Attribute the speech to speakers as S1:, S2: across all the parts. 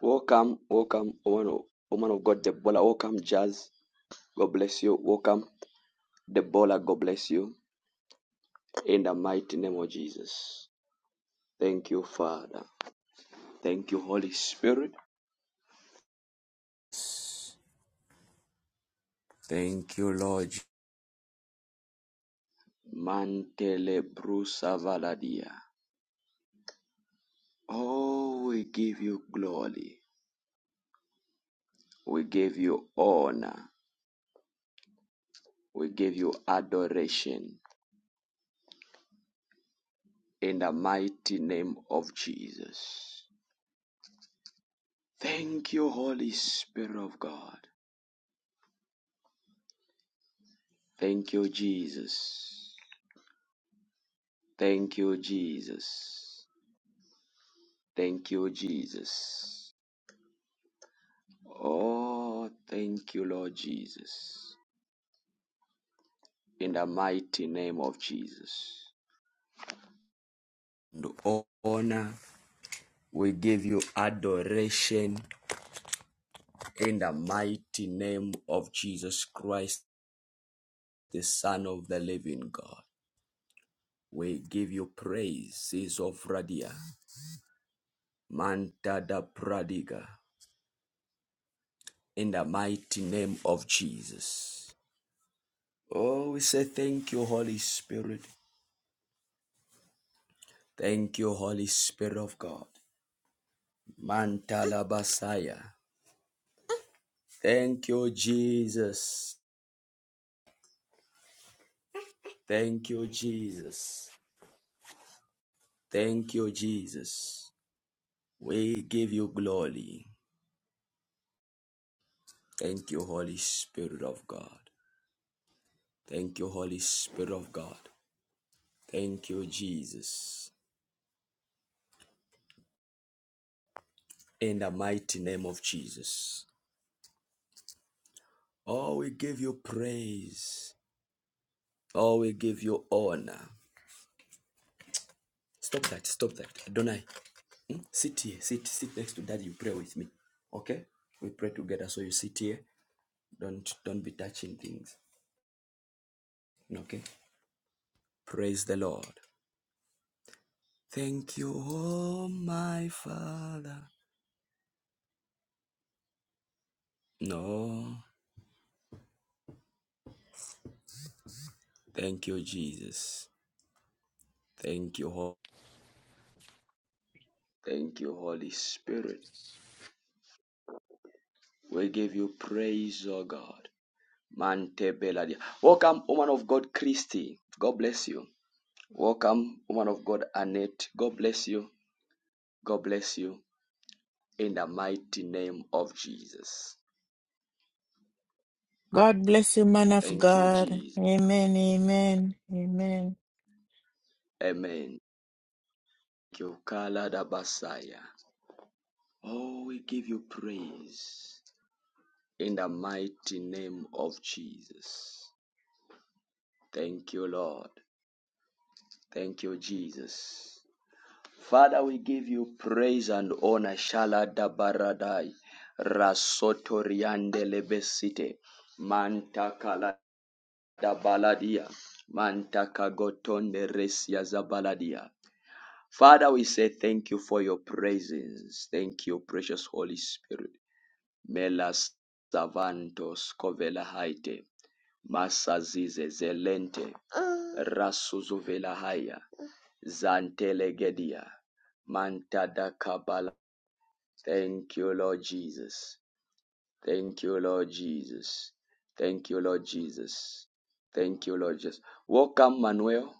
S1: Welcome, welcome, woman of, woman of God, Debola. Welcome, Jazz. God bless you. Welcome, Debola. God bless you. In the mighty name of Jesus. Thank you, Father. Thank you, Holy Spirit. Thank you, Lord. Mantele brusa valadia. Oh, we give you glory. We give you honor. We give you adoration in the mighty name of Jesus. Thank you, Holy Spirit of God. Thank you, Jesus. Thank you, Jesus. Thank you, Jesus. Oh, thank you, Lord Jesus. In the mighty name of Jesus. And honor, we give you adoration in the mighty name of Jesus Christ, the Son of the living God. We give you praise, of Radia, Manta da Pradiga, in the mighty name of Jesus. Oh, we say thank you, Holy Spirit. Thank you, Holy Spirit of God. Mantala Basaya. Thank you, Jesus. Thank you, Jesus. Thank you, Jesus. We give you glory. Thank you, Holy Spirit of God. Thank you, Holy Spirit of God. Thank you, Jesus. In the mighty name of Jesus. Oh, we give you praise. Oh, we give you honor. Stop that. Stop that. Adonai. Hmm? Sit here. Sit. Sit next to daddy. You pray with me. Okay? We pray together. So you sit here. Don't don't be touching things. Okay? Praise the Lord. Thank you, oh my Father. No. Thank you, Jesus. Thank you, Ho- Thank you, Holy Spirit. We give you praise, oh God. Mante Beladia. Welcome, woman of God, Christy. God bless you. Welcome, woman of God, Annette. God bless you. God bless you in the mighty name of Jesus.
S2: God bless you, man of
S1: Thank you,
S2: God.
S1: Jesus.
S2: Amen, amen, amen.
S1: Amen. Thank you, Kala da Basaya. Oh, we give you praise in the mighty name of Jesus. Thank you, Lord. Thank you, Jesus. Father, we give you praise and honor. Shala da baradai. Rasotoriande lebesite. Manta kala da baladia. Mantaka gotonde resia zabaladia. Father, we say thank you for your presence. Thank you, precious Holy Spirit. Melas savantos covela haite. Masazize zelente. Rasuzuvela haya. Zantelegedia. Mantada kabala. Thank you, Lord Jesus. Thank you, Lord Jesus. Thank you, Lord Jesus. Thank you, Lord Jesus. Welcome, Manuel.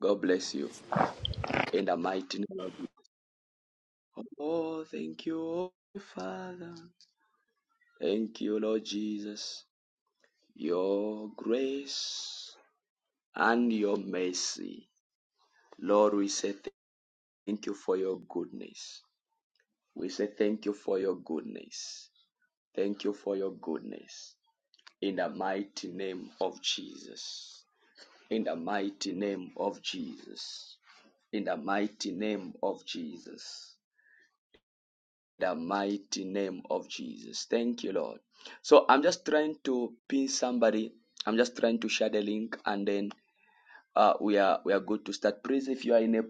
S1: God bless you. In the mighty name of Jesus. Oh, thank you, Father. Thank you, Lord Jesus. Your grace and your mercy. Lord, we say thank you for your goodness. We say thank you for your goodness. Thank you for your goodness. In the mighty name of Jesus. in the mighty name of Jesus. In the mighty name of Jesus. The mighty name of Jesus. Thank you, Lord. So I'm just trying to pin somebody. I'm just trying to share the link, and then uh, we are we are good to start. Please, if you are in a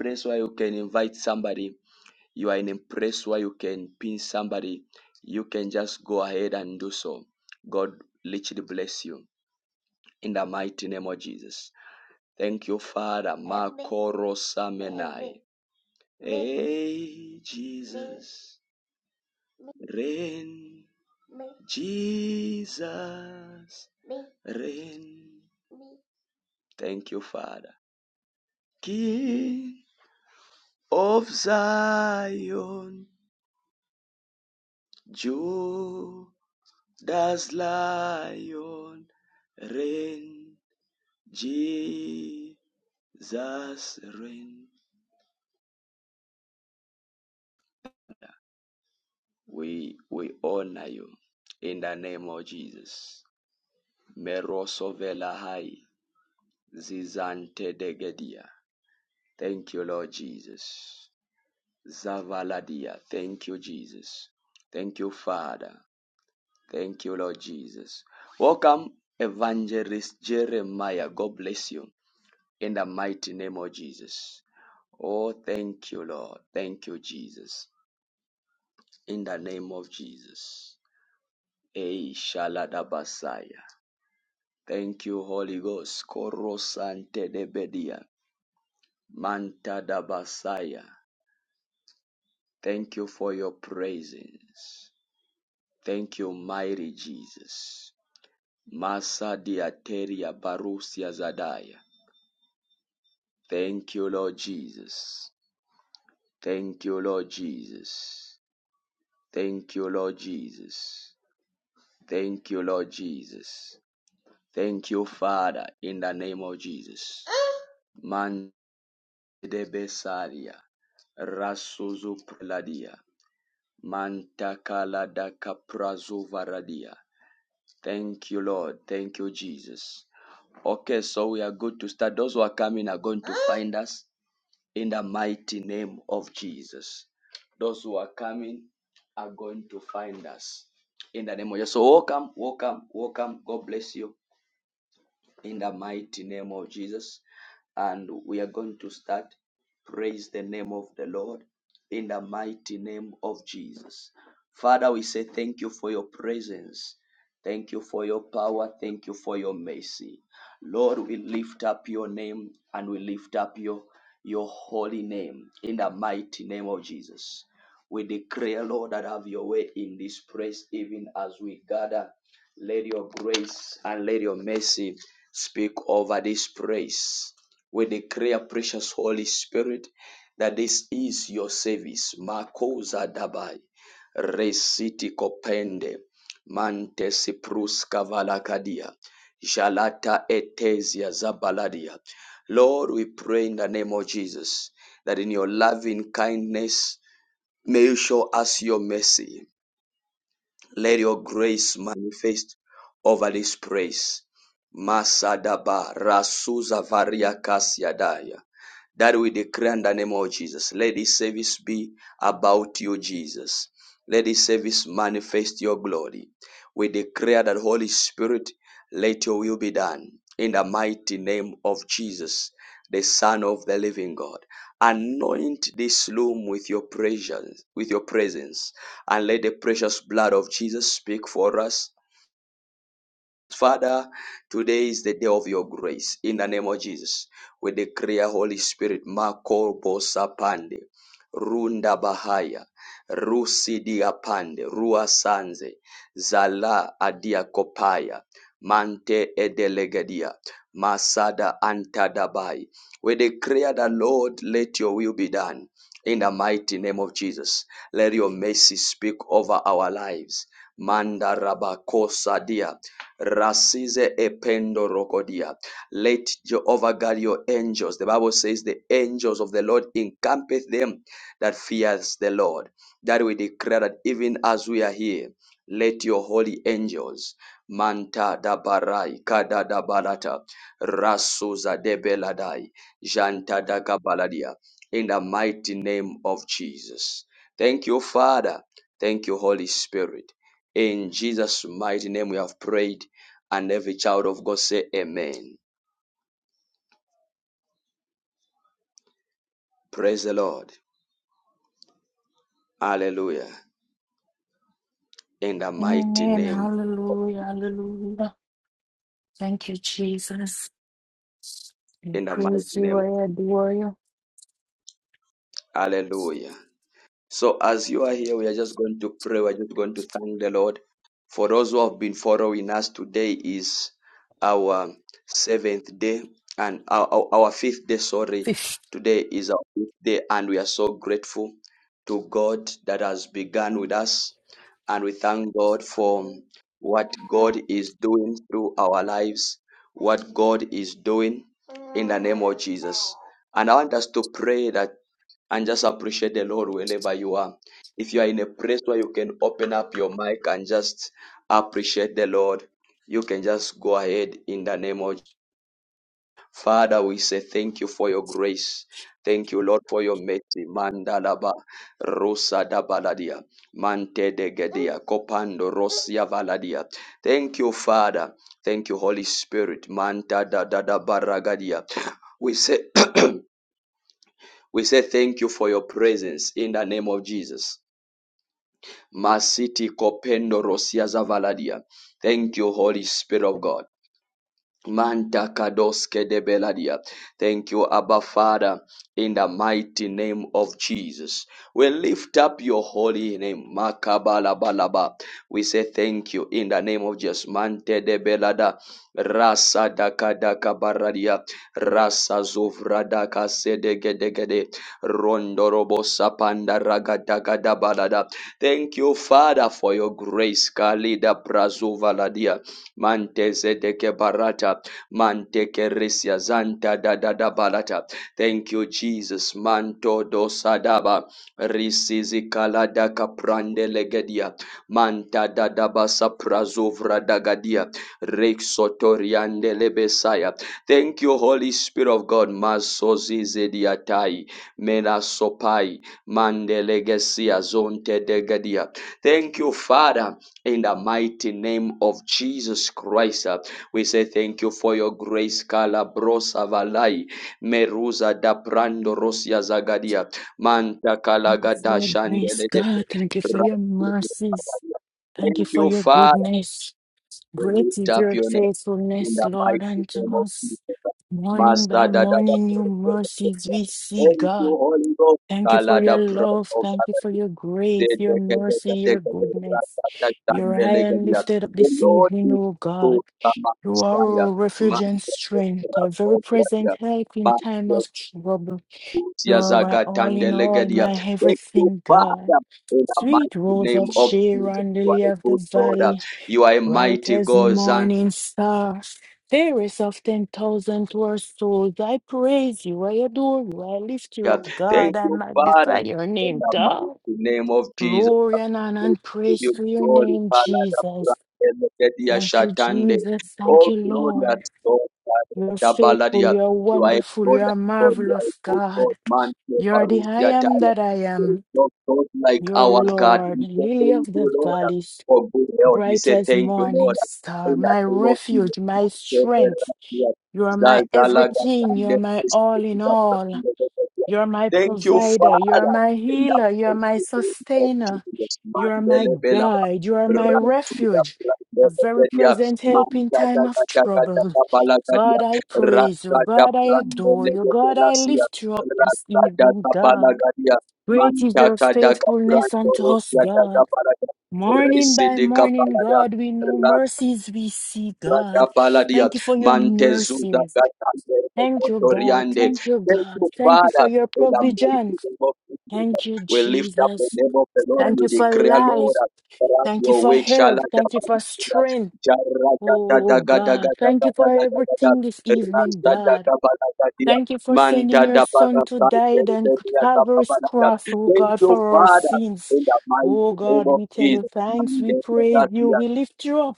S1: place where you can invite somebody, you are in a place where you can pin somebody, you can just go ahead and do so. God literally bless you in the mighty name of Jesus. Thank you, Father. Makoro Samenai. Hey, Jesus. Rain. Jesus. Rain. Thank you, Father. King of Zion. Judas Lion. Rain. Jesus. Rain. We, we honor you in the name of Jesus. Merosovelahai Zizante degedia. Thank you, Lord Jesus. Zavaladia. Thank you, Jesus. Thank you, Father. Thank you, Lord Jesus. Welcome, Evangelist Jeremiah. God bless you in the mighty name of Jesus. Oh, thank you, Lord. Thank you, Jesus. In the name of Jesus. Ei Shaladabasaya. Thank you, Holy Ghost. Korosante debedia. Mantadabasaya. Thank you for your presence. Thank you, mighty Jesus. Masa diateria barusia zadaya. Thank you, Lord Jesus. Thank you, Lord Jesus. Thank you, Lord Jesus. Thank you, Lord Jesus. Thank you, Father, in the name of Jesus. Man de besaria, rasuzu preladia. Mantakala Thank you, Lord. Thank you, Jesus. Okay, so we are good to start. Those who are coming are going to find us in the mighty name of Jesus. Those who are coming are going to find us in the name of Jesus. So welcome, welcome, welcome. God bless you in the mighty name of Jesus. And we are going to start. Praise the name of the Lord in the mighty name of Jesus. Father, we say thank you for your presence. Thank you for your power. Thank you for your mercy. Lord, we lift up your name and we lift up your, your holy name in the mighty name of Jesus. We declare, Lord, that have your way in this place, even as we gather. Let your grace and let your mercy Speak over this praise. We declare, precious Holy Spirit, that this is your service. Makosa dabai. Resiti kopende. Mantes pruska valakadia. Jalata etesia zabaladia. Lord, we pray in the name of Jesus that in your loving kindness may you show us your mercy. Let your grace manifest over this praise. Masadaba Rasuza Varia Kasiadaya. That we declare in the name of Jesus. Let this service be about you, Jesus. Let this service manifest your glory. We declare that Holy Spirit, let your will be done in the mighty name of Jesus, the Son of the Living God. Anoint this room with your presence, with your presence and let the precious blood of Jesus speak for us Father, today is the day of your grace. In the name of Jesus, we declare Holy Spirit, Mako Bosapande, Runda Bahaya, Rusi Diapande, Rua Sanze, Zala Adia Kopaya, Mante Edelegadia, Masada Antadabai. We declare the Lord, let your will be done. In the mighty name of Jesus, let your mercy speak over our lives. Manda Rabakosa Dia. Rasize ependo rokodia. Let Jehovah God your angels. The Bible says the angels of the Lord encampeth them that fears the Lord. That we declare that even as we are here, let your holy angels manta da barai kada da barata rasuza de beladai janta da gabaladia in the mighty name of Jesus. Thank you, Father. Thank you, Holy Spirit. In Jesus' mighty name we have prayed. And every child of God say amen. Praise the Lord. Hallelujah. In the mighty
S2: Amen.
S1: name,
S2: Hallelujah. Hallelujah. Thank you, Jesus. We
S1: in the mighty
S2: praise you.
S1: name.
S2: I adore you.
S1: Hallelujah. So, as you are here, we are just going to pray. We're just going to thank the Lord. For those who have been following us, today is our seventh day and our, our, our fifth day. Sorry,
S2: Thank
S1: today is our fifth day, and we are so grateful to God that has begun with us. And we thank God for what God is doing through our lives, what God is doing in the name of Jesus. And I want us to pray that and just appreciate the Lord wherever you are. If you are in a place where you can open up your mic and just appreciate the Lord, you can just go ahead in the name of Father. We say thank you for your grace. Thank you, Lord, for your mercy. Mandalaba Rosa da Baladia. Mante de Gedia. Copando Rosia Valadia. Thank you, Father. Thank you, Holy Spirit. Manta da da da baragadia. We say We say thank you for your presence in the name of Jesus. Masiti kopendo rosia zavaladia. Thank you, Holy Spirit of God. Manta kadoske de beladia. Thank you, Abba Father, in the mighty name of Jesus. We lift up your holy name, Makabalabalaba. We say thank you in the name of Jesus. Mante de belada, rasa daka daka baradia, rasa zuvra daka sedegedegede, rondorobo sapanda raga daka da balada. Thank you, Father, for your grace, Kalida prazuva ladia. Mante zedeke barata. Manteke risia zanta da da da barata. Thank you, Jesus. Manto dosadaba. Risizi kalada kaprande legedia. Manta da da basa prazovra dagadia. Rexotoriande lebesaya. Thank you, Holy Spirit of God. Masozi zediatai, Mena sopai. Mandelegesia zonte degadia. Thank you, Father. In the mighty name of Jesus Christ, uh, we say thank you for your grace, Kalabrosa Valai, Meruza da Prando Rosia Zagadia, Manta
S2: you for
S1: Kalagada
S2: your grace,
S1: Shandele de
S2: God. Thank you for your mercies. Thank you
S1: Thank
S2: for
S1: you,
S2: your
S1: Father.
S2: goodness.
S1: We
S2: Great
S1: lift
S2: is
S1: up
S2: your
S1: your name in the
S2: faithfulness, Lord,
S1: mighty
S2: unto
S1: name of
S2: us.
S1: Jesus.
S2: Morning
S1: Master
S2: by
S1: da da da.
S2: morning, new mercies we see,
S1: Thank
S2: God.
S1: you, Holy Ghost.
S2: Thank you for your
S1: Kalada
S2: love.
S1: Prando
S2: Thank you for your grace,
S1: the
S2: your mercy, your goodness. You're high and lifted up this
S1: Lord
S2: evening,
S1: is
S2: oh
S1: to
S2: God. You are
S1: Tamakasaya,
S2: our refuge and strength, a very
S1: Mandragobraya,
S2: present help in time of
S1: Mandragosia
S2: trouble. You are my all in all,
S1: Zagatandelegadia.
S2: my
S1: Thank you,
S2: everything, God.
S1: Father, in the
S2: Sweet
S1: mighty
S2: rose
S1: name
S2: of
S1: of Jesus.
S2: Sharon,
S1: You are
S2: lily
S1: a
S2: of the
S1: good Lord.
S2: valley,
S1: You are a
S2: Bright
S1: mighty
S2: as
S1: God, Zania.
S2: morning star, there is of ten thousand who souls. I praise you, I adore you, I lift you up, God,
S1: Thank
S2: I
S1: you, Father,
S2: magnify your
S1: in
S2: name,
S1: the mighty
S2: God.
S1: name of Jesus.
S2: Glory and honor and praise
S1: you
S2: to your
S1: glory,
S2: name,
S1: Palada
S2: Jesus.
S1: Prakedia
S2: Thank you,
S1: Shatande.
S2: Jesus. Thank
S1: Oh,
S2: you,
S1: glorious
S2: Lord.
S1: God, Father,
S2: You're faithful,
S1: Dabaladia.
S2: you're
S1: You are a
S2: wonderful,
S1: glorious
S2: you're
S1: God, you are a
S2: marvelous,
S1: good God,
S2: God.
S1: man, you are
S2: You're the I
S1: Rusia
S2: am
S1: Tala.
S2: that I
S1: There is
S2: am.
S1: no God like
S2: You're
S1: our God.
S2: Lord,
S1: We
S2: Lily of
S1: say thank
S2: the
S1: you, Lord,
S2: Valley,
S1: for good health. We
S2: bright
S1: say
S2: as
S1: thank you, Lord,
S2: morning star,
S1: in the
S2: my
S1: name of
S2: refuge, my strength.
S1: Jesus.
S2: You are my
S1: Zazalaga
S2: everything. You
S1: Tande,
S2: are my
S1: Christ,
S2: all in all. You are my
S1: Thank you,
S2: provider. You are my
S1: Father.
S2: healer. You are my sustainer.
S1: Jesus,
S2: You are my
S1: Mandele Bela,
S2: guide. You are my
S1: Ratuda,
S2: refuge, a very
S1: Brandelia,
S2: present help in
S1: Mandada,
S2: time of
S1: Gada,
S2: trouble.
S1: Bala, Gadia,
S2: God, I praise you.
S1: Ratada,
S2: God, I adore
S1: Brandele,
S2: you. God, I
S1: Belasia,
S2: lift you up this
S1: Ratada,
S2: evening,
S1: Bala,
S2: God.
S1: Gadia,
S2: Great is your
S1: Mandaka, Daga,
S2: faithfulness
S1: Brando,
S2: unto us,
S1: Rosia, Daga,
S2: God.
S1: Bala,
S2: Morning by
S1: Residi,
S2: morning,
S1: Kapala,
S2: God, we know
S1: da
S2: mercies we see, God.
S1: Baladia,
S2: Thank you for your
S1: Mantezuda,
S2: mercies.
S1: Gatande,
S2: Thank you, God. Thank you,
S1: Thank
S2: God.
S1: you,
S2: Thank you
S1: Father,
S2: for your
S1: in the
S2: provision.
S1: mighty name of Jesus.
S2: Thank you,
S1: We lift up the
S2: Jesus.
S1: name of the Lord and
S2: Thank
S1: we
S2: you for
S1: declare, Lord,
S2: life.
S1: that
S2: Thank you
S1: your
S2: for
S1: way shall
S2: health. Thank you for strength. Oh, God. Thank you for everything this evening, God. Thank you for sending
S1: Manta
S2: your
S1: da
S2: son to
S1: para
S2: die on Calvary's cross, oh
S1: Thank
S2: God,
S1: you,
S2: for our
S1: Father,
S2: sins.
S1: in the mighty
S2: Oh
S1: name
S2: God,
S1: of
S2: we tell you thanks, we praise you,
S1: Jesus.
S2: we lift you up,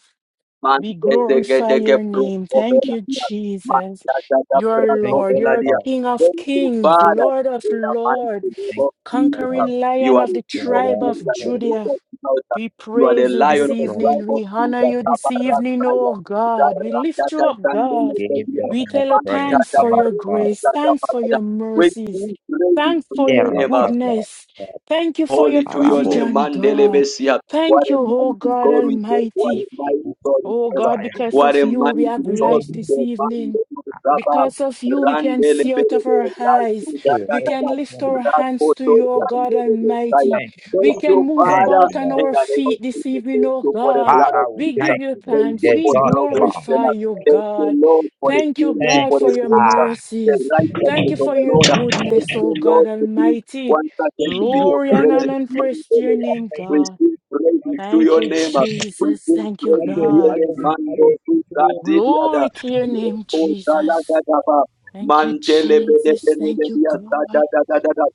S1: Man,
S2: we
S1: de de ge
S2: glorify
S1: de ge
S2: your
S1: bro
S2: name.
S1: o
S2: Thank
S1: vela
S2: you,
S1: dia. Man
S2: Jesus.
S1: da da da
S2: Your
S1: bra o
S3: Thank
S2: Lord,
S3: you,
S1: vela
S2: your
S1: dia.
S3: Lord.
S2: King of
S1: Thank you,
S2: kings,
S1: Father,
S2: Lord of
S1: in the
S2: lords
S1: mighty name
S3: Thank
S1: of
S3: you, Lord. Thank you,
S1: Jesus.
S3: Lord.
S2: conquering
S1: You
S2: lion
S1: are
S2: of
S1: the
S2: the
S3: You
S1: King
S3: are
S1: of
S2: tribe
S3: worthy,
S1: Kings
S2: of
S1: and the
S3: Father.
S1: Lord
S2: Judah.
S1: of Lords.
S2: We
S1: You are the
S2: praise you
S1: Lion
S3: Thank
S2: this
S1: of the
S3: you,
S1: tribe
S2: evening.
S1: of
S2: We honor
S1: Judah.
S2: you
S3: Almighty
S2: this
S3: God.
S2: evening,
S1: Tabarakaya,
S2: oh God. We lift you up, God.
S3: We Give
S1: Zarakatandelebedia,
S3: you
S2: We tell
S3: all
S2: you
S3: praise.
S2: thanks for
S3: Thank you,
S2: your
S1: Manjadabarusia,
S3: God.
S2: grace. Thanks for
S1: Zagabarada.
S2: your
S1: We
S2: mercies.
S1: give praise
S2: Thanks
S1: to
S2: for
S1: your
S2: your
S1: name.
S3: Erabata,
S2: goodness.
S3: God.
S2: Thank you for your
S1: Holy to your
S3: Arabo.
S1: name,
S2: provision,
S1: Mandele
S2: God.
S1: Besia. What
S2: Thank
S1: a
S2: you, oh
S1: mighty
S2: God
S1: God we serve. What a
S2: Almighty.
S1: mighty
S3: Ututu,
S1: God we
S2: Oh
S1: serve.
S2: God,
S3: Sikataya, Bu.
S2: because
S1: What
S2: of
S1: a
S2: you, we have
S1: mighty God
S2: life
S3: Uzo,
S1: we
S3: Bu,
S2: this
S1: serve.
S2: evening.
S1: Mandele Saba.
S3: Apo.
S2: Because of you, we can
S1: Randele
S2: see out
S1: Bebe.
S2: of our eyes.
S1: Rasu da da
S2: We
S1: da
S3: Ere,
S1: da.
S2: can lift
S3: Yomo,
S2: our
S1: Rasu
S2: hands to
S1: to
S2: you, O God
S1: Randele Besaya.
S2: Almighty.
S3: Thank you,
S1: Thank
S2: We
S3: Lord.
S2: can
S1: you,
S2: move
S3: Thank
S1: Father.
S2: about
S3: you,
S2: on
S3: Lord.
S1: In
S2: our
S1: the name of
S2: feet this
S1: Jesus,
S2: evening,
S1: thank
S2: O
S1: you for the
S2: God.
S1: blood
S3: Father,
S1: of
S3: we
S2: We
S1: Jesus.
S2: give
S3: thank
S2: you
S3: you.
S1: Thank
S3: We
S2: thanks.
S1: you
S2: We
S1: for
S3: exalt you, Lord.
S1: salvation.
S2: glorify you,
S3: We
S1: Thank you,
S2: God.
S1: Lord, for the
S2: Thank you,
S1: purity,
S3: Thank
S2: God,
S1: for
S3: you,
S2: for
S1: the
S2: your
S1: grace,
S3: Father.
S1: the
S2: mercies. Thank
S1: righteousness
S2: you
S1: of
S2: for
S1: the
S2: your
S1: Lord. Thank
S2: goodness,
S1: you,
S2: O God
S1: Lord, for peace.
S2: Almighty.
S1: Once again,
S3: Thank
S1: to be your
S2: Glory and
S1: praises.
S2: honor and praise to your
S1: Mandela.
S2: name,
S1: We
S2: God.
S1: sing praises to
S2: Thank
S1: your
S2: you,
S1: name. We
S2: Jesus.
S1: sing
S2: Thank you,
S1: praises to
S3: you,
S1: your
S2: God.
S1: name.
S3: Lord. Thank
S1: Mando
S3: you,
S1: tu
S3: Lord.
S4: This
S1: kaziliada.
S2: Glory to your name,
S1: O
S2: Jesus.
S1: salagadaba.
S4: for
S2: Thank you,
S4: the
S1: Mantele
S4: tile
S1: bede
S2: Jesus.
S4: up
S1: bede
S4: and
S2: Thank you,
S1: bede
S4: all.
S1: yasa da
S2: God.
S1: da
S4: Shoot,
S1: da da
S4: bro.
S1: da.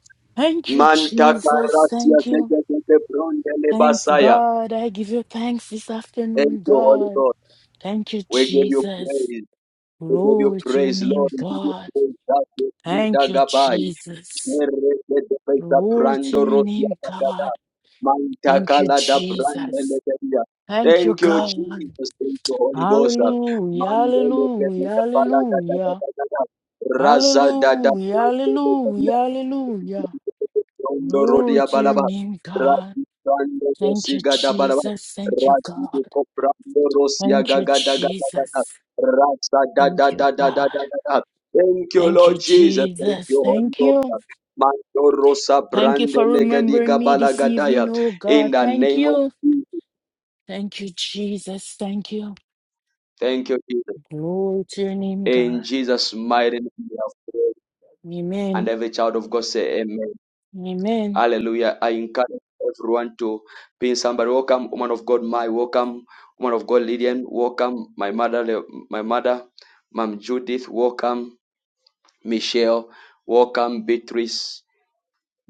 S4: Do
S2: Thank
S4: all
S2: you,
S4: that.
S1: Manta
S2: Jesus.
S1: karasia
S2: Thank you.
S1: zeke zeke
S4: It's
S1: brondele
S4: gonna be a
S2: Thanks,
S4: while
S1: basaya.
S2: God.
S4: before you
S2: I
S4: can
S2: give
S4: get
S2: you
S4: to that.
S2: thanks this
S1: Thank
S2: afternoon,
S1: you, Holy
S2: God.
S1: Ghost.
S2: Thank you,
S1: We give you
S2: Jesus.
S1: praise. We give you
S2: Glory to your
S1: praise, Lord.
S2: name,
S1: We give you
S2: God.
S1: praise. God, we give you
S2: Thank you,
S1: Dagabai.
S2: Jesus.
S1: Chere de
S2: Glory to your
S1: rosia
S2: name,
S1: dagada.
S2: God.
S1: Manta
S2: Thank you,
S1: kala da brande
S2: Jesus.
S1: lebedia.
S2: Thank you,
S1: Thank you,
S2: God.
S1: Jesus. Thank you, Holy Ghost.
S2: Hallelujah,
S1: Mandele de de
S2: hallelujah,
S1: pala da da da
S2: hallelujah.
S1: da da da. Raza da da
S2: Hallelujah,
S1: brande
S2: hallelujah,
S1: lebedia.
S2: hallelujah.
S1: Rondo
S2: Glory
S1: rodia
S2: to your
S1: balaba.
S2: name, God.
S1: Razi brando
S2: Thank you,
S1: rosiga da balaba.
S2: Jesus. Thank you,
S1: Razi de
S2: God.
S1: coprando rosia
S2: Thank you,
S1: gaga da gaga da
S2: Jesus.
S1: ra da da
S2: Thank you,
S1: da da da da
S2: God.
S1: da da Thank you,
S2: Thank you,
S1: Lord Jesus. Thank
S2: Jesus.
S1: you, Holy
S2: Thank
S1: Ghost.
S2: you.
S1: Mando rosa
S2: Thank you
S1: brande
S2: for
S1: legadi
S2: remembering me
S1: gabala
S2: this
S1: gadaya.
S2: evening, oh
S1: In
S2: God.
S1: the
S2: Thank
S1: name of
S2: you.
S1: Jesus.
S2: Thank you, Jesus. Thank you.
S1: Thank you, Jesus.
S2: Glory to your name,
S1: In
S2: God.
S1: Jesus' mighty name we have prayed. And
S2: Amen.
S1: every child of God say amen.
S2: Amen.
S1: Hallelujah. I encourage everyone to pin somebody. Welcome, woman of God, my welcome, woman of God, Lydian. Welcome, my mother, my mother, Mom Judith. Welcome, Michelle. Welcome, Beatrice.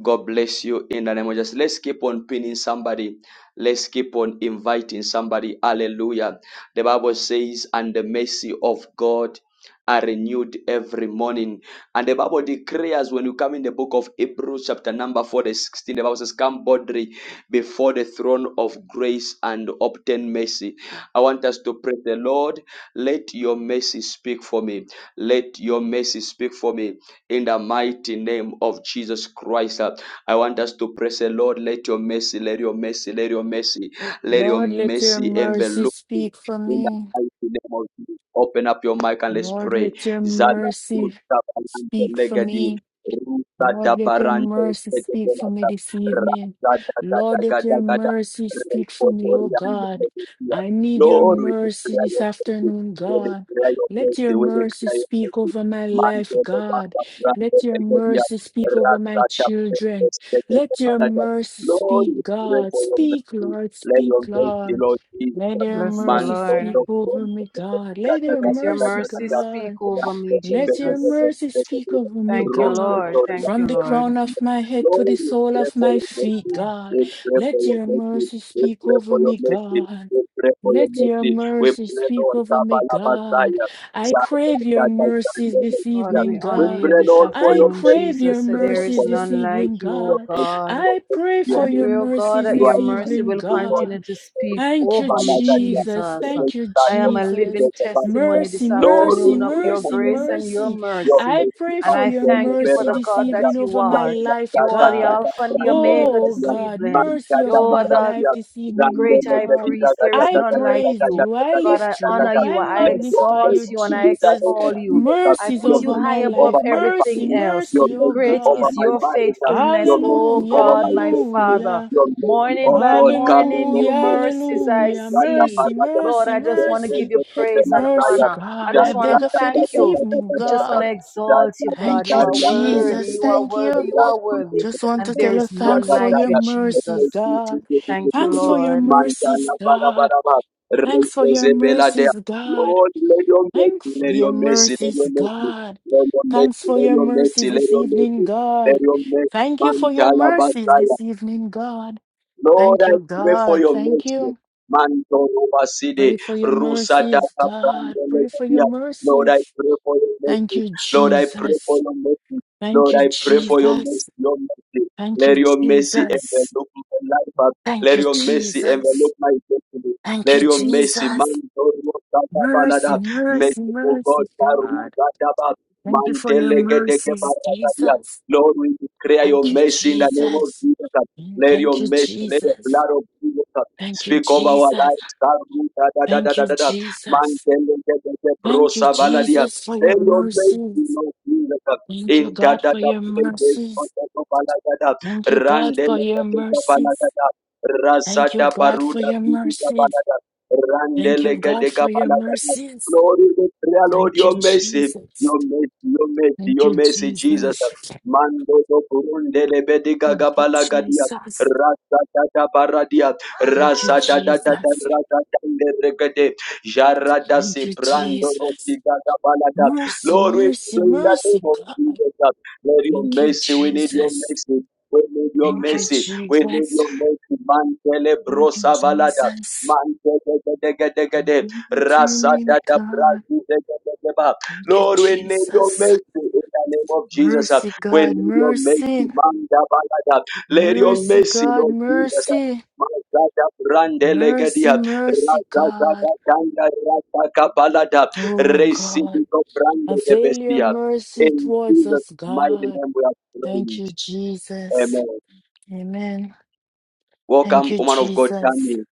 S1: God bless you in the name of Jesus. Let's keep on pinning somebody. Let's keep on inviting somebody. Hallelujah. The Bible says, and the mercy of God are renewed every morning. And the Bible declares when you come in the book of Hebrews, chapter number 4, the 16, the Bible says, Come boldly before the throne of grace and obtain mercy. I want us to pray the Lord, let your mercy speak for me. Let your mercy speak for me in the mighty name of Jesus Christ. Uh, I want us to pray, say, Lord. Let your mercy, let your mercy, let your mercy, let your
S2: Lord, let your
S1: mercy
S2: mercy
S1: envelop me
S2: speak for
S1: in the
S2: me.
S1: mighty name of Jesus. Open up your mic and let's
S2: Lord,
S1: pray.
S2: let your
S1: Zala tu
S2: mercy
S1: tabalante
S2: speak for
S1: legedi,
S2: me.
S1: ruta
S2: Lord, let your
S1: dabarante
S2: mercy speak for me
S1: tegedelata,
S2: this evening.
S1: rasa
S2: Lord, let your
S1: dagadagadagada,
S2: mercy speak for me, oh
S1: repotoriande
S2: God.
S1: legedia.
S2: I need your
S1: Lord, we
S2: mercy
S1: declare
S2: this
S1: your mercy.
S2: afternoon,
S1: We
S2: God.
S1: declare your
S2: Let
S1: mercy.
S2: your
S1: We
S2: mercy
S1: declare your mercy.
S2: speak over my
S1: Mante
S2: life,
S1: de
S2: God.
S1: Papa,
S2: Let
S1: Grande
S2: your
S1: Pegadia,
S2: mercy speak over my
S1: Rasta Captain,
S2: children.
S1: Escape the
S2: Let your
S1: Canada.
S2: mercy
S1: Lord, we
S2: speak,
S1: pray
S2: God.
S1: for your
S2: Speak,
S1: mercy.
S2: Lord.
S1: Let your
S2: Speak,
S1: grace be,
S2: Lord.
S1: Lord Jesus.
S2: Let your
S5: Bless the
S1: Mante
S2: mercy
S5: Lord.
S1: de
S2: speak over me,
S1: Papa,
S2: God. Let
S1: Gata,
S2: your
S5: Let
S1: Gata,
S5: your
S2: mercy,
S1: Gata,
S5: mercy
S1: Gata.
S5: speak
S2: God.
S5: over
S1: Rasta
S5: me,
S1: de
S2: Let your
S5: Jesus.
S1: Pegadia,
S2: mercy speak
S1: Pegadia,
S2: over me,
S5: Thank you,
S1: Rosto,
S2: God,
S5: Lord.
S1: Doria,
S5: Thank you,
S2: from the
S5: Lord.
S2: crown of my head to
S1: Lord,
S2: the
S1: we
S2: sole
S1: pray
S2: of
S1: for
S2: my
S1: your
S2: feet,
S1: mercy. We
S2: God.
S1: pray for
S2: Let
S1: your
S2: your
S1: mercy.
S2: mercy
S1: We
S2: speak
S1: pray for
S2: over
S1: your
S2: me,
S1: mercy.
S2: God.
S1: We pray for your
S2: Let your
S1: mercy. We
S2: mercy
S1: pray,
S2: speak
S1: Lord,
S2: over me,
S1: Kabbalah,
S2: God.
S1: Messiah.
S2: I crave your
S1: Yeah.
S2: mercies this
S5: God,
S2: evening,
S5: we
S1: We
S5: honor you
S2: God.
S1: pray,
S5: this
S1: Lord, for
S2: I
S1: your
S5: afternoon,
S1: mercy.
S2: crave
S1: We
S2: your
S5: Jesus. So
S1: pray, Lord,
S5: there is
S2: mercies
S1: for your
S2: this
S5: none
S1: mercy.
S2: evening,
S5: like you,
S1: Your
S5: O
S2: God.
S1: mercy,
S5: God.
S1: your
S2: I
S1: mercy,
S2: pray
S1: your
S5: I
S2: for your
S5: pray, O
S1: mercy.
S5: God,
S2: mercies
S5: that
S1: You
S5: your
S2: this
S1: are
S5: mercy
S2: evening,
S5: will
S1: merciful, Lord.
S2: God.
S5: continue to speak
S2: Thank you,
S5: over me,
S2: Jesus.
S5: Jesus.
S2: Thank you,
S5: I am a
S2: Jesus.
S5: living testimony
S2: Mercy,
S5: this
S1: Lord, we
S2: mercy,
S5: afternoon of
S1: pray
S5: your
S1: for
S2: mercy,
S1: your
S5: grace
S1: mercy.
S5: and your
S2: mercy.
S1: Yo
S5: mercy.
S2: I
S1: soy tu
S2: pray
S5: And
S2: for
S5: I
S2: your
S1: manto
S5: thank
S1: de
S5: you for
S2: mercy
S5: the
S2: this
S5: God that
S1: berracaya,
S2: evening
S5: you
S2: over
S1: la
S2: my
S5: are.
S2: life,
S5: You are the
S1: berracaya
S2: God.
S1: la
S5: Alpha and the
S1: grande le
S5: Omega
S2: Oh,
S1: pedía,
S5: this
S2: God,
S5: evening.
S1: mancha
S2: mercy
S5: You
S1: la
S2: over
S5: are
S2: my
S5: the
S2: life
S1: gracia,
S2: this evening,
S1: grande
S2: oh,
S5: great
S1: le
S5: high
S2: God.
S1: pedía,
S5: priest.
S1: ga
S5: There
S1: ga
S5: is
S1: ga
S2: I
S1: ga
S5: none
S1: ga
S5: like
S2: praise
S1: ga
S5: you.
S1: ga
S2: you. I
S1: ga ga
S5: God, I
S2: lift
S1: ga
S2: you
S1: ga
S5: honor
S2: up.
S1: ga.
S5: you.
S2: I
S5: I
S1: Le yo
S2: magnify
S5: exalt
S1: soy
S2: you,
S5: you
S1: tu
S5: and I
S1: vida de
S2: Jesus.
S1: los
S5: extol you.
S1: míos,
S5: I
S2: Mercies
S1: yo
S5: put
S1: me
S5: you
S2: over
S5: high
S2: my
S5: above
S2: life.
S1: over my
S5: everything
S2: Mercy,
S1: family
S5: else.
S1: your
S2: mercy, oh,
S1: mercy
S5: Great
S1: over
S5: is
S2: God.
S1: my
S5: your
S1: marriage, uh,
S5: faithfulness,
S1: your
S5: O
S1: mercy
S2: Hallelujah,
S1: over
S5: God,
S1: my
S5: my
S1: destiny,
S5: Father.
S2: hallelujah.
S1: your mercy,
S5: Morning
S1: oh
S5: by
S1: God, come in,
S5: morning,
S1: oh
S2: Hallelujah,
S5: new
S1: God.
S5: mercies I
S2: hallelujah.
S1: Raja
S5: see.
S2: Mercy,
S1: Paraja,
S5: Lord,
S2: mercy,
S5: I
S1: Jai
S5: just want to give
S2: mercy.
S5: you
S1: Jai Jai
S5: praise and
S2: Mercy,
S5: honor.
S1: Jai
S5: I
S2: God.
S1: Jai
S2: I
S5: just want
S2: beg
S5: to
S2: of
S1: Raja
S2: you
S1: Jai Jai
S5: thank
S2: this
S1: Jai
S5: you.
S1: Jai
S2: evening,
S1: Jai
S5: We
S1: Jai
S5: just want to
S2: God.
S1: Jai. Jai Jai
S5: exalt you,
S1: Jai
S5: God.
S2: Thank
S5: You
S2: you,
S1: Jai
S5: are
S1: Ram Lele
S5: worthy.
S2: Jesus.
S5: You
S1: Deviya.
S5: are
S2: Thank
S5: worthy.
S2: you.
S5: You are
S1: Rasun Ke
S5: worthy.
S2: Just want
S5: And
S2: to tell
S5: there
S2: you
S5: is
S1: Deviya
S5: none
S2: thanks
S1: Jai
S2: for
S1: Jai
S5: like
S2: your
S5: you,
S1: Jai. Jai
S2: mercies,
S1: Jai
S5: Jesus.
S1: Jai Jai
S2: God.
S1: Jai
S5: Thank you,
S1: Jai
S2: Thanks
S1: Jai.
S2: for your
S5: Lord.
S2: mercies,
S1: Manjana Bara
S2: God.
S1: Bara Bara.
S2: Thanks for
S1: Rete
S2: your
S1: Zebela Dea.
S2: mercies, God.
S1: Lord, let your
S2: Thanks
S1: mercy,
S2: for
S1: let
S2: your
S1: your mercy, let your
S2: mercies,
S1: mercy.
S2: God.
S1: Let your
S2: Thanks
S1: mercy,
S2: for
S1: let
S2: your
S1: your mercy,
S2: mercies
S1: let
S2: this
S1: your
S2: evening,
S1: mercy, let
S2: God.
S1: your mercy,
S2: Thank you
S1: man,
S2: for your mercies
S1: Jalabasaya.
S2: this evening, God.
S1: Lord,
S2: Thank
S1: I
S2: you,
S1: pray for
S2: God.
S1: your
S2: Thank
S1: mercy.
S2: you.
S1: Man, Dorobaside,
S2: Pray for your
S1: Rusa,
S2: mercies,
S1: Data,
S2: God. Pray for your
S1: Brande, Lord, I
S2: mercies.
S1: pray for your
S2: Thank
S1: mercy.
S2: you,
S1: Lord, I pray for
S2: Jesus.
S1: your mercy.
S2: Thank
S1: Lord,
S2: you,
S1: I pray for your mercy,
S2: Jesus.
S1: your mercy.
S2: Thank you,
S1: Let your mercy
S2: Jesus.
S1: envelop my life. uh,
S2: Thank
S1: Let
S2: you,
S1: your mercy envelop
S2: Jesus.
S1: my destiny.
S2: Thank
S1: Let
S2: you,
S1: your mercy, man,
S2: Jesus.
S1: Lord,
S2: Mercy,
S1: balada.
S2: mercy,
S1: mercy, oh God,
S2: mercy, God.
S1: Baruzadaba,
S2: Thank you for your
S1: Mantelegedegeba.
S2: mercies, Jesus.
S1: Lord, we declare your
S2: Thank you,
S1: mercy in the name of
S2: Jesus.
S1: Jesus. uh,
S2: Mm,
S1: Let your
S2: Thank you,
S1: mercy, let the
S2: Jesus.
S1: blood of Jesus uh,
S2: Thank you,
S1: speak over our
S2: Jesus.
S1: lives. Baruch, Da da da
S2: Thank
S1: da
S2: you,
S1: da da.
S2: Jesus.
S1: Mantelekebeke
S2: Thank you,
S1: brosa valadia.
S2: Jesus, for
S1: May
S2: your
S1: your mercy,
S2: mercies.
S1: Lord Jesus,
S2: Thank you, God, for
S1: intadada
S2: your
S1: praises,
S2: mercies.
S1: potato balagada,
S2: Thank you, God, for your
S1: randelekebeke
S2: mercies.
S1: balagada,
S2: Thank you,
S1: rasada
S2: God, for
S1: baruda,
S2: your
S1: kibika
S2: mercies.
S1: balagada,
S2: Thank you, God,
S1: randelekebeke
S2: for your
S1: balagada.
S2: mercies.
S1: Glory to prayer, Lord,
S2: Thank you,
S1: your mercy,
S2: Jesus.
S1: your mercy, your mercy,
S2: Thank
S1: your
S2: you,
S1: mercy, Jesus.
S2: Jesus.
S1: Mando do kurundele bediga
S2: Thank you,
S1: gabalagadia.
S2: Jesus.
S1: Rasa da da baradia,
S2: Thank you,
S1: rasa da da da da
S2: Jesus.
S1: rasa da de regede, Jarada
S2: Thank
S1: se
S2: you,
S1: brando
S2: Jesus.
S1: rotiga da balada.
S2: Mercy,
S1: Lord, we
S2: mercy,
S1: pray in the
S2: mercy,
S1: name of
S2: God.
S1: Jesus. Lord, your
S2: Thank you,
S1: mercy, we need your
S2: Jesus.
S1: mercy. We need your
S2: Thank you,
S1: mercy. We need
S2: Jesus.
S1: your mercy. Mantele
S2: Thank you,
S1: brosa valada.
S2: Jesus. I
S1: Mantele
S2: want your
S1: rasa
S2: name,
S1: da da
S2: God.
S1: brazi de de de de ba.
S2: Thank you,
S1: Lord, we need your
S2: Jesus.
S1: mercy in the name of Jesus.
S2: Mercy,
S1: We
S2: God,
S1: need your mercy.
S2: mercy.
S1: Manda balada. Let your
S2: Mercy,
S1: mercy,
S2: God,
S1: Lord Jesus.
S2: mercy.
S1: Mazada brande legadia.
S2: Mercy, mercy, God.
S1: Radadadadanda Radakabalada.
S2: Oh,
S1: Receive
S2: God.
S1: the
S2: Avail your
S1: bestia.
S2: mercy
S1: In
S2: towards
S1: Jesus'
S2: us,
S1: mighty
S2: God.
S1: name we are
S2: Thank
S1: prayed.
S2: you, Jesus.
S1: Amen.
S2: Amen. Thank
S1: Welcome,
S2: you,
S1: woman of God,
S2: Jesus.
S1: Tammy.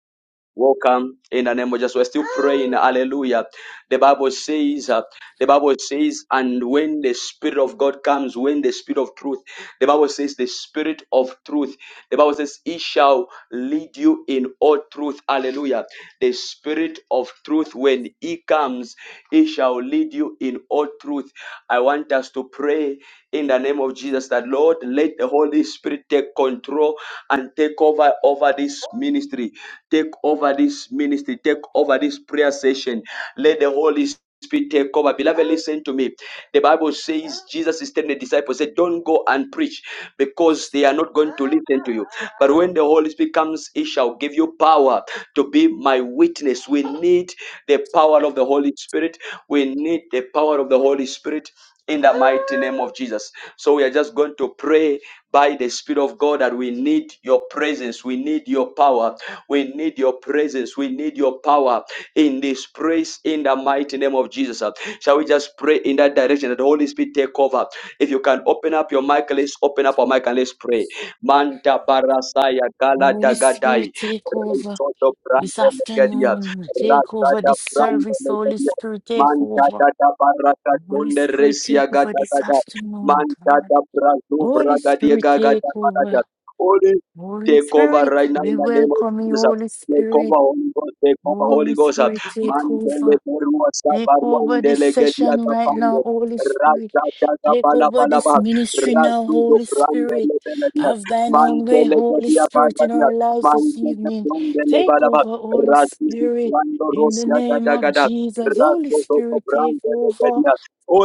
S1: Welcome in the name of Jesus. We're still praying. Hallelujah. The Bible says, uh, the Bible says, and when the Spirit of God comes, when the Spirit of truth, the Bible says, the Spirit of truth, the Bible says, He shall lead you in all truth. Hallelujah. The Spirit of truth, when He comes, He shall lead you in all truth. I want us to pray in the name of Jesus that Lord, let the Holy Spirit take control and take over over this ministry. Take over this ministry. Take over this prayer session. Let the Holy Spirit take over. Beloved, listen to me. The Bible says Jesus is telling the disciples, said, Don't go and preach because they are not going to listen to you. But when the Holy Spirit comes, He shall give you power to be my witness. We need the power of the Holy Spirit. We need the power of the Holy Spirit in the mighty name of Jesus. So we are just going to pray by the Spirit of God that we need your presence, we need your power, we need your presence, we need your power in this praise in the mighty name of Jesus. Shall we just pray in that direction that the Holy Spirit take over? If you can open up your mic, let's open up our mic and let's pray. Manta barasaya gala
S2: Holy
S1: dagadai.
S2: Spirit, take over
S1: Soto
S2: this
S1: Brande Legedia,
S2: afternoon. Take over
S1: Rakada
S2: this
S1: Brande
S2: service. Holy
S1: Legedia,
S2: Spirit, take over.
S1: Mancada da Barraca
S2: Holy
S1: Donde
S2: Spirit, take
S1: Resia
S2: over
S1: Gada
S2: this
S1: Gada,
S2: afternoon, God.
S1: Mancada Brazo
S2: Holy
S1: Bragadia
S2: Spirit,
S1: Gaga
S2: take
S1: da
S2: over.
S1: Maraja. Holy,
S2: Holy
S1: take over
S2: Spirit,
S1: right now in
S2: we
S1: the name of
S2: welcome you,
S1: Jesus.
S2: Holy
S1: Take
S2: Spirit.
S1: over Holy Ghost, take over Holy
S2: Holy
S1: Ghost.
S2: Spirit, take
S1: Mandele
S2: over.
S1: Berua
S2: Take
S1: Sabaruan
S2: over this
S1: Delegedia
S2: session
S1: da
S2: right now,
S1: Pande.
S2: Holy Spirit.
S1: Raja Jaga
S2: Take
S1: Bala
S2: over
S1: Bala
S2: this
S1: Bala
S2: ministry now,
S1: Razu do
S2: Holy
S1: Brande
S2: Spirit.
S1: Legedia
S2: Have thine own way,
S1: Mandele
S2: Holy
S1: Gedia
S2: Spirit, in
S1: Bala
S2: our lives this
S1: Manteka
S2: evening.
S1: Brondele
S2: Take
S1: Baraba,
S2: over, Holy
S1: Razizi
S2: Spirit.
S1: Brando
S2: In the
S1: Rosia
S2: name of
S1: Gadagada,
S2: Jesus, Holy
S1: Razo
S2: Spirit, take
S1: Brandele
S2: over.
S1: Gadia.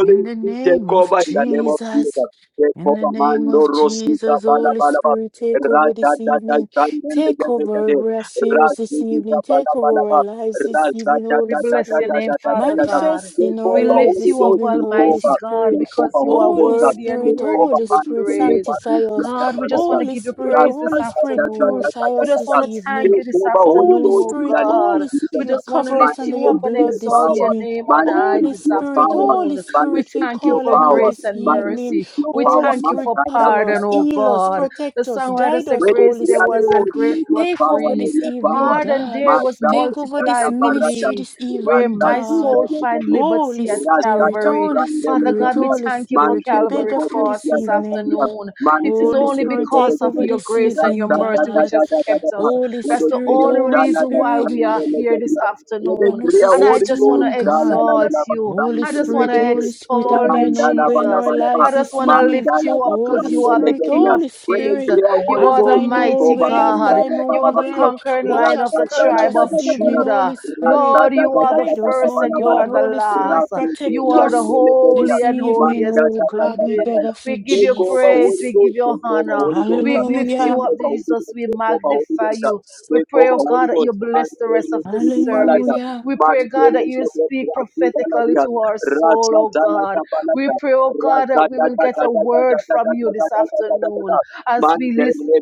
S2: In the
S1: Spirit,
S2: name
S1: take
S2: of
S1: over in the name of
S2: Jesus.
S1: Jesus. Take
S2: In the
S1: over
S2: name
S1: Mando
S2: of
S1: Rosita
S2: Jesus, Holy
S1: Balabalaba,
S2: Spirit, take over
S1: Raja
S2: this
S1: Dada
S2: evening.
S1: Sandele
S2: Take over
S1: Gadagade,
S2: our fears this
S1: Razizi
S2: evening. Take over our
S1: Balabalaba,
S2: lives
S1: Raza
S2: this evening,
S5: We
S2: Holy
S1: Dada Dada
S5: bless your
S1: Dada
S5: name,
S2: Spirit.
S1: Dada
S5: Father
S1: Dada.
S5: God.
S2: Manifest
S1: Take
S2: in our
S5: We
S1: over the
S2: lives
S5: lift
S1: Holy
S2: this
S5: you up,
S1: Ghost,
S2: evening,
S1: take
S2: Holy
S1: over.
S5: Almighty God,
S1: Take
S2: Spirit.
S1: over
S5: because
S1: the
S5: you
S1: Holy
S5: are
S1: Ghost,
S2: Holy
S1: uh,
S5: worthy and
S1: take
S2: Spirit,
S5: worthy
S1: over
S5: to
S2: Holy
S5: be
S1: Father,
S2: Spirit,
S1: take
S5: praised.
S1: over
S2: sanctify
S1: Lord, take
S2: us.
S5: God,
S1: over
S5: we just
S1: Lord,
S5: want
S1: uh,
S5: to
S2: Holy
S5: give you
S2: Spirit,
S1: ra- ra- ra- ra-
S5: praise this
S2: Holy Spirit,
S1: ra- ra-
S5: afternoon.
S1: ra-
S2: purify
S1: ra-
S5: We
S2: us
S5: just
S1: ra-
S2: this
S1: ra.
S5: want to thank
S2: evening.
S5: you
S1: Take
S5: this
S1: over Holy
S2: Holy
S5: afternoon,
S1: Ghost
S5: oh
S1: in the
S2: Spirit,
S1: name of
S5: God.
S2: Holy
S5: We
S1: Jesus. uh,
S2: Spirit,
S5: just want to
S2: cover us
S5: lift
S2: under
S5: you
S2: your
S5: up
S1: Manifest
S5: and
S1: your
S2: blood this
S5: exalt
S1: power,
S5: your
S2: evening.
S5: name on high
S2: Holy
S1: manifest
S5: this
S1: your
S2: Spirit,
S1: power,
S2: Holy
S5: afternoon. We
S2: Spirit, we
S1: manifest
S5: thank you
S1: your
S2: call
S5: for
S2: on you
S1: power,
S5: grace
S2: this
S5: and
S1: manifest
S2: evening.
S5: mercy.
S1: your
S5: We
S2: Holy
S5: thank you
S2: Spirit,
S5: for
S2: cover
S5: pardon,
S2: us,
S1: power.
S5: oh
S2: heal us,
S5: God. The
S2: protect us,
S5: songwriter
S2: guide
S5: said,
S2: us,
S1: Wewe
S5: Grace
S2: Holy
S5: there
S1: kulia
S5: was
S1: leo
S5: and
S2: Spirit.
S5: grace
S1: ndio
S5: was
S2: Take
S1: power
S2: over
S5: free.
S2: this
S1: ndio
S2: evening,
S1: power.
S5: Pardon
S2: God.
S5: there was
S1: Masta
S2: Take over
S1: tata
S2: this
S5: multiplied for
S1: barata.
S2: ministry
S5: me.
S2: this
S5: Where
S2: evening,
S1: Rasta
S5: my
S2: God.
S1: zuza
S5: soul
S1: ndio.
S5: find
S2: Holy
S5: liberty at
S1: Rasta
S2: Spirit,
S1: ta
S5: Calvary.
S2: Holy
S1: brande
S5: Father
S2: Spirit,
S5: God, we
S1: ndio.
S2: Holy
S5: thank you for
S2: Spirit, we
S1: Mante de
S2: beg
S5: Calvary
S2: of you
S5: Cross
S2: this
S1: corrupia
S5: this
S2: evening.
S1: ndio.
S5: afternoon. It
S1: Mante
S5: is
S1: de
S2: Holy
S5: only
S1: de de
S2: Spirit,
S1: de
S5: because
S2: take
S5: of
S1: de.
S2: over
S5: your
S2: this
S5: grace and your
S2: evening,
S1: Rasta ta
S5: mercy
S1: ta
S5: which
S2: God.
S1: ta
S5: has
S1: ta ta
S5: kept us.
S1: ta.
S2: Holy
S5: That's
S1: Wewe
S5: the
S2: Spirit,
S1: kulia
S5: only
S2: Holy
S1: jana
S5: reason
S1: ta
S5: why
S2: Spirit,
S5: we
S1: brande
S5: are here this
S1: ndio.
S5: afternoon.
S2: upon us
S1: Real
S2: this
S5: And I
S1: Holy
S5: just want
S1: Ghost.
S2: afternoon,
S5: to
S1: Da la
S2: God.
S1: la la
S5: exalt
S1: la ba.
S5: you.
S2: Holy
S1: San
S5: I
S1: de le
S5: just want
S2: Spirit,
S1: de
S5: to
S1: de.
S2: Holy Spirit, have
S5: extol you,
S1: Ran
S2: thine
S1: da
S2: own
S1: la
S2: way
S1: ba
S2: in
S1: la
S5: Jesus.
S2: our
S1: la ba.
S5: I
S2: lives
S5: just
S2: this
S5: want to
S1: Man
S2: evening.
S1: da
S5: lift
S1: la
S5: you up
S1: da
S5: because
S2: Holy
S1: ran
S5: you
S1: de
S5: are
S1: le
S5: the
S2: Spirit,
S1: de
S5: King
S1: de.
S5: of
S2: Holy
S1: With
S5: Kings.
S1: the
S2: Spirit,
S5: You
S1: Holy
S2: have
S5: are the
S1: Ghost.
S2: thine
S1: Take
S2: own
S5: mighty
S1: over
S2: way, have
S1: man da
S5: God.
S1: la
S2: thine
S1: ba
S5: You
S1: ba
S5: are
S2: own
S1: ba
S5: the
S1: ba.
S2: way.
S5: conquering
S2: Watch
S5: lion of
S2: us
S1: Rasta
S5: the
S2: purge
S1: la
S5: tribe
S2: us
S1: da
S5: of
S1: da
S2: this
S1: da da
S2: evening,
S1: da.
S2: Holy
S5: Judah.
S2: Spirit.
S1: Rasta
S5: Lord,
S1: da
S5: you
S1: da
S5: are
S1: da
S5: the
S1: da
S2: Guide us,
S5: first
S2: oh
S1: la
S5: and you
S1: la
S2: God,
S5: are
S1: ba.
S5: the
S2: Holy Spirit,
S5: last.
S1: Rasta de
S5: You
S2: protect
S5: are
S1: rian
S5: the
S2: us
S1: de
S5: holy
S2: this
S5: and
S1: Man
S2: evening,
S1: da
S5: holiest.
S2: oh
S1: da da
S2: God,
S1: da
S2: we
S1: da da.
S2: beg of
S5: We
S2: you,
S5: give you
S1: Take over
S5: praise.
S1: Holy
S5: We
S2: Jesus.
S5: give
S1: Ghost.
S5: you
S1: Take over
S5: honor.
S1: Holy Ghost.
S5: We lift
S1: Take
S5: you
S2: Hallelujah,
S5: up,
S1: over Holy
S5: Jesus.
S1: Ghost.
S5: We
S1: Take over Holy
S5: magnify
S1: Ghost.
S5: you. We
S1: Take
S5: pray,
S1: over
S5: oh
S1: Holy
S5: God, that
S1: Ghost.
S5: you bless the rest
S1: Mantele
S5: of this
S1: Sidi
S5: service.
S1: Balata.
S2: hallelujah,
S5: We pray, God,
S1: Mantele
S5: that you speak
S1: Sidi
S5: prophetically
S1: Balata.
S5: to our soul,
S1: Rasa
S5: oh God.
S1: Zalata
S5: We
S1: Balata.
S5: pray, oh God,
S1: Rasa
S5: that we will
S1: Tata
S5: get a
S1: Tata Tata
S5: word
S1: Tata
S5: from
S1: Tata
S5: you this
S1: Tata Tata Tata.
S5: afternoon as we listen
S1: Mantele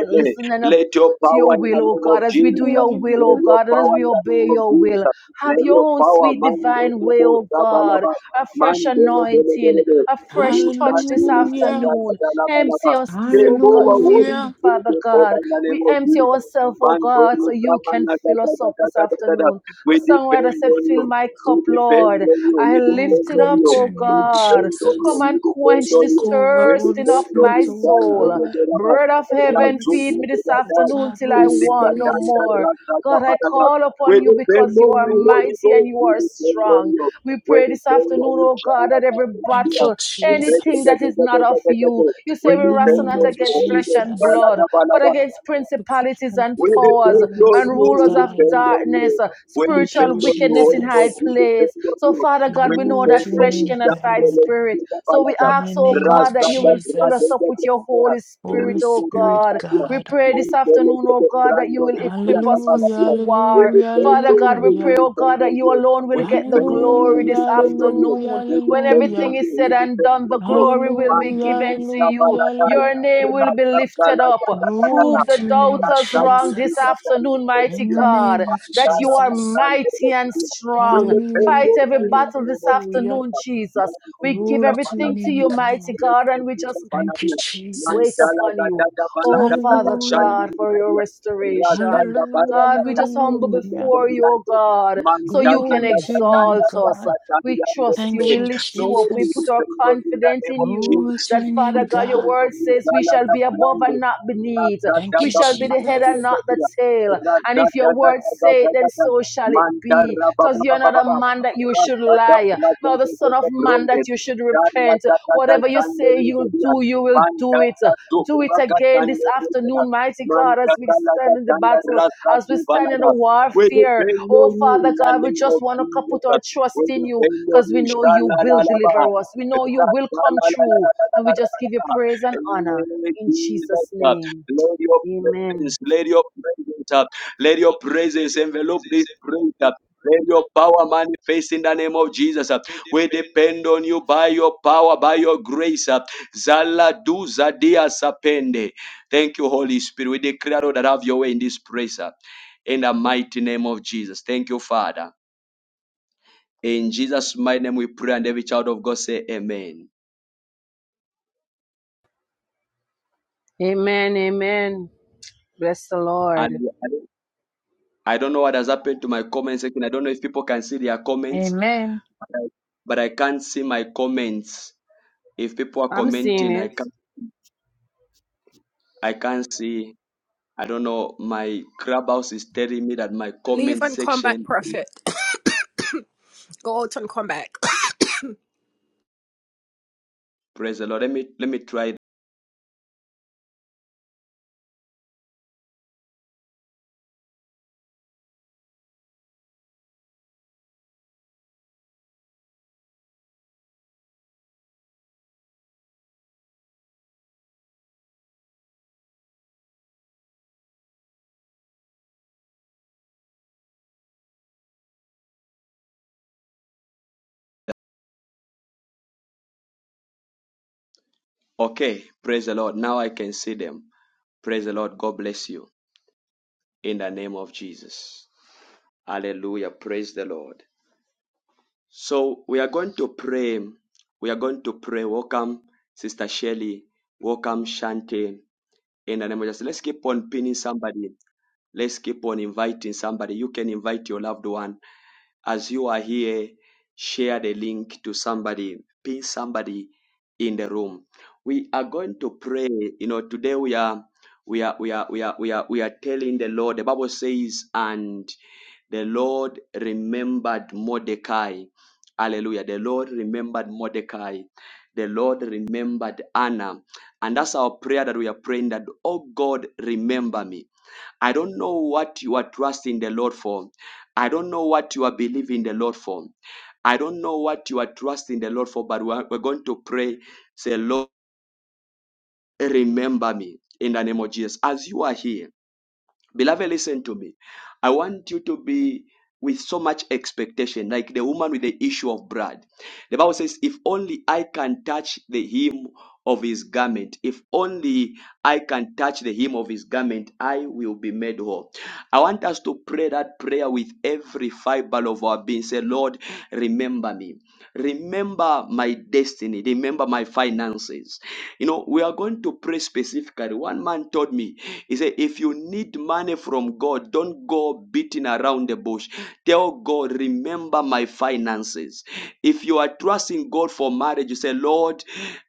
S5: and listen and up
S1: Let your
S5: to
S1: power
S5: your
S1: in the
S5: will, oh
S1: name of
S5: God, as we do
S1: Jesus.
S5: your will,
S1: Let
S5: oh
S1: your
S5: God, and as
S1: power
S5: we
S1: in the
S5: obey
S1: name of
S5: your
S1: Jesus.
S5: will. Have
S1: Let
S5: your
S1: your
S5: own
S1: power,
S5: sweet
S1: man,
S5: divine way, oh God.
S1: Sabalaba,
S5: A fresh
S1: man,
S5: anointing, a fresh touch this
S2: hallelujah,
S5: afternoon. Empty
S1: Rusa,
S5: us this,
S1: Take
S5: oh God,
S1: over,
S5: this
S1: Holy
S2: hallelujah.
S5: evening,
S1: Spirit,
S5: Father
S1: take over
S5: God.
S1: in the name
S5: We
S1: of
S5: empty
S1: Jesus.
S5: ourselves, oh
S1: Man, don't
S5: God,
S1: you
S5: so you
S1: stop, man,
S5: can
S1: da, da,
S5: fill us
S1: da,
S5: up
S1: da,
S5: this
S1: da, da, da, da.
S5: afternoon.
S1: We
S5: The songwriter
S1: depend
S5: said,
S1: on
S5: Fill
S1: you.
S5: my
S1: We
S5: cup,
S1: depend
S5: Lord.
S1: on you.
S5: I
S1: We
S2: Oh,
S5: lift
S1: depend
S5: it
S1: on
S2: glory
S5: up,
S1: you.
S2: to your
S5: oh
S1: We
S2: name,
S5: God.
S1: depend on you.
S5: Come
S2: Jesus.
S5: and
S1: We depend
S5: quench
S1: on
S5: this
S2: Take
S1: you.
S2: over,
S1: We
S2: Holy
S5: thirsting of
S1: depend on
S5: my
S1: you.
S2: Spirit, oh
S1: Man, da,
S5: soul.
S1: da, da,
S2: God.
S1: da, da.
S5: Bread of heaven,
S1: Rasu,
S5: feed
S2: Cleanse,
S1: da,
S5: me
S1: da,
S5: this
S1: da,
S2: oh
S1: da.
S5: afternoon
S2: God,
S5: till I
S2: Holy
S1: Indi, da,
S5: want
S1: da,
S5: no
S2: Spirit.
S1: da,
S5: more.
S1: ra, da, da,
S5: God,
S1: da,
S5: I
S1: da, da.
S5: call upon
S1: We
S5: you because
S1: depend
S5: you
S1: on
S5: are
S1: you, Holy
S5: mighty and
S1: Ghost.
S5: you
S1: We
S5: are
S1: depend on
S5: strong.
S1: you.
S5: We
S1: We
S5: pray this
S1: depend
S5: afternoon,
S1: on you,
S5: oh God,
S1: Shana,
S5: that
S1: da,
S5: every
S1: da, da,
S2: Thank
S1: da.
S2: you,
S5: battle,
S1: We
S5: anything
S2: Jesus.
S5: that
S1: depend
S5: is not of
S1: on
S5: you,
S1: you.
S5: you
S1: We
S5: say we
S2: In the
S5: wrestle
S1: depend
S2: name
S5: not
S1: on
S2: of
S1: you,
S5: against
S1: Holy
S5: flesh
S1: Ghost.
S5: and
S2: Jesus,
S5: blood,
S1: Balada,
S5: but
S1: balada.
S5: against principalities and
S1: We
S2: principalities and
S5: powers
S1: depend on
S2: powers,
S5: and
S1: you.
S2: oh
S5: rulers
S1: We
S5: of
S2: God.
S1: depend on
S5: darkness,
S1: you. We
S2: Thank you,
S5: spiritual
S1: depend on you,
S5: wickedness
S1: Holy
S5: in high
S1: Ghost.
S2: Jesus.
S1: We
S5: place.
S1: depend on
S5: So,
S1: you.
S5: Father
S1: We
S5: God, we know
S2: Glory
S5: that
S1: depend
S2: to your
S1: on
S5: flesh
S1: you.
S2: name,
S5: cannot fight
S1: Jandele,
S2: God.
S5: spirit. So we
S1: Balada.
S2: In
S5: ask,
S2: the
S5: oh
S2: name of
S5: God,
S1: Rasta,
S5: that you will fill
S1: Rasta,
S5: us
S2: Jesus,
S5: up with your your
S1: Rasta.
S5: Holy Spirit,
S2: Holy
S5: oh
S2: Spirit,
S5: God. We
S2: God.
S5: pray this afternoon, oh God, that you will equip us for,
S2: Hallelujah,
S5: for war.
S2: hallelujah,
S5: Father God, we
S2: hallelujah.
S5: pray, oh God, that you alone will get the glory
S2: Hallelujah,
S5: this
S2: hallelujah,
S5: afternoon. When everything is said and done, the
S2: hallelujah,
S5: glory will be
S2: hallelujah,
S5: given to you.
S2: hallelujah,
S5: Your name will
S2: hallelujah.
S5: be lifted up.
S2: Glory
S5: Prove
S2: to
S5: the
S2: your name,
S5: doubters wrong this
S2: Jesus.
S5: afternoon, mighty
S2: In the
S5: God,
S2: name of
S5: that you are
S2: Jesus.
S5: mighty and strong. Fight
S2: Hallelujah,
S5: every battle this
S2: hallelujah.
S5: afternoon, Jesus. We give
S2: Glory to your
S5: everything to
S2: name,
S5: you, mighty
S2: God.
S5: God, and we just
S2: Thank
S1: Thank
S2: you,
S1: you.
S5: waits
S2: Jesus.
S1: Mandala
S5: upon you.
S1: gada gabala
S5: Oh,
S1: gada
S5: Father
S2: Hallelujah,
S1: gashandi
S5: God, for your
S1: gadiya. Rasa
S5: restoration.
S1: gabara
S2: hallelujah,
S5: God, we
S1: gada
S5: just humble
S1: gede
S2: hallelujah.
S5: before you, oh
S1: geriyanti.
S5: God, so you
S1: Mandala
S5: can
S2: Glory to
S1: gada
S2: your name,
S1: ganda
S5: exalt us.
S2: God.
S1: gada
S5: We
S1: gadiyanti
S5: trust you.
S1: pe.
S2: Thank
S5: We
S2: you,
S5: lift
S1: Lord,
S5: you up. We
S1: we
S5: put
S2: Jesus.
S5: our
S1: defend you in the
S5: confidence
S1: name
S5: in
S1: of
S5: you.
S2: Glory
S1: Jesus.
S2: to
S5: That,
S2: your
S1: We
S2: name,
S5: Father God, your
S2: God.
S1: defend you
S5: word
S1: in
S5: says we
S1: Gala
S5: shall be above
S1: gabrando.
S5: and not beneath.
S1: Rasa
S2: Thank
S5: We
S2: you,
S1: gada
S5: shall be the head
S2: Jesus.
S1: gabrando
S5: and not the
S1: gadiya.
S5: tail. And
S1: Rasa
S5: if your
S1: gada
S5: word
S1: gada
S5: say
S1: gada
S5: it, then
S1: gada.
S5: so shall it be.
S1: Mantara baba
S5: Because you're
S1: baba
S5: not a
S1: baba.
S5: man that you should
S1: Rasta da
S5: lie,
S1: la de
S5: nor the
S1: de de
S5: son of
S1: de
S5: man that
S1: bronde.
S5: you should
S1: Darla
S5: repent.
S1: da da da
S5: Whatever you say you'll do, you will do it.
S1: Mantara do
S5: Do it
S1: raga
S5: again this
S1: sande
S5: afternoon, mighty God, as we
S1: Mantara la da
S5: stand in the battle,
S1: rasta
S5: as we
S1: di
S5: stand in the
S1: balada. We
S5: warfare.
S1: depend on
S5: Oh,
S1: you
S5: Father
S1: in the
S5: God, we
S1: name
S5: just
S1: of
S5: want to put our
S1: Jesus.
S5: trust
S1: We
S5: in you
S1: depend on
S5: because
S1: you.
S5: we know you
S1: Shala la
S5: will
S1: la ba.
S5: deliver us. We know you
S1: Rasta
S5: will
S1: la
S5: come
S1: la la la
S5: true. And we just give you praise and honor
S1: Eh,
S5: in Jesus' name.
S1: Lady of
S5: Amen.
S1: presence, Lady of presence. Let your presence envelop this prayer. Let your power manifest in the name of Jesus. We depend on you by your power, by your grace. Zala du zadia sapende. Thank you, Holy Spirit. We declare Lord, that have your way in this praise. In the mighty name of Jesus. Thank you, Father. In Jesus' mighty name we pray, and every child of God say amen.
S5: Amen. Amen. Bless the Lord.
S1: And I don't know what has happened to my comment section. I don't know if people can see their comments,
S2: Amen.
S1: but I can't see my comments. If people are
S5: I'm seeing
S1: commenting, I
S5: it.
S1: can't, I can't see. I don't know. My clubhouse is telling me that my
S6: Leave
S1: comment
S6: and come back,
S1: section.
S6: Prophet. Go out and come back.
S1: Praise the Lord. Let me let me try. Okay. Praise the Lord. Now I can see them. Praise the Lord. God bless you in the name of Jesus. Hallelujah. Praise the Lord. So we are going to pray. We are going to pray. Welcome, Sister Shelley. Welcome, Shante. In the name of Jesus. Let's keep on pinning somebody. Let's keep on inviting somebody. You can invite your loved one As you are here, share the link to somebody, pin somebody in the room. We are going to pray. You know, today we are we are we are we are we are we are telling the Lord. The Bible says, and the Lord remembered Mordecai. Hallelujah. The Lord remembered Mordecai. The Lord remembered Anna. And that's our prayer that we are praying that, oh God, remember me. I don't know what you are trusting the Lord for. I don't know what you are believing the Lord for. I don't know what you are trusting the Lord for, but we're, we're going to pray. Say, Lord, remember me in the name of Jesus. As you are here, Beloved, listen to me. I want you to be with so much expectation, like the woman with the issue of blood. The Bible says, If only I can touch the hem of his garment, if only I can touch the hem of his garment, I will be made whole. I want us to pray that prayer with every fiber of our being. Say, Lord, remember me. Remember my destiny. Remember my finances. You know, we are going to pray specifically. One man told me, he said, if you need money from God, don't go beating around the bush. Tell God, remember my finances. If you are trusting God for marriage, you say, Lord,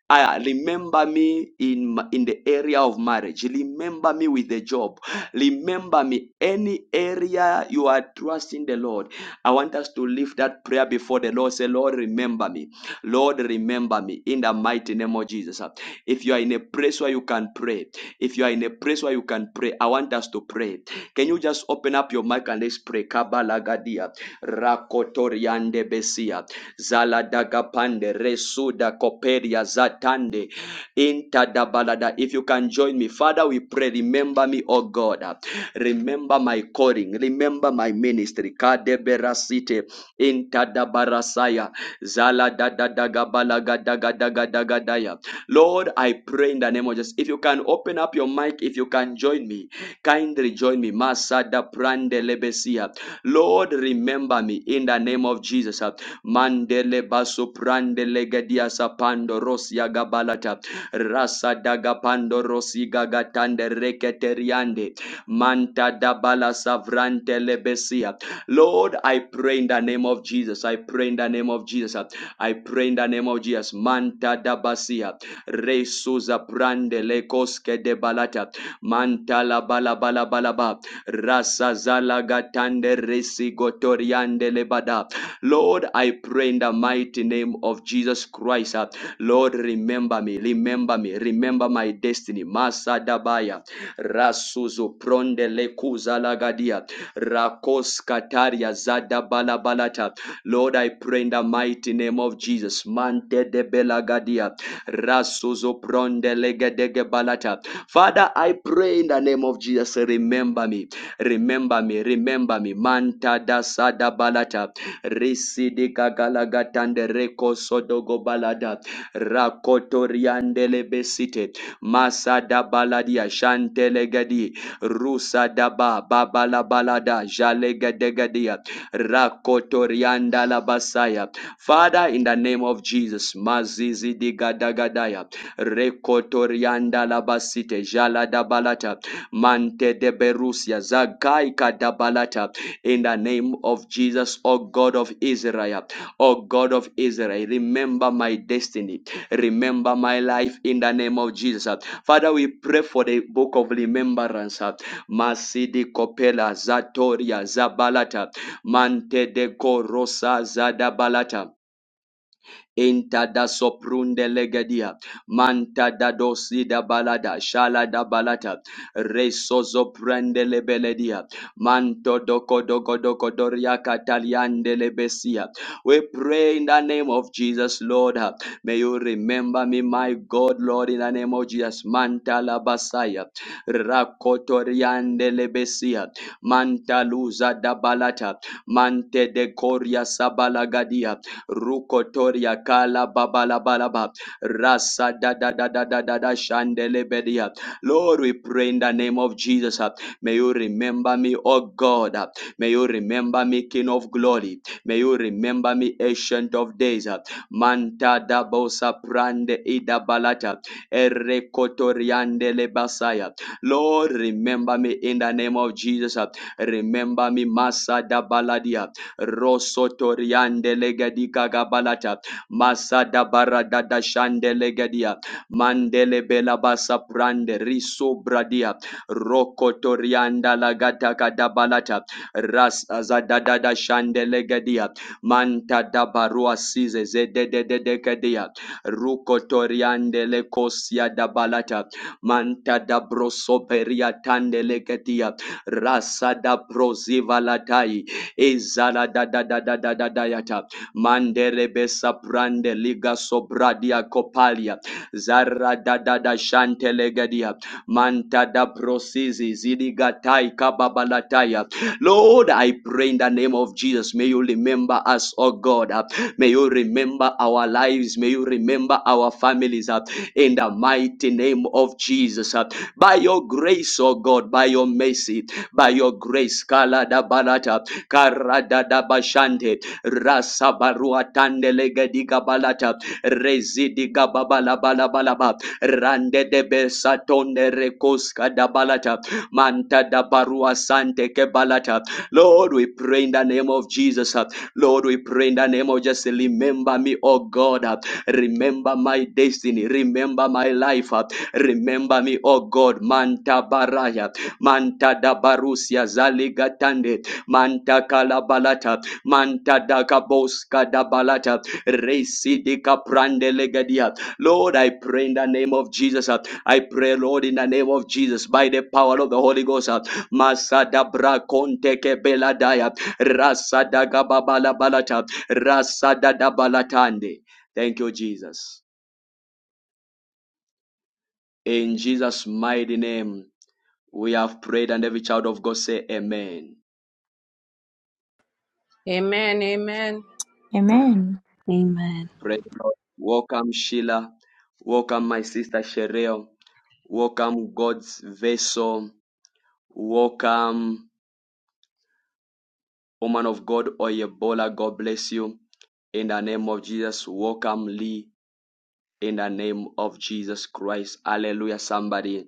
S1: I remember me in m- in the area of marriage. Remember me with the job. Remember me any area you are trusting the Lord. I want us to lift that prayer before the Lord. Say, Lord, remember me. Lord, remember me in the mighty name of Jesus. If you are in a place where you can pray, if you are in a place where you can pray, I want us to pray. Can you just open up your mic and let's pray? Kabalagadia, Rakotoriande Besia, Zaladagapande, Resuda Koperia Zatande, Intadabalada. If you can join me, Father, we pray, remember me, O God. Remember my calling. Remember my ministry. Kadeberasite intadabarasaya zala dadadagabalagadagadagadagadaya. Lord, I pray in the name of Jesus. If you can open up your mic, if you can join me, kindly join me. Masada prande lebesia. Lord, remember me in the name of Jesus. Mandele baso prande legedia sapando rosia gabalata. Rasa daga pando rosi gagatande reketeriande. Manta dabala savrante lebesia. Lord, I pray in the name of Jesus. I pray in the name of Jesus. I pray in the name of Jesus. Manta dabasia. Resuza brande lekoske de balata. Manta la bala bala bala ba. Rasa zala gatande resi gotoriande lebada. Lord, I pray in the mighty name of Jesus Christ. Lord, remember me. Remember me. Remember my destiny. Masa dabaya. Rasuzu pronde lekuza lagadia. Rakos kataria zada balabalata. Lord, I pray in the mighty name of Jesus. Mante de belagadia. Rasuzu pronde legedege balata. Father, I pray in the name of Jesus. Remember me. Remember me. Remember me. Manta da sada balata. Risidi gagalagatande reko sodogo balada. rakotoriandele lebesite. Masada baladia shantelegadi. Rusa daba babala balada jalegadegadia. Rakotorianda labasaya. Father, in the name of Jesus, Mazizi digadagadaya. Rekotorianda labasite dabalata, Mante de berusia zagaika dabalata. In the name of Jesus, O God of Israel, O God of Israel, remember my destiny Remember my life in the name of Jesus. uh. Father, we pray for the book of remembrance. uh. Masidi Kopela Zatoria Zabalata Mante de Korosa Zadabalata. Inta da soprunde legedia. Manta da dosi da balada. Shala da balata. Resozo prende lebeledia. Manto doko doko doko doria kataliande lebesia. We pray in the name of Jesus, Lord. May you remember me, my God, Lord, in the name of Jesus. Manta la basaya, Rakotoriande lebesia. Manta luza da balata. Mante de coria sabalagadia rukotoria kala babalabalaba rasa da da da da da da da shandelebedia. Lord, we pray in the name of Jesus. uh, May you remember me, O God. uh, May you remember me, King of Glory. May you remember me, Ancient of Days. uh, Manta da bosa prande ida balata erekotoriande lebasaya. Lord, remember me in the name of Jesus. uh, Remember me, Masa da baladia rosotoriande legadika gabalata masada baradada shande legadia mandele bela basa prande riso bradia rokotorianda lagata kadabalata ras azadadada shande legadia manta dabarua size zededededekedia rukotoriande lekosia dabalata manta dabrosoperia tande legadia rasa da proziva latai Ezala da da da da da da da yata. Mandere besa prande liga sobradia kopalia. Zara da da da shantelegadia. Manta da prosizi zidigatai kababalataya. Lord, I pray in the name of Jesus. May you remember us, oh God. Uh, May you remember our lives. May you remember our families. uh, In the mighty name of Jesus. uh. By your grace, oh God, by your mercy by your grace. Kala da balata, karada da bashande, rasa barua tandele gediga balata, rezidi gababala balabalaba, rande de besatonde rekoska da balata, manta da barua sante ke balata. Lord, we pray in the name of Jesus. uh, Lord, we pray in the name of Jesus. Remember me, oh God. uh, Remember my destiny. Remember my life. uh, Remember me, oh God. Manta baraya. Manta da barusia zaligatande. Manta kalabalata. Manta da kaboska da balata. Resi de kaprande legadia. Lord, I pray in the name of Jesus. uh, I pray, Lord, in the name of Jesus, by the power of the Holy Ghost. uh, Masada brakonte kebeladaya. Rasada gababala balata. Rasada da balatande. Thank you, Jesus. In Jesus' mighty name, we have prayed, and every child of God say, Amen.
S5: Amen. Amen.
S7: Amen.
S8: Amen.
S1: Praise the Lord. Welcome, Sheila. Welcome, my sister Sherelle. Welcome, God's vessel. Welcome, woman of God, Oyebola. God bless you. In the name of Jesus, welcome, Lee. In the name of Jesus Christ. Hallelujah, somebody.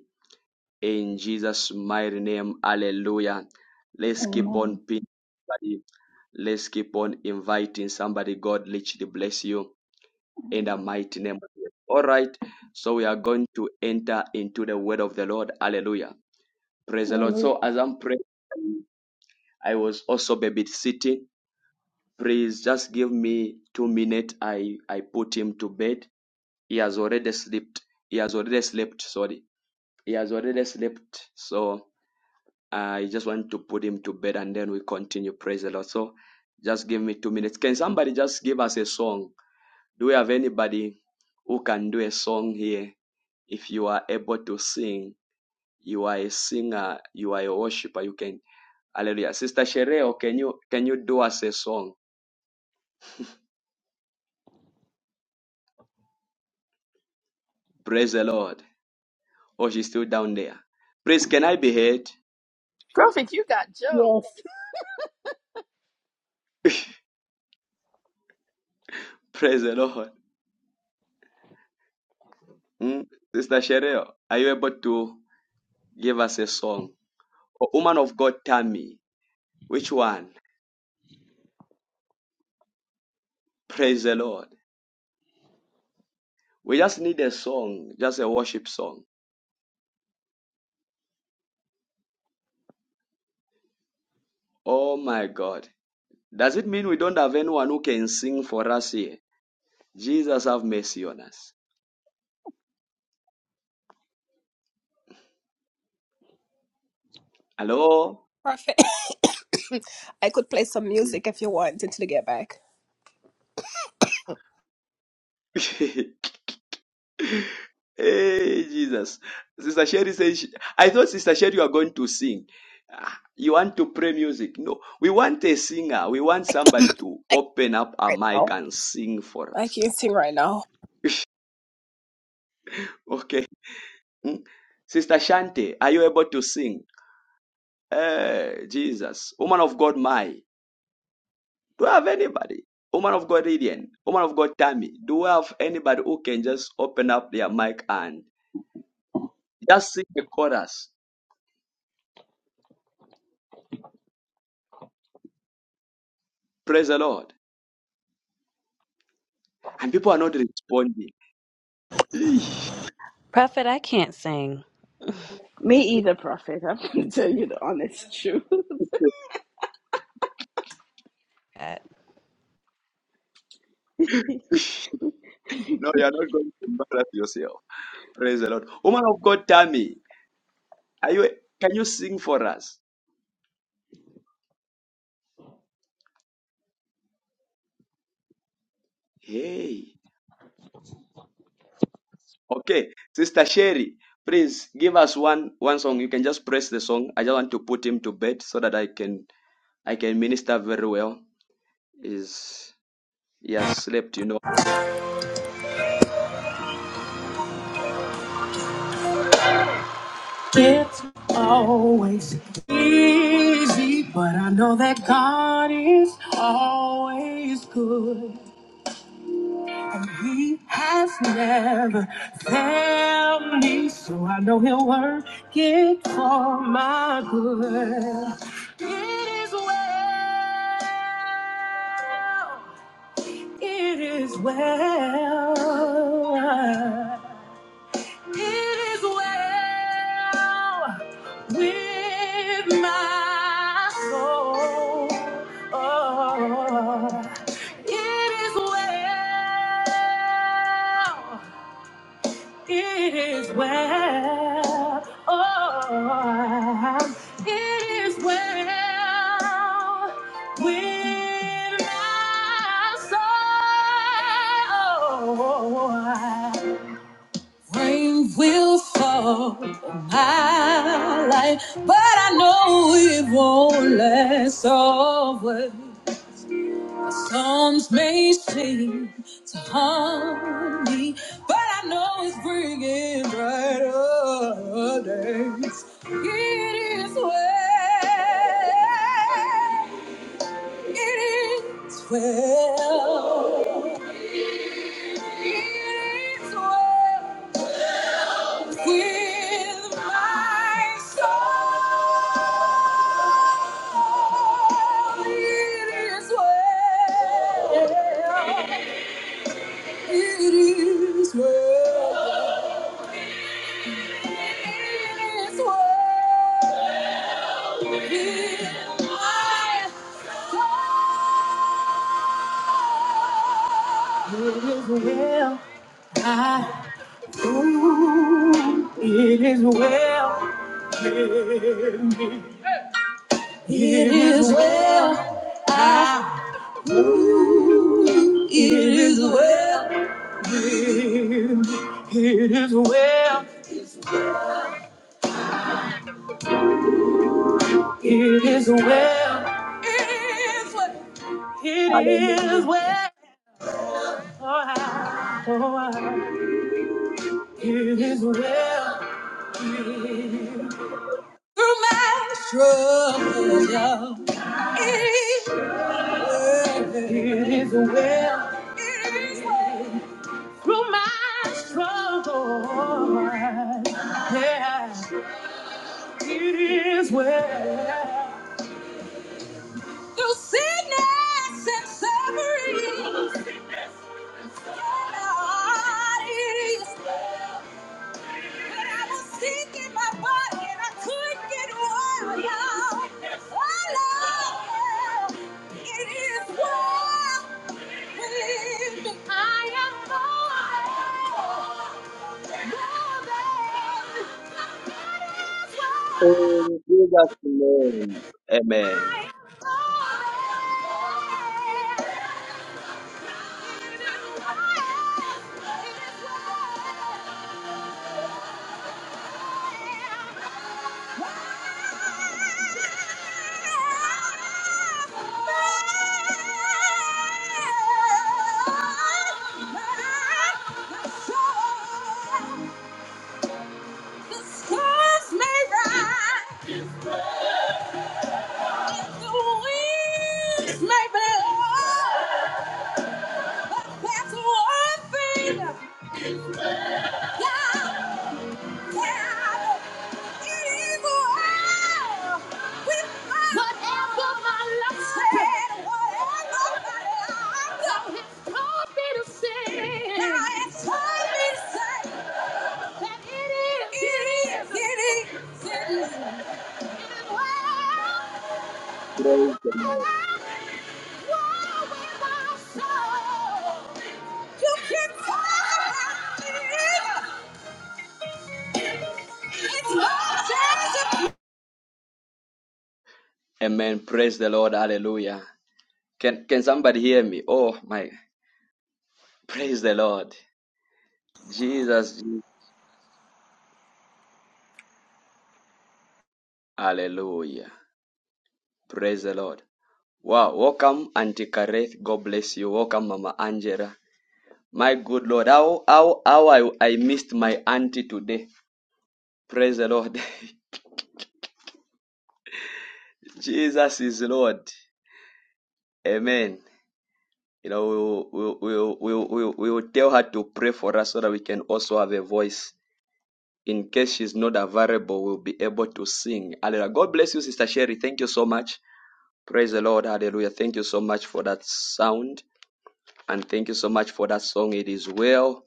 S1: In Jesus' mighty name. Hallelujah. Let's keep on
S9: Amen.
S1: pinning somebody. Let's keep on inviting somebody. God literally bless you in the
S9: Amen.
S1: mighty name of Jesus. All right. So we are going to enter into the word of the Lord. Hallelujah. Praise the Lord. So
S9: Hallelujah.
S1: as I'm praying, I was also babysitting. Please just give me two minutes. I, I put him to bed. He has already slept. He has already slept. Sorry. He has already slept. So uh, I just want to put him to bed and then we continue. Praise the Lord. So just give me two minutes. Can somebody just give us a song? Do we have anybody who can do a song here? If you are able to sing, you are a singer, you are a worshiper, you can. Hallelujah. Sister Shereo, can you can you do us a song? Praise the Lord. Oh, she's still down there. Please, can I be heard?
S10: Prophet, you got
S9: Yes,
S10: jokes.
S1: Praise the Lord. Hmm? Sister Shereo, are you able to give us a song? Oh, woman of God, tell me which one? Praise the Lord. We just need a song, just a worship song. Oh my God. Does it mean we don't have anyone who can sing for us here? Jesus, have mercy on us. Hello?
S6: Prophet, I could play some music if you want until you get back.
S1: hey, Jesus. Sister Sherry says, she- I thought Sister Sherry, you are going to sing. Ah, You want to play music? No, we want a singer. We want somebody to
S6: I can't
S1: open up a
S6: right
S1: mic
S6: now.
S1: and sing for
S6: I
S1: us.
S6: can't sing right now.
S1: Okay. Mm. Sister Shante, are you able to sing? Hey Jesus. Woman of God, my. Do I have anybody? Woman of God, Lydian. Woman of God, Tammy. Do I have anybody who can just open up their mic and just sing the chorus? Praise the Lord. And people are not responding. Eesh.
S8: Prophet, I can't sing
S10: Me either, Prophet. I'm going to tell you the honest truth.
S8: that.
S1: No, you are not going to embarrass yourself. Praise the Lord. Woman of God, Tammy. Are you? Can you sing for us? Hey. Okay, Sister Sherry. Please give us one one song. You can just press the song. I just want to put him to bed so that I can I can minister very well. Is he has slept, you know.
S6: It's always easy, but I know that God is always good. And he has never failed me, so I know he'll work it for my good. It is well. It is well. It is well with my soul. Oh, it is well. It is well. Oh, it is well with my soul. Rain will fall on my life, but I know it won't last always. The storms may seem to harm me, but I know it's bringing brighter days. It is well. It is well. It is well. With my soul, it is well. It is well. It is well. With my soul, I well. It is well. I it is well. It is well. It is well. It is well. Oh, It is well through my struggle. It is well. It is well through my struggle. Yeah. It is well through sickness and suffering. God, it is. well. But I was sick in my body and I couldn't get well, y'all. Oh, Lord, it is well with me. I am more than, more than, it is well.
S1: In Jesus' name.
S6: I
S1: Amen.
S6: am more than. Maybe, but That's one thing. Yeah, yeah. Whatever my life said, now it's taught me to say that it is, it is, it is. And wow,
S1: Praise the Lord.
S6: wow, with my soul, you can tell it is. It's my
S1: Amen. Praise the Lord. Hallelujah. Can can somebody hear me? Oh my praise the Lord. Jesus. Hallelujah. Praise the Lord. Wow. Welcome, Auntie Kareth. God bless you. Welcome, Mama Angela. My good Lord. How how how I, I missed my auntie today. Praise the Lord. Jesus is Lord. Amen. You know, we will, we will, we will, we will, we will tell her to pray for us so that we can also have a voice. In case she's not available, we'll be able to sing. Hallelujah. God bless you, Sister Sherry. Thank you so much. Praise the Lord. Hallelujah. Thank you so much for that sound. And thank you so much for that song. It is well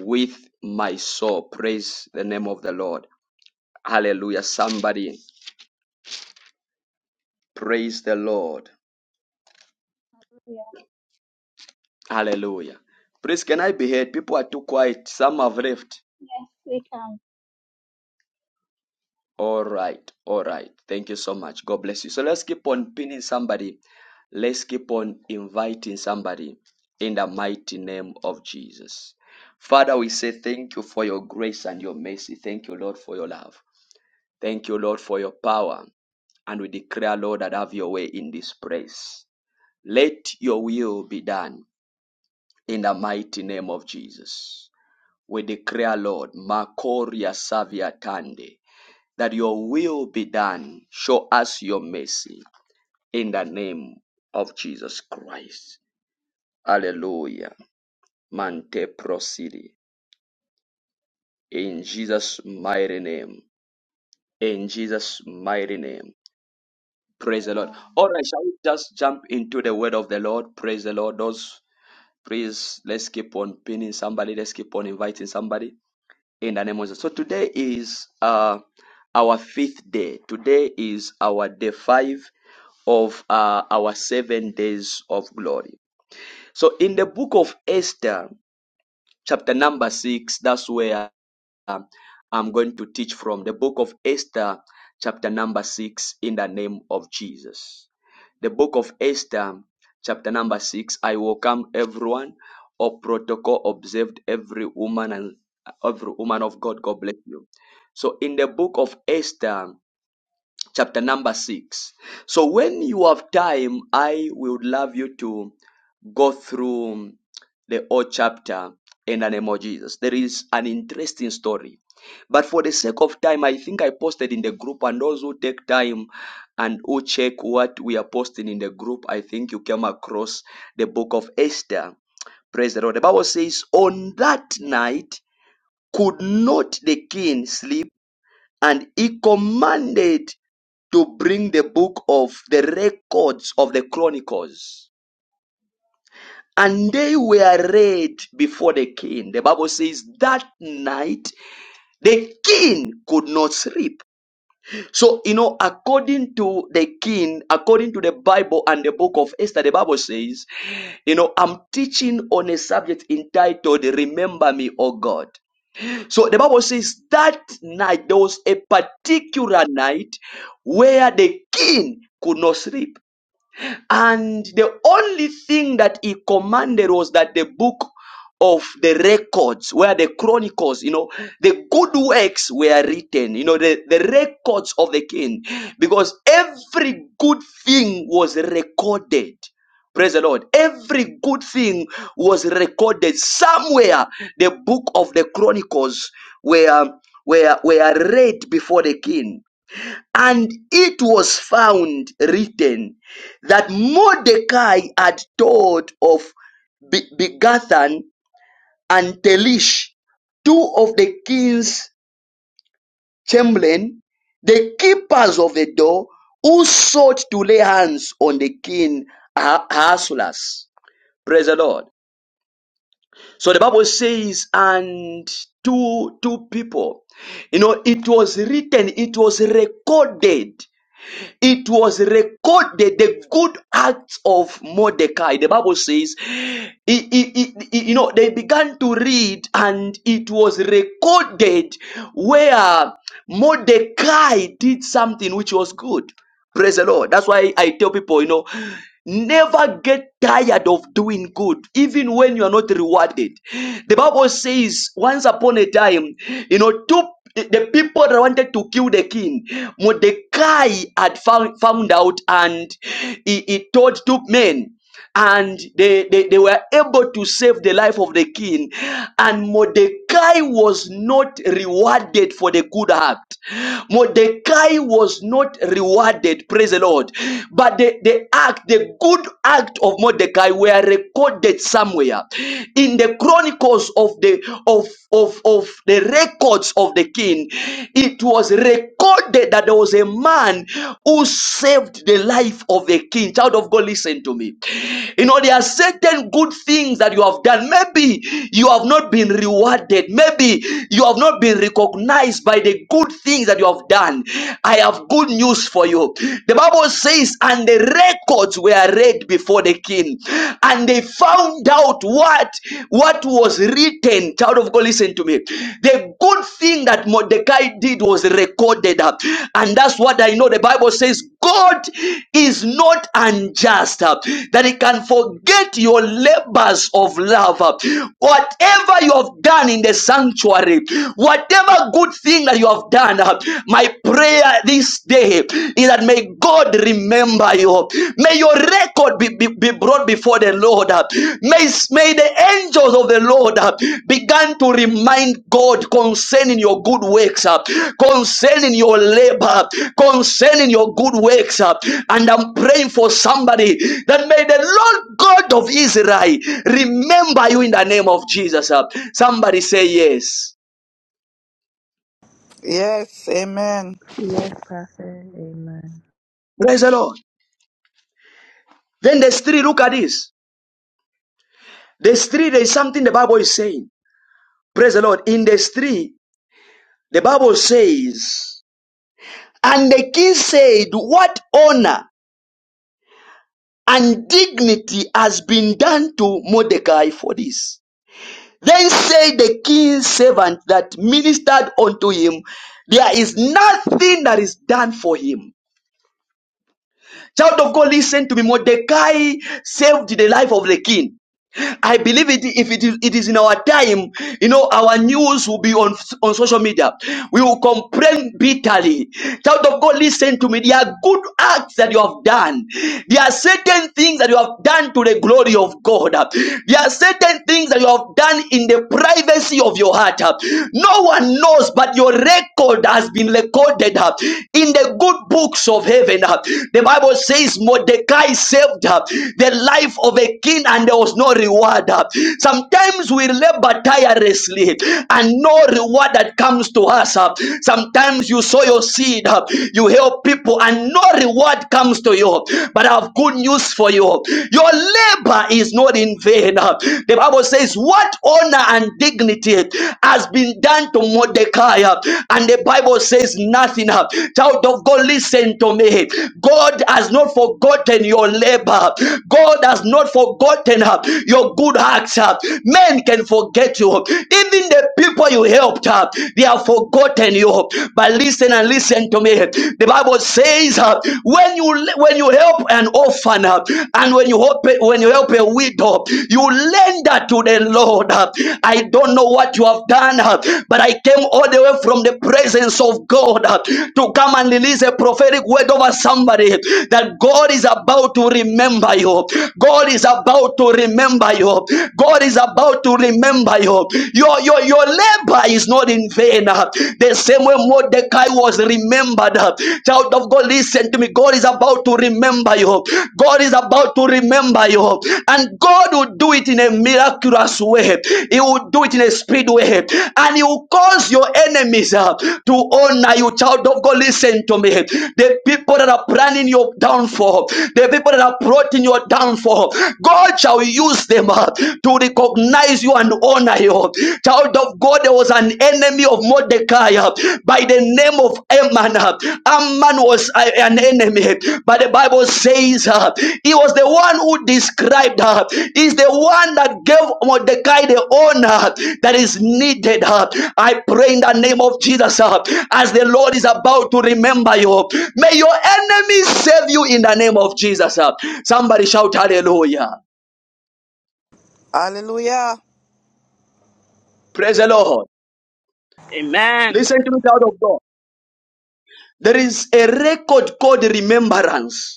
S1: with my soul. Praise the name of the Lord. Hallelujah. Somebody, praise the Lord.
S9: we are.
S1: Hallelujah. Please, can I be heard? People are too quiet. Some have left.
S9: Yes, we can.
S1: All right, all right. Thank you so much. God bless you. So let's keep on pinning somebody. Let's keep on inviting somebody in the mighty name of Jesus. Father, we say thank you for your grace and your mercy. Thank you, Lord, for your love. Thank you, Lord, for your power. And we declare, Lord, that have your way in this place. Let your will be done in the mighty name of Jesus. We declare, Lord, Makoria Savia Tande that your will be done. Show us your mercy in the name of Jesus Christ. Hallelujah. Mante prosidi. In Jesus' mighty name. In Jesus' mighty name. Praise the Lord.
S9: Amen.
S1: All right, shall we just jump into the word of the Lord? Praise the Lord. Those, please, let's keep on pinning somebody. Let's keep on inviting somebody. In the name of Jesus. So today is uh, our fifth day. Today is our day five of uh, our seven days of glory. So in the book of Esther, chapter number six, that's where um, I'm going to teach from the book of Esther, chapter number six, in the name of Jesus. The book of Esther, chapter number six. I welcome everyone. Or protocol observed every woman and every woman of God. God bless you. So in the book of Esther, chapter number six. So when you have time, I would love you to go through the whole chapter in the name of Jesus. There is an interesting story. But for the sake of time, I think I posted in the group, and those who take time and who check what we are posting in the group, I think you came across the book of Esther. Praise the Lord. The Bible says, On that night could not the king sleep and he commanded to bring the book of the records of the chronicles and they were read before the king the bible says that night the king could not sleep so you know according to the king according to the bible and the book of esther the bible says you know i'm teaching on a subject entitled remember me o god So the Bible says that night there was a particular night where the king could not sleep and the only thing that he commanded was that the book of the records, where the chronicles, you know, the good works were written, you know, the, the records of the king, because every good thing was recorded. Praise the Lord. Every good thing was recorded somewhere. The book of the chronicles were, were, were read before the king. And it was found written that Mordecai had told of Be- Begathan and Telish, two of the king's chamberlain, the keepers of the door, who sought to lay hands on the king Ah- Ahasuerus. Praise the Lord. So the Bible says, and two two people, you know, it was written, it was recorded It was recorded the good acts of Mordecai. The Bible says, it- it- it- you know, they began to read, and it was recorded where Mordecai did something which was good. Praise the Lord. That's why I tell people, you know, never get tired of doing good, even when you are not rewarded. The Bible says, once upon a time, you know, two the the people that wanted to kill the king, Mordecai had found, found out and he, he told two men and they, they, they were able to save the life of the king. And Mordecai was not rewarded for the good act. Mordecai was not rewarded, praise the Lord. But the, the act, the good act of Mordecai were recorded somewhere in the chronicles of the of of, of the records of the king. It was recorded recorded that there was a man who saved the life of a king. Child of God, listen to me. You know, there are certain good things that you have done. Maybe you have not been rewarded. Maybe you have not been recognized by the good things that you have done. I have good news for you. The Bible says, and the records were read before the king, and they found out what what was written, child of God, listen to me. The good thing that Mordecai did was recorded up. And that's what I know. The Bible says God is not unjust, uh, that He can forget your labors of love. uh. Whatever you have done in the sanctuary, whatever good thing that you have done, uh, my prayer this day is that may God remember you. May your record be, be, be brought before the Lord. May, may the angels of the Lord uh, begin to remind God concerning your good works, uh, concerning your labor, concerning your good works. uh, And I'm praying for somebody that may the Lord God of Israel remember you in the name of Jesus. uh. Somebody say yes.
S11: Yes, amen.
S8: Yes, Prophet. Amen.
S1: Praise the Lord. Then there's three. Look at this. There's three. There's something the Bible is saying. Praise the Lord. In verse 3, the Bible says, And the king said, What honor and dignity has been done to Mordecai for this? Then said the king's servant that ministered unto him, There is nothing that is done for him. Child of God, listen to me. Mordecai saved the life of the king. I believe it, if it is, it is in our time, you know, our news will be on, on social media. We will complain bitterly. Child of God, listen to me. There are good acts that you have done. There are certain things that you have done to the glory of God. There are certain things that you have done in the privacy of your heart. No one knows, but your record has been recorded in the good books of heaven. The Bible says Mordecai saved the life of a king and there was no reward. Sometimes we labor tirelessly and no reward that comes to us. Sometimes you sow your seed, you help people, and no reward comes to you. But I have good news for you your labor is not in vain. The Bible says, What honor and dignity has been done to Mordecai? And the Bible says, Nothing. Child of God, listen to me. God has not forgotten your labor. God has not forgotten uh, your good acts. uh, Men can forget you. Even the people you helped, uh, they have forgotten you. But listen and listen to me. The Bible says uh, when you when you help an orphan uh, and when you help when you help a widow, you lender to the Lord. uh, I don't know what you have done, uh, but I came all the way from the presence of God uh, to come and release a prophetic word over somebody that God is about to remember you. God is about to to remember you. God is about to remember you. Your, your, your labor is not in vain. The same way Mordecai was remembered. Child of God, listen to me. God is about to remember you. God is about to remember you. And God will do it in a miraculous way. He will do it in a speed way. And He will cause your enemies uh, to honor you. Child of God, listen to me. The people that are planning your downfall, the people that are plotting your downfall, God God shall use them uh, to recognize you and honor you. Child of God, there was an enemy of Mordecai uh, by the name of Amman. uh. Amman was uh, an enemy, but the Bible says uh, he was the one who described her. Uh, He's the one that gave Mordecai the honor that is needed. uh. I pray in the name of Jesus uh, as the Lord is about to remember you. May your enemies save you in the name of Jesus. uh. Somebody shout hallelujah.
S11: Hallelujah.
S1: Praise the Lord.
S12: Amen.
S1: Listen to me, child of God. There is a record called remembrance.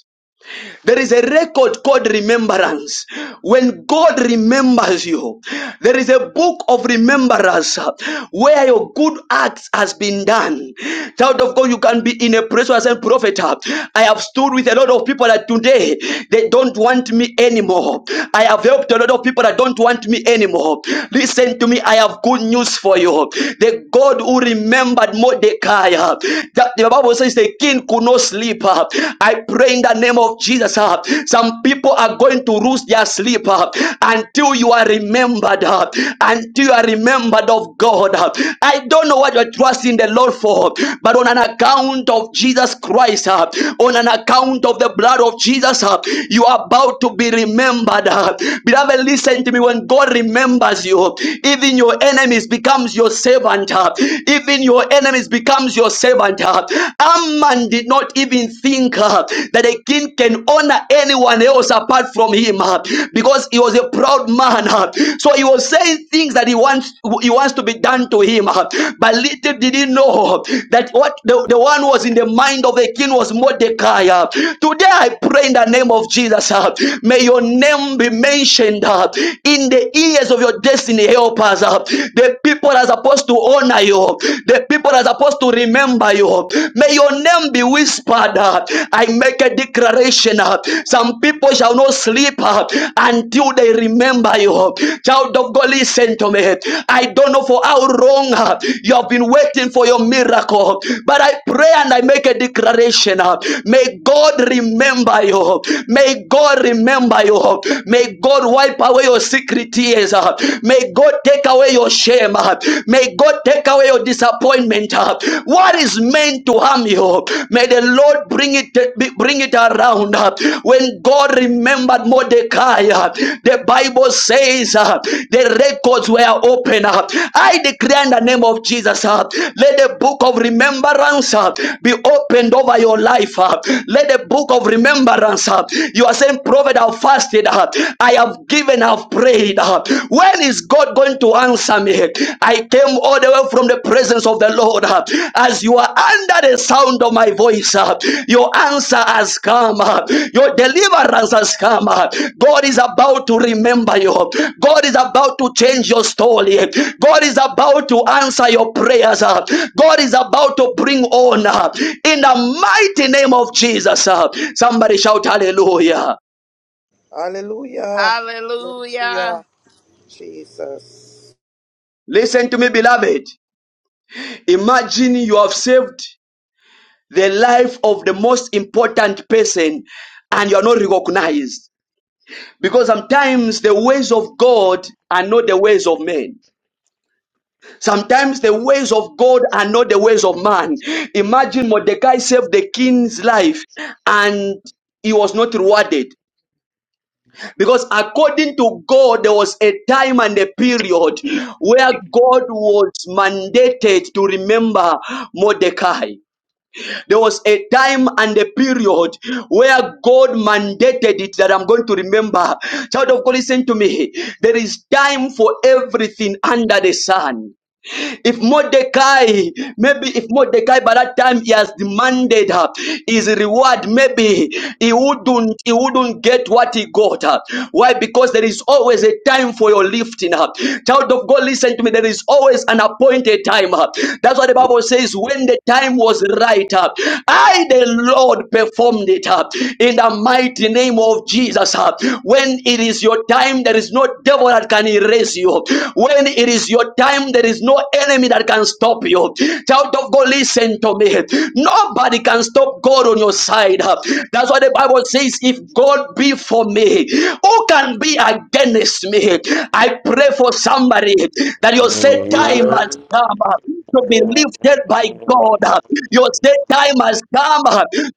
S1: There is a record called remembrance. When God remembers you, there is a book of remembrance uh, where your good acts has been done. Child of God, you can be in a place where I said, Prophet, uh, I have stood with a lot of people that today they don't want me anymore. I have helped a lot of people that don't want me anymore. Listen to me, I have good news for you. The God who remembered Mordecai, uh, that the Bible says the king could not sleep sleep. uh, I pray in the name of Jesus. uh, Some people are going to lose their sleep uh, until you are remembered, uh, until you are remembered of God. uh. I don't know what you're trusting the Lord for, but on an account of Jesus Christ, uh, on an account of the blood of Jesus, uh, you are about to be remembered. uh. Beloved, listen to me. When God remembers you, even your enemies becomes your servant. uh. Even your enemies becomes your your servant. uh, Amman did not even think uh, that a king can honor anyone else apart from him uh, because he was a proud man. uh, So he was saying things that he wants he wants to be done to him. uh, But little did he know that what the, the one was in the mind of the king was Mordecai. uh. Today I pray in the name of Jesus. uh, May your name be mentioned uh, in the ears of your destiny helpers. uh. The people as opposed to honor you, the people that are supposed to remember you. May your name be whispered. uh, I make a declaration. uh, Some people shall not sleep uh, until they remember you. Child of God, listen to me. I don't know for how long uh, you have been waiting for your miracle, but I pray and I make a declaration. uh, May God remember you. May God remember you. May God wipe away your secret tears. uh, May God God take away your shame. May God take away your disappointment. What is meant to harm you, may the Lord bring it bring it around. When God remembered Mordecai, the Bible says uh, the records were open. I declare in the name of Jesus, uh, let the book of remembrance uh, be opened over your life. uh. Let the book of remembrance. uh, You are saying, Prophet, I've fasted. uh, I have given even have prayed. uh, When is God going to answer me? I came all the way from the presence of the Lord. uh, As you are under the sound of my voice, uh, your answer has come. uh, Your deliverance has come. uh, God is about to remember you. God is about to change your story. God is about to answer your prayers. uh, God is about to bring honor in the mighty name of Jesus. uh, Somebody shout hallelujah.
S11: Hallelujah.
S12: Hallelujah.
S11: Hallelujah. Jesus.
S1: Listen to me, beloved. Imagine you have saved the life of the most important person and you are not recognized. Because sometimes the ways of God are not the ways of men. Sometimes the ways of God are not the ways of man. Imagine Mordecai saved the king's life and he was not rewarded because according to god there was a time and a period where god was mandated to remember mordecai There was a time and a period where God mandated it that I'm going to remember. Child of God, listen to me. There is time for everything under the sun. If Mordecai, maybe if Mordecai by that time he has demanded her his reward, maybe he wouldn't he wouldn't get what he got. uh. Why? Because there is always a time for your lifting up. Child of God, listen to me. There is always an appointed time. uh. That's what the Bible says. When the time was right, uh, I the Lord performed it uh, in the mighty name of Jesus. uh. When it is your time, there is no devil that can erase it you. When it is your time, there is no enemy that can stop you. Child of God, listen to me. Nobody can stop God on your side. That's why the Bible says, if God be for me, who can be against me? I pray for somebody that you say time has come to be lifted by God. You say time has come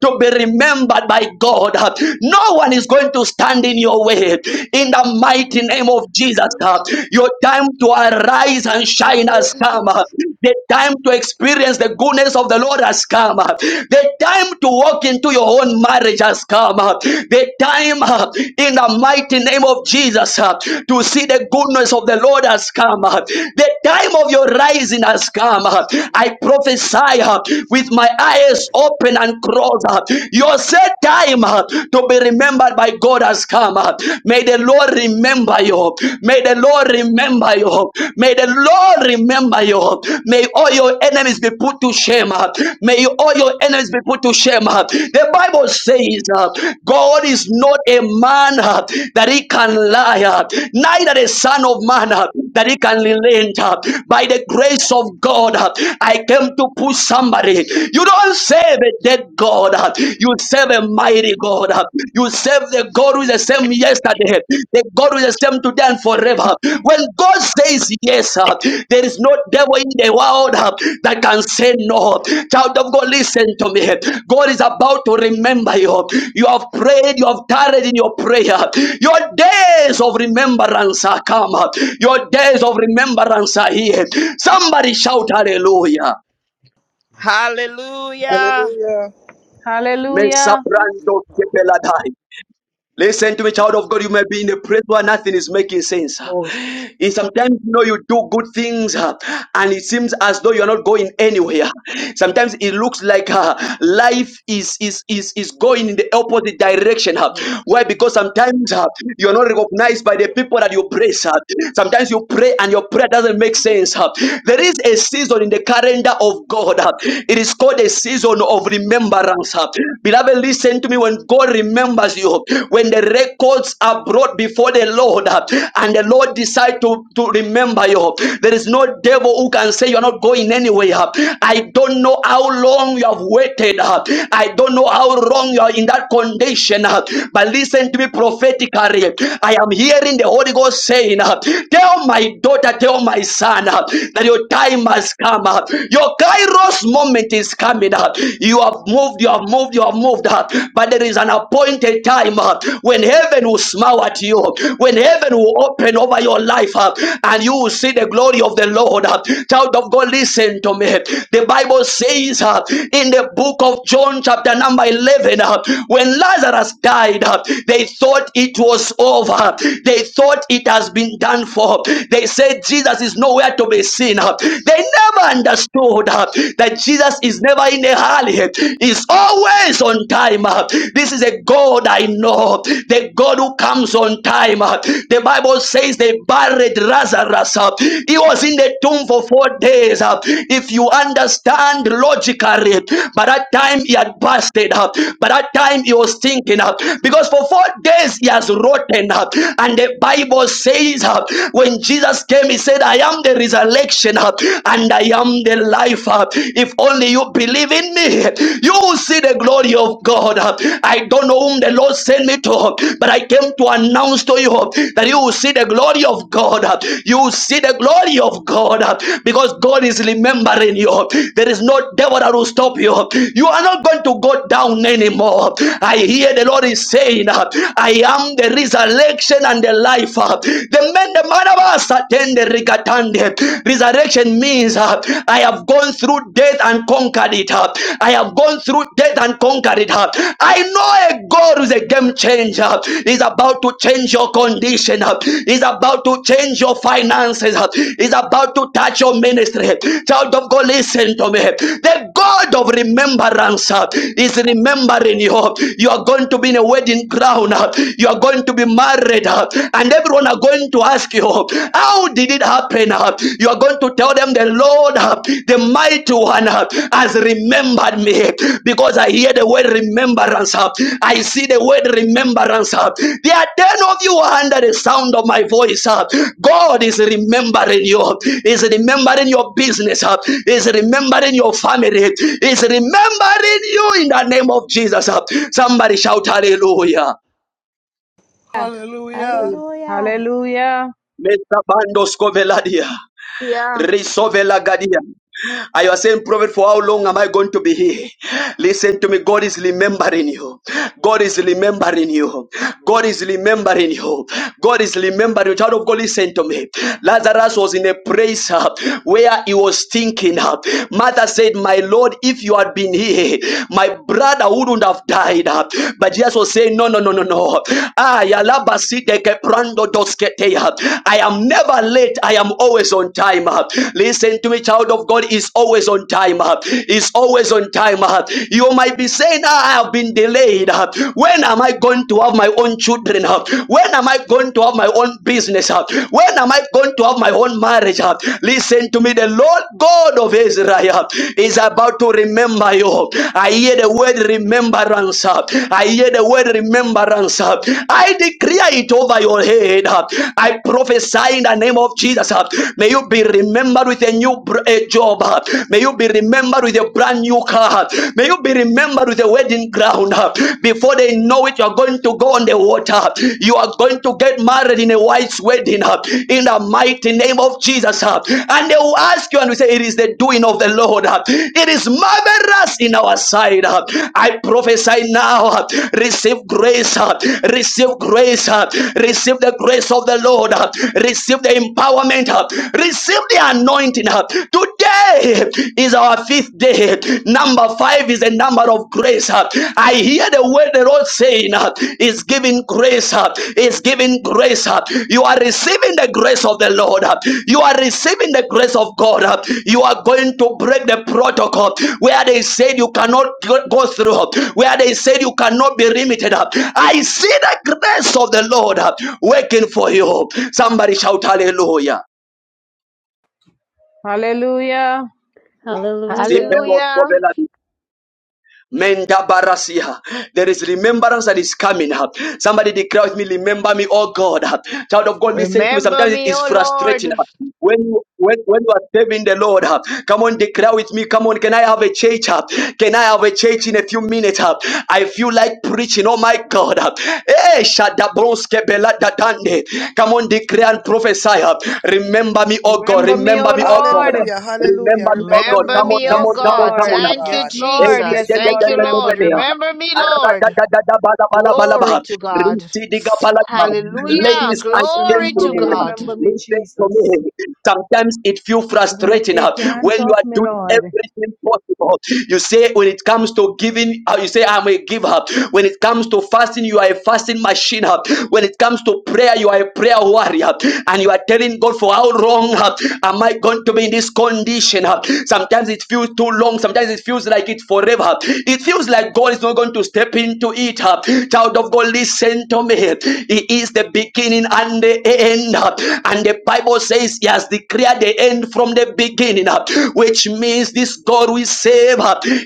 S1: to be remembered by God. No one is going to stand in your way in the mighty name of Jesus. uh, Your time to arise and shine has come. uh, The time to experience the goodness of the Lord has come. uh, The time to walk into your own marriage has come. uh, The time uh, in the mighty name of Jesus uh, to see the goodness of the Lord has come. uh, The time of your rising has come. uh, I prophesy uh, with my eyes open and crossed. uh, Your set time. uh, uh, to be remembered by God has come. uh. May the Lord remember you. May the Lord remember you. May the Lord remember you. May all your enemies be put to shame. uh. May all your enemies be put to shame. uh. The Bible says uh, God is not a man uh, that he can lie, uh, neither a son of man uh, that he can relent. uh. By the grace of God, uh, I came to push somebody. You don't save a that God. You serve a mighty God. You serve the God who is the same yesterday, the God who is the same today and forever. When God says yes, there is no devil in the world that can say no. Child of God, listen to me. God is about to remember you. You have prayed, you have tarried in your prayer. Your days of remembrance are come. Your days of remembrance are here. Somebody shout hallelujah.
S12: Hallelujah.
S11: Hallelujah.
S1: Mesa
S5: Hallelujah.
S1: brando Listen to me, child of God. You may be in a place where nothing is making sense.
S13: Boasting.
S1: In sometimes you know you do good things, uh, and it seems as though you are not going anywhere. Sometimes it looks like uh, life is is is is going in the opposite direction. uh. Why? Because sometimes uh, you are not recognized by the people that you praise. uh. Sometimes you pray and your prayer doesn't make sense. uh. There is a season in the calendar of God. uh. It is called a season of remembrance. uh. Beloved, listen listen to me when God remembers you, when the records are brought before the Lord uh, and the Lord decide to, to remember you, there is no devil who can say you're not going anywhere. I don't know how long you have waited. uh, I don't know how long you are in that condition. uh, But listen to me prophetically. I am hearing the Holy Ghost saying, uh, Tell my daughter, tell my son uh, that your time has come. uh, Your Kairos moment is coming. uh, you have moved, you have moved, you have moved. uh, But there is an appointed time uh, when heaven will smile at you, when heaven will open over your life, uh, and you will see the glory of the Lord. uh. Child of God, listen to me. The Bible says uh, in the book of John, chapter number 11, uh, when Lazarus died, uh, they thought it was over. huh? They thought it has been done for. They said Jesus is nowhere to be seen. huh? They never understood. huh? uh, that Jesus is never in a hurry, he's always on time. uh. This is a God I know, the God who comes on time. uh. The Bible says they buried Lazarus, uh. he was in the tomb for four days. uh. If you understand logically, by that time he had busted up, by that time he was thinking up because for four days he has rotten up, and the Bible says uh, when Jesus came, he said, I am the resurrection resurrection uh, and I am the life. uh, If only you believe in me, you will see the glory of God. uh. I don't know whom the Lord sent me to, uh, but I came to announce to you uh, that you will see the glory of God. uh. You will see the glory of God uh, because God is remembering you. There is no devil that will stop you. You are not going to go down anymore. I hear the Lord is saying, uh, I am the resurrection and the life. uh. The man, the man of Masatende rikatande. Resurrection means uh, I have gone through death and conquered it. uh. I have gone through death and conquered it. uh. I know a God who is a game changer. Uh, Is about to change your condition. uh. He's about to change your finances. uh. He's about to touch your ministry. Child of God, listen to me. The God of remembrance uh, is remembering you. You are going to be in a wedding crown. uh. You are going to be married. Uh, and everyone are going to ask you, How did it happen? You are going to tell them, The Lord, the mighty one, has remembered me because I hear the word remembrance. I see the word remembrance. There are 10 of you under the sound of my voice. God is remembering you, is remembering your business, is remembering your family, is remembering you in the name of Jesus. Somebody shout hallelujah.
S11: Hallelujah.
S7: Hallelujah.
S5: Hallelujah.
S1: Mesa bando scoveladia.
S14: Yeah.
S1: Risovela gadia. I was saying, prophet, for how long am I going to be here? Listen to me. God is remembering you. God is remembering you. God is remembering you. God is remembering you. Child of God, listen to me. Lazarus was in a place uh, where he was thinking. Uh, Martha said, My Lord, if you had been here, my brother wouldn't have died. Uh, but Jesus was saying, No, no, no, no, no. Ah, yalabasiteke prando dosketeya. I am never late. I am always on time. Uh, listen to me, child of God is always on time, uh, is always on time. uh. You might be saying, "Ah, I have been delayed. uh. When am I going to have my own children? uh? When am I going to have my own business? uh? When am I going to have my own marriage? uh?" Listen to me, the Lord God of Israel is about to remember you. I hear the word remembrance. uh. I hear the word remembrance. uh. I declare it over your head. uh. I prophesy in the name of Jesus. uh, May you be remembered remembered with a new a job. May you be remembered with a brand new car. May you be remembered with a wedding crown. Before they know it, you are going to go on the water. You are going to get married in a white wedding in the mighty name of Jesus. And they will ask you and we say, It is the doing of the Lord. It is marvelous in our sight. I prophesy now. Receive grace. Receive grace. Receive the grace of the Lord. Receive the empowerment. receive Receive the anointing. Today is our fifth day. Number five is a number of grace. I hear the word the Lord saying is giving grace. Is giving grace. You are receiving the grace of the Lord. You are receiving the grace of God. You are going to break the protocol where they said you cannot go go through, where they said you cannot be limited. I see the grace of the Lord working for you. Somebody shout hallelujah.
S5: Hallelujah.
S8: Hallelujah.
S1: Zipelot
S14: Hallelujah.
S1: Kovela Menda barasia. There is remembrance that is coming. up. Somebody declare with me, remember me, oh God. Child of God, listen to me.
S14: Remember
S1: Sometimes it
S14: me,
S1: is
S14: O Lord.
S1: frustrating. When you when, when you are serving the Lord, come on, declare with me. Come on, can I have a church? Can I have a church in a few minutes? I feel like preaching. Oh my God. Eh, shadabronske bela dadande. Come on, declare and prophesy. Remember me, oh God.
S5: Remember me,
S1: Remember
S5: O
S1: me, oh God.
S5: Lord.
S11: Hallelujah. Hallelujah.
S1: Remember me, oh
S11: Remember
S1: God.
S11: me,
S14: Remember
S1: Come
S11: oh
S1: on,
S14: me,
S1: come
S14: O
S5: Yes,
S11: God.
S1: on, come on,
S11: Remember
S14: God.
S1: come
S11: me,
S5: Lord.
S11: oh
S1: on.
S14: Thank
S5: Yes,
S14: you,
S11: God.
S1: Ladies
S5: Lord.
S14: Jesus.
S5: Yes,
S1: and
S14: Thank
S5: Lord.
S14: you,
S5: Remember
S14: Lord.
S5: me.
S14: Remember me, Lord. Glory to God.
S5: Remember me,
S14: Hallelujah.
S5: Jesus.
S14: Glory
S5: Remember
S14: to
S5: me.
S1: gentlemen,
S14: God.
S5: Remember me,
S1: listen to
S5: Jesus.
S1: me. Sometimes it feels
S5: Do not
S1: frustrating
S5: take
S1: uh,
S5: your hands
S1: when you
S5: off
S1: are
S5: me,
S1: doing
S5: Lord.
S1: everything possible. You say when it comes to giving, uh, you say I'm a giver. When it comes to fasting, you are a fasting machine. uh. When it comes to prayer, you are a prayer warrior. huh. And you are telling God for how long uh, am I going to be in this condition? uh. Sometimes it feels too long. Sometimes it feels like like it forever. It feels like God is not going to step into it. Child of God, listen to me. He is the beginning and the end. And the Bible says he has declared the end from the beginning, which means this God will save.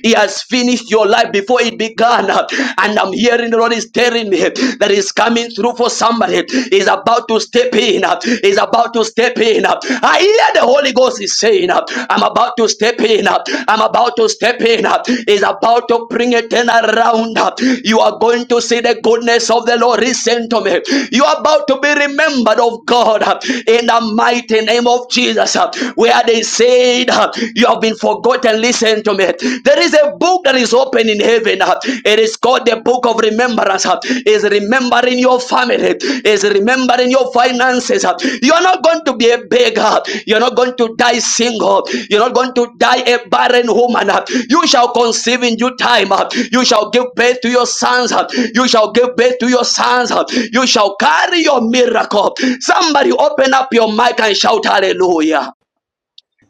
S1: He has finished your life before it began. And I'm hearing the Lord is telling me that He's coming through for somebody. He's about to step in. He's is about to step in. I hear the Holy Ghost is saying, I'm about to step in. I'm about to step in. Is about to bring it in around. You are going to see the goodness of the Lord. Listen to me. You are about to be remembered of God in the mighty name of Jesus. Where they said, You have been forgotten. Listen to me. There is a book that is open in heaven. It is called the book of remembrance. Is remembering your family. Is remembering your finances. You are not going to be a beggar. You are not going to die single. You are not going to die a barren woman. You shall conceive in due time. You shall give birth to your sons. You shall give birth to your sons. You shall carry your miracle. Somebody open up your mic and shout hallelujah.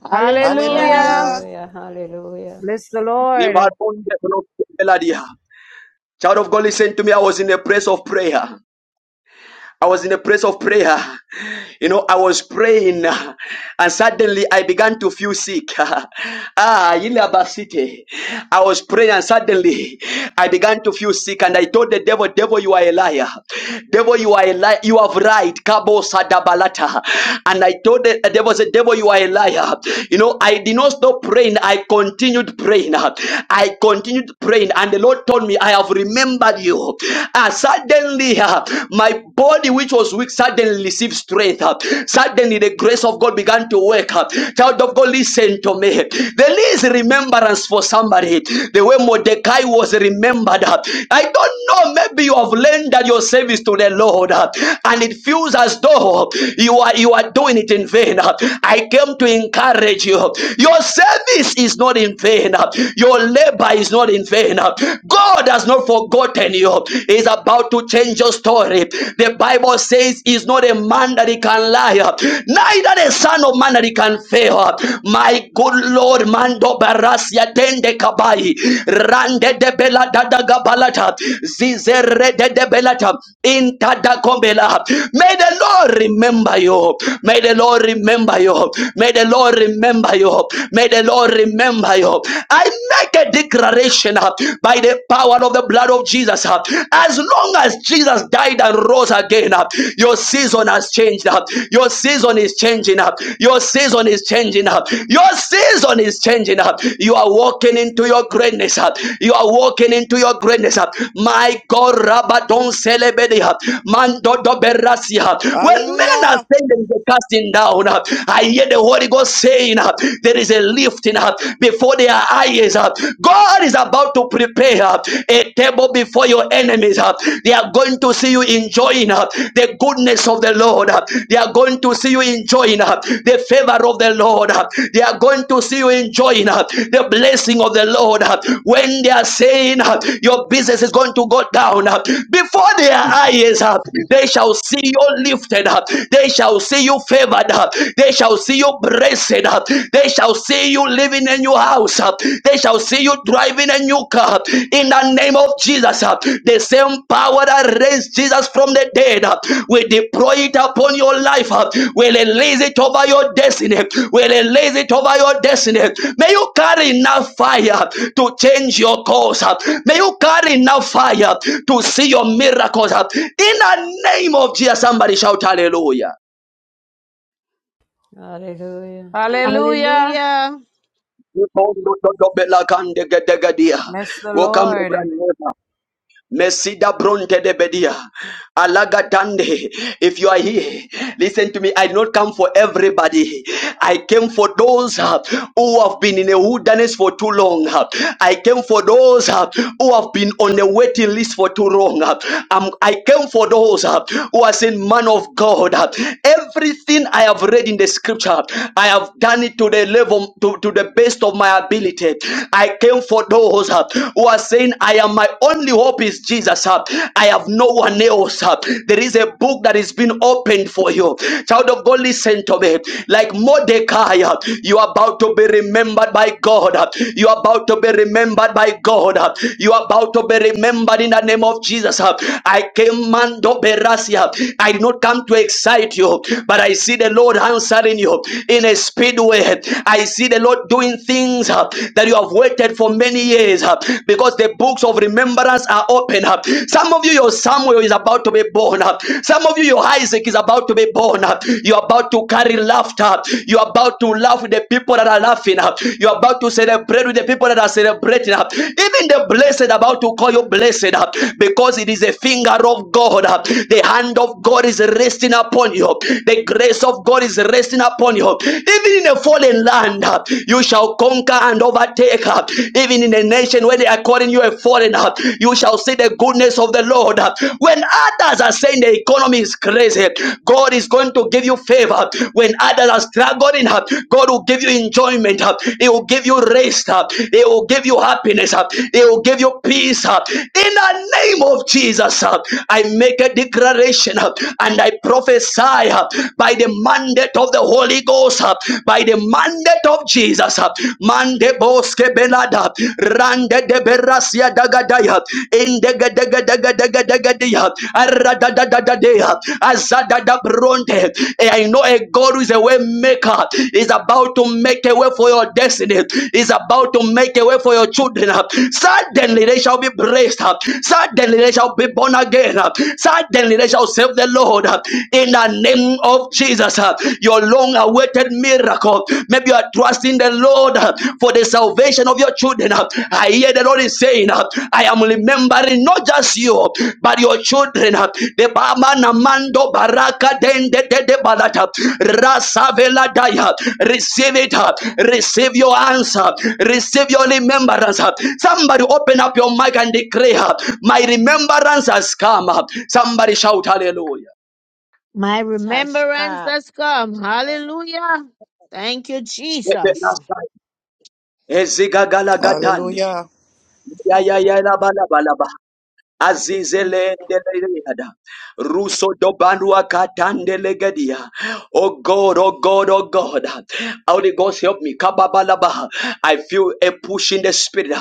S14: Hallelujah.
S5: Hallelujah.
S11: Hallelujah.
S15: Hallelujah. Hallelujah.
S5: Bless the Lord.
S1: Child of God, listen to me. I was in a place of prayer. I was in a place of prayer. You know, I was praying uh, and suddenly I began to feel sick. ah, Yilabasite. I was praying and suddenly I began to feel sick and I told the devil, devil, you are a liar. Devil, you are a liar. You have right. Kabo Sadabalata. And I told the devil, said, devil, you are a liar. You know, I did not stop praying. I continued praying. I continued praying and the Lord told me, I have remembered you. And suddenly, ah, my my body which was weak suddenly received strength. uh, Suddenly the grace of God began to work. uh. Child of God, listen to me. There is remembrance for somebody. The way Mordecai was remembered. uh. I don't know, maybe you have rendered your service to the Lord uh, and it feels as though you are, you are doing it in vain. uh. I came to encourage you. Your service is not in vain. uh. Your labor is not in vain. uh. God has not forgotten awaken you. He's about to change your story. The Bible says he's not a man that he can lie, neither the son of man that he can fail. My good Lord, Mando Barasia Dende Kabai, Rande de Bela Dada Gabalata, Zizere de de Belata, in Tada Kombela. May the Lord remember you. May the Lord remember you. May the Lord remember you. May the Lord remember you. I make a declaration uh, by the power of the blood of Jesus. uh, As long as Jesus died and rose again, uh, your season has changed. uh, Your season is changing. uh, Your season is changing. uh, Your season is changing. uh, You are walking into your greatness. uh, You are walking into your greatness. uh, My God, Rabadon Celebedi, uh, Mando Doberasi. uh, When men are
S11: Hallelujah.
S1: saying they are casting down, uh, I hear the Holy Ghost saying, uh, There is a a lifting up before their eyes. uh. God is about to prepare uh, a table before your enemies. uh. They are going to see you enjoying uh, the goodness of the Lord. uh. They are going to see you enjoying uh, the favor of the Lord. uh. They are going to see you enjoying uh, the blessing of the Lord. uh. When they are saying uh, your business is going to go down, uh, before their eyes, uh, they shall see you lifted up. They shall see you favored up. They shall shall see you blessed. They shall see you living in your house. They shall see you driving a new car. In the name of Jesus, the same power that raised Jesus from the dead, we deploy it upon your life. We release it over your destiny. We release it over your destiny. May you carry enough fire to change your course. May you carry enough fire to see your miracles. In the name of Jesus, somebody shout hallelujah.
S15: Hallelujah.
S5: Hallelujah.
S14: Hallelujah.
S1: Welcome,
S5: Bless the Lord.
S1: Lebran. Mesida bronte de bedia. Alaga Tande. If you are here, listen to me. I did not come for everybody. I came for those uh, who have been in a wilderness for too long. uh. I came for those uh, who have been on the waiting list for too long. uh. Um, I came for those uh, who are saying, Man of God, uh, everything I have read in the scripture, I have done it to the level, to, to the best of my ability. I came for those uh, who are saying, I am my only hope is is Jesus. uh, I have no one else. uh. There is a book that is being opened for you. Child of God, listen to me. Like Mordecai, uh, you are about to be remembered by God. uh. You are about to be remembered by God. uh. You are about to be remembered in the name of Jesus. uh. I came mando berasia. I did not come to excite you, but I see the Lord answering you in a speed way. I see the Lord doing things uh, that you have waited for many years. uh, uh, because the books of remembrance are open up. Uh. Some of you, your Samuel is about to be born up. Uh. Some of you, your Isaac is about to be born up. Uh. You're about to carry laughter. Uh. You're about to laugh with the people that are laughing up. Uh. You're about to celebrate with the people that are celebrating up. Uh. Even the blessed about to call you blessed up uh, because it is a finger of God. uh, The hand of God is resting upon you. The grace of God is resting upon you. Even in a fallen land, uh, you shall conquer and overtake. uh, Even in a nation where they are calling you a foreigner, you shall see the goodness of the Lord. When others are saying the economy is crazy, God is going to give you favor. When others are struggling, uh, God will give you enjoyment. uh, He will give you rest. uh, He will give you happiness. uh, He will give you peace. uh, In the name of Jesus, uh, I make a declaration uh, and I prophesy uh, by the mandate of the Holy Ghost, uh, by by the mandate of Jesus. Mande boske belada, rande de berasia dagadaya, indega dega dega dega dega dea, arada da da da dea, azada da bronte. Eh, I know a God who is a way maker, is about to make a way for your destiny, is about to make a way for your children. Suddenly they shall be blessed, suddenly they shall be born again, suddenly they shall serve the Lord in the name of Jesus. That's uh, your long awaited miracle. Maybe you are trusting the Lord uh, for the salvation of your children. uh. I hear the Lord is saying, uh, I am remembering not just you, but your children. uh. The Bama Namando Baraka Dende de de Balata Rasavela Daya. Receive it. uh. Receive your answer. Receive your remembrance. uh. Somebody open up your mic and declare, uh, My remembrance has come. uh. Somebody shout hallelujah.
S14: My
S16: Has
S14: remembrance
S16: come.
S14: has come. Hallelujah. Thank you, Jesus.
S1: Ezigagalagadande.
S11: Hallelujah.
S1: Ya
S9: Oh,
S1: ya ya la ba la
S9: hallelujah.
S1: ba la ba.
S9: Thank you, Jesus.
S1: Azizele ndeleyada. Ruso dobanua katande legedia. Oh God, oh God, oh God. Holy Ghost, help me. Kababalaba. I feel a push in the spirit.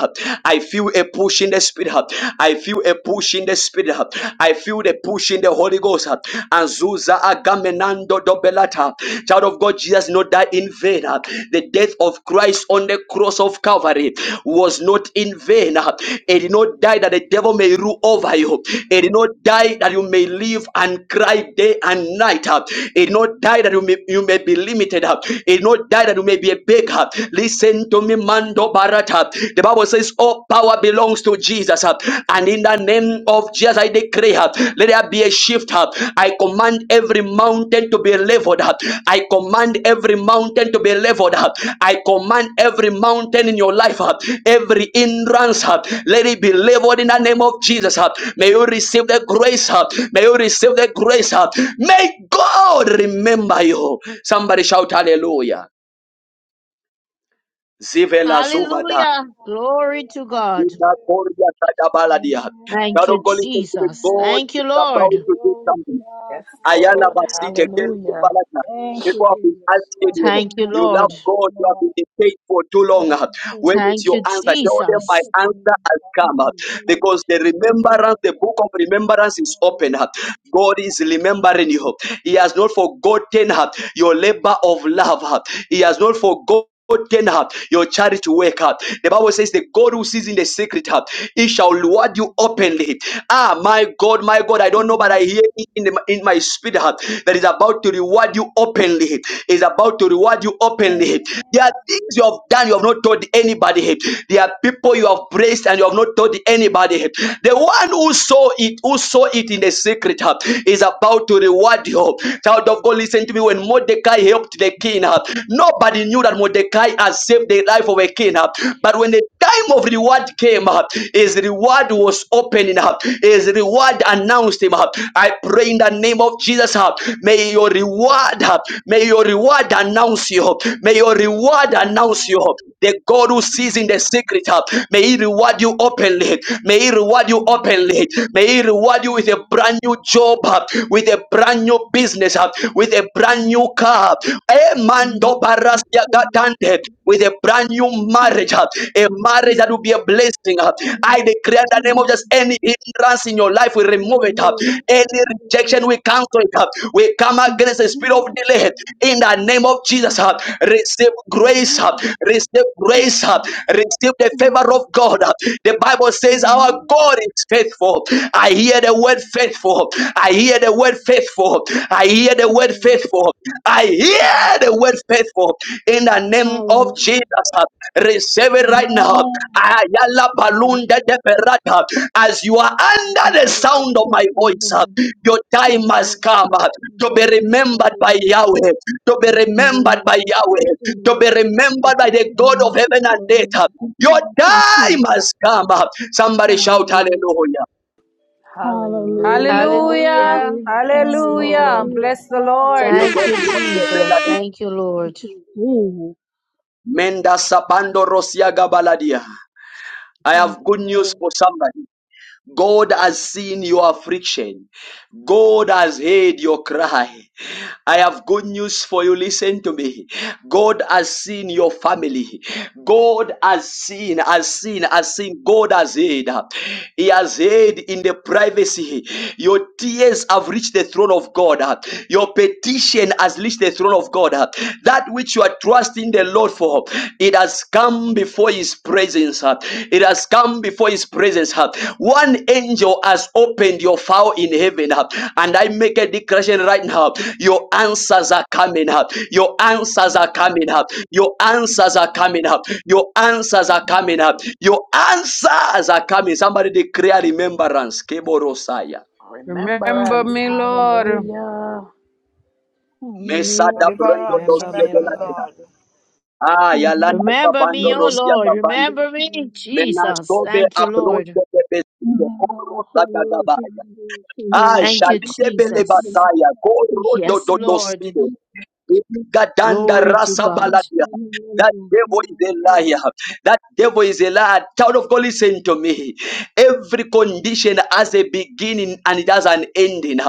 S1: I feel a push in the spirit. I feel a push in the spirit. I feel the push in the Holy Ghost. Azusa agamenando dobelata. Child of God, Jesus, not die in vain. The death of of Christ on the cross of Calvary was not in vain. It did not die that the devil may rule over you. It did not die that you may live and cry day and night. It did not die that you may, you may be limited. It did not die that you may be a beggar. Listen to me, Mando Barata. The Bible says all power belongs to Jesus. And in the name of Jesus, I decree uh, let there be a shift uh, i command every mountain to be leveled i command every mountain to be leveled i command every mountain in your life uh, every hindrance uh, let it be leveled in the name of jesus uh. may you receive the grace uh, may you receive the grace uh. may god remember you somebody shout hallelujah Zivela Zuvada.
S14: Hallelujah. Glory
S9: Hallelujah.
S14: to God.
S1: Ita
S9: Hallelujah.
S1: Koria Kadabaladia.
S14: Thank
S1: God of
S14: you,
S9: Amen.
S1: God, listen to
S14: Jesus.
S9: Amen.
S1: God
S14: Thank you,
S1: is about
S9: Amen.
S14: Lord.
S1: to do
S9: Glory
S1: something.
S9: to God.
S12: Yes,
S1: Ayala
S12: Lord.
S9: Hallelujah.
S1: Basite,
S12: Hallelujah.
S1: Balata.
S9: Thank
S1: People
S9: you,
S1: have been
S9: Jesus.
S1: asking you,
S14: Thank you,
S1: you love
S14: Lord.
S1: God, you have
S9: Sakarabakosotelebaba.
S1: been faithful for too long.
S9: Thank you,
S1: When
S9: Jesus.
S1: is
S14: Thank
S1: your
S14: you,
S1: answer? Tell them my
S14: Jesus.
S1: answer has
S9: Magelebosotelebaba.
S1: come. Because the remembrance,
S9: Magelebosotelebaba.
S1: the book of remembrance is open.
S9: Hallelujah.
S1: God is remembering you. He has not forgotten your labor of love. He has not forgotten. forgotten her, your charity work. The Bible says, The God who sees in the secret, heart, he shall reward you openly. Ah, my God, my God, I don't know, but I
S9: Amen.
S1: hear it in, the, in my spirit heart that is about to reward you openly. Is about to reward you openly. There are
S9: Amen.
S1: things you have done you have not
S9: Hallelujah.
S1: told anybody. There are people you have praised and you have not told anybody. The one who saw it, who saw it in the secret, heart, is about to reward you. Child of God, listen to me. When Mordecai helped the king, uh, nobody knew that Mordecai had saved the life of a king. uh, But when the time of reward came, uh, his reward reward was opening up. His reward announced him up. I pray in the name of Jesus up. May your reward up. May your reward announce you up. May your reward announce you up. The God who sees in the secret up. May he reward you openly. May he reward you openly. May he reward you with a brand new job up, with a brand new business up, with a brand new car. up. Eh, man do Emando barasia gatande with a brand new marriage, uh, a marriage that will be a blessing. uh. I declare in the name of just any hindrance in your life, we remove it. uh. Any rejection, we cancel it. uh. We come against the spirit of delay in the name of Jesus. uh. Receive grace, uh. receive grace grace, uh, receive the favor of God. uh. The Bible says our God is faithful. I hear the word faithful. I hear the word faithful. I hear the word faithful. I hear the word faithful. In the name of
S9: Hallelujah.
S1: Jesus, uh, receive it right now.
S9: Amen.
S1: Ayala balunda
S9: Hallelujah.
S1: de berata. As you are
S9: Hallelujah, hallelujah,
S1: under the sound of my voice,
S9: hallelujah,
S1: uh, your time has come uh, to be remembered by Yahweh, to be remembered by Yahweh to be remembered by the God of heaven and earth. Your time has come. Somebody shout hallelujah.
S12: Hallelujah.
S5: Hallelujah.
S14: Hallelujah.
S12: Yes,
S5: Hallelujah.
S12: Lord.
S5: Bless
S9: hallelujah,
S5: the Lord.
S14: Thank you,
S9: hallelujah.
S14: Jesus. Thank you,
S9: Thank
S14: Lord.
S9: you, Jesus.
S1: Menda sabando rosia gabaladia. I
S9: Thank
S1: have
S9: you,
S1: good news
S9: Lord.
S1: for somebody. God has seen your affliction. God has heard your cry. I have good news for you. Listen to me. God has seen your family. God has seen, has seen, has seen. God has heard. He has heard in the privacy. Your tears have reached the throne of God. Your petition has reached the throne of God. That which you are trusting the Lord for, it has come before before his presence. uh, It has come before his presence. uh. One angel has opened your file in heaven. uh, And I make a declaration right now. Your answers are coming up. Your answers are
S9: Amen,
S1: coming up. Your answers are
S9: amen,
S1: coming up. Your answers are coming
S9: amen.
S1: up. Your answers are coming. Somebody declare remembrance. Keborosaya.
S5: Remember
S12: Remembrance.
S5: me, Lord.
S12: Hallelujah.
S1: Mesa da
S9: Hallelujah.
S1: brendo
S11: Deliverance.
S1: dos
S15: Remember me,
S11: Remember me,
S15: Lord.
S11: Lord.
S1: Ah, yalanda
S9: Remember,
S14: Remember
S1: kapando
S14: me, oh
S9: Lord,
S1: rosia
S14: Lord.
S1: Kapando.
S14: Remember me,
S9: remember,
S14: Jesus.
S1: Menasobe
S14: Thank you, Lord.
S1: abronde de besite
S9: And
S1: corro
S9: also
S1: da
S9: using
S1: gagabaya.
S9: the figure
S1: Ah,
S9: of
S14: Thank you,
S1: shalide bele
S9: calling
S14: Jesus.
S9: to
S1: bataya corro do
S14: Yes,
S1: do do
S14: Lord.
S1: side. Gadanda
S14: Glory to
S1: rasa
S14: God.
S1: baladia. That devil is a liar. That devil is a liar. Child of God, listen to me. Every condition has a beginning and it has an ending.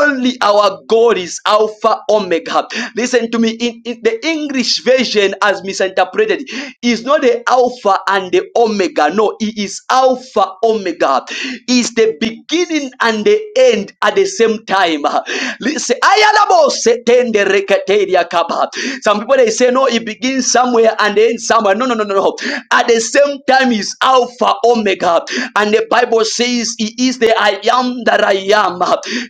S1: Only our God is Alpha Omega. Listen to me. In, in the English version, as misinterpreted, is not the Alpha and the Omega. No, it is Alpha Omega. Is the beginning and the end at the same time. Listen, ayalabo setende reketeria kaba. God. Some people they say, no, it begins somewhere and ends somewhere. No, no, no, no, no. At the same time, he's Alpha, Omega. And the Bible says, He is the I am that I am.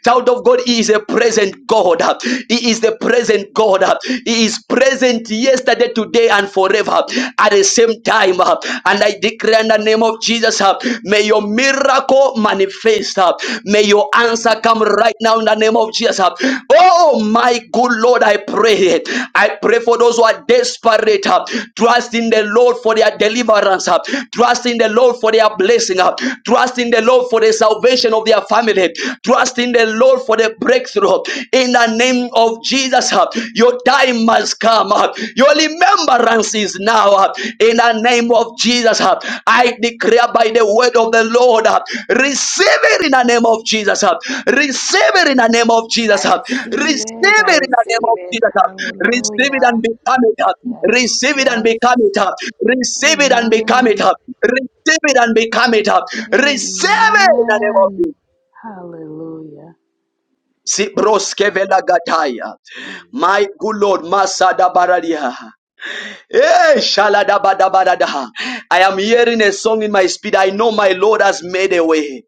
S1: Child of God, He is a present God. He is the present God. He is present yesterday, today, and forever. At the same time, and I declare in the name of Jesus, may your miracle oh manifest. uh, May your answer come right now in the name of Jesus. uh. Oh my good Lord, I pray. I pray for those who are desperate. uh, Trust in the Lord for their deliverance. uh, Trust in the Lord for their blessing. uh, Trust in the Lord for the salvation of their family. Trust in the Lord for the breakthrough. In the name of Jesus, uh, your time has come. uh, your remembrance is now uh, in the name of Jesus. uh, I declare by the word of the Lord, uh, receive it in the name of Jesus. uh, Receive it in the name of Jesus.
S12: I
S1: uh,
S12: receive
S1: Receive
S12: it. I
S1: it in the name
S12: receive
S1: of
S12: it.
S1: Jesus. uh, Receive it
S12: Hallelujah.
S1: and become it. uh,
S12: Yes,
S1: Receive it and
S12: yes.
S1: become it. uh, Receive it and become it.
S12: Amen.
S1: uh, Receive it and become it. uh, Receive it in the name of Jesus.
S12: Amen. Hallelujah.
S1: Sibroskevela gataya. My good Lord, Masada Baradia. Eh, shaladabadabadadah. I am hearing a song in my spirit. I know my Lord has made a way.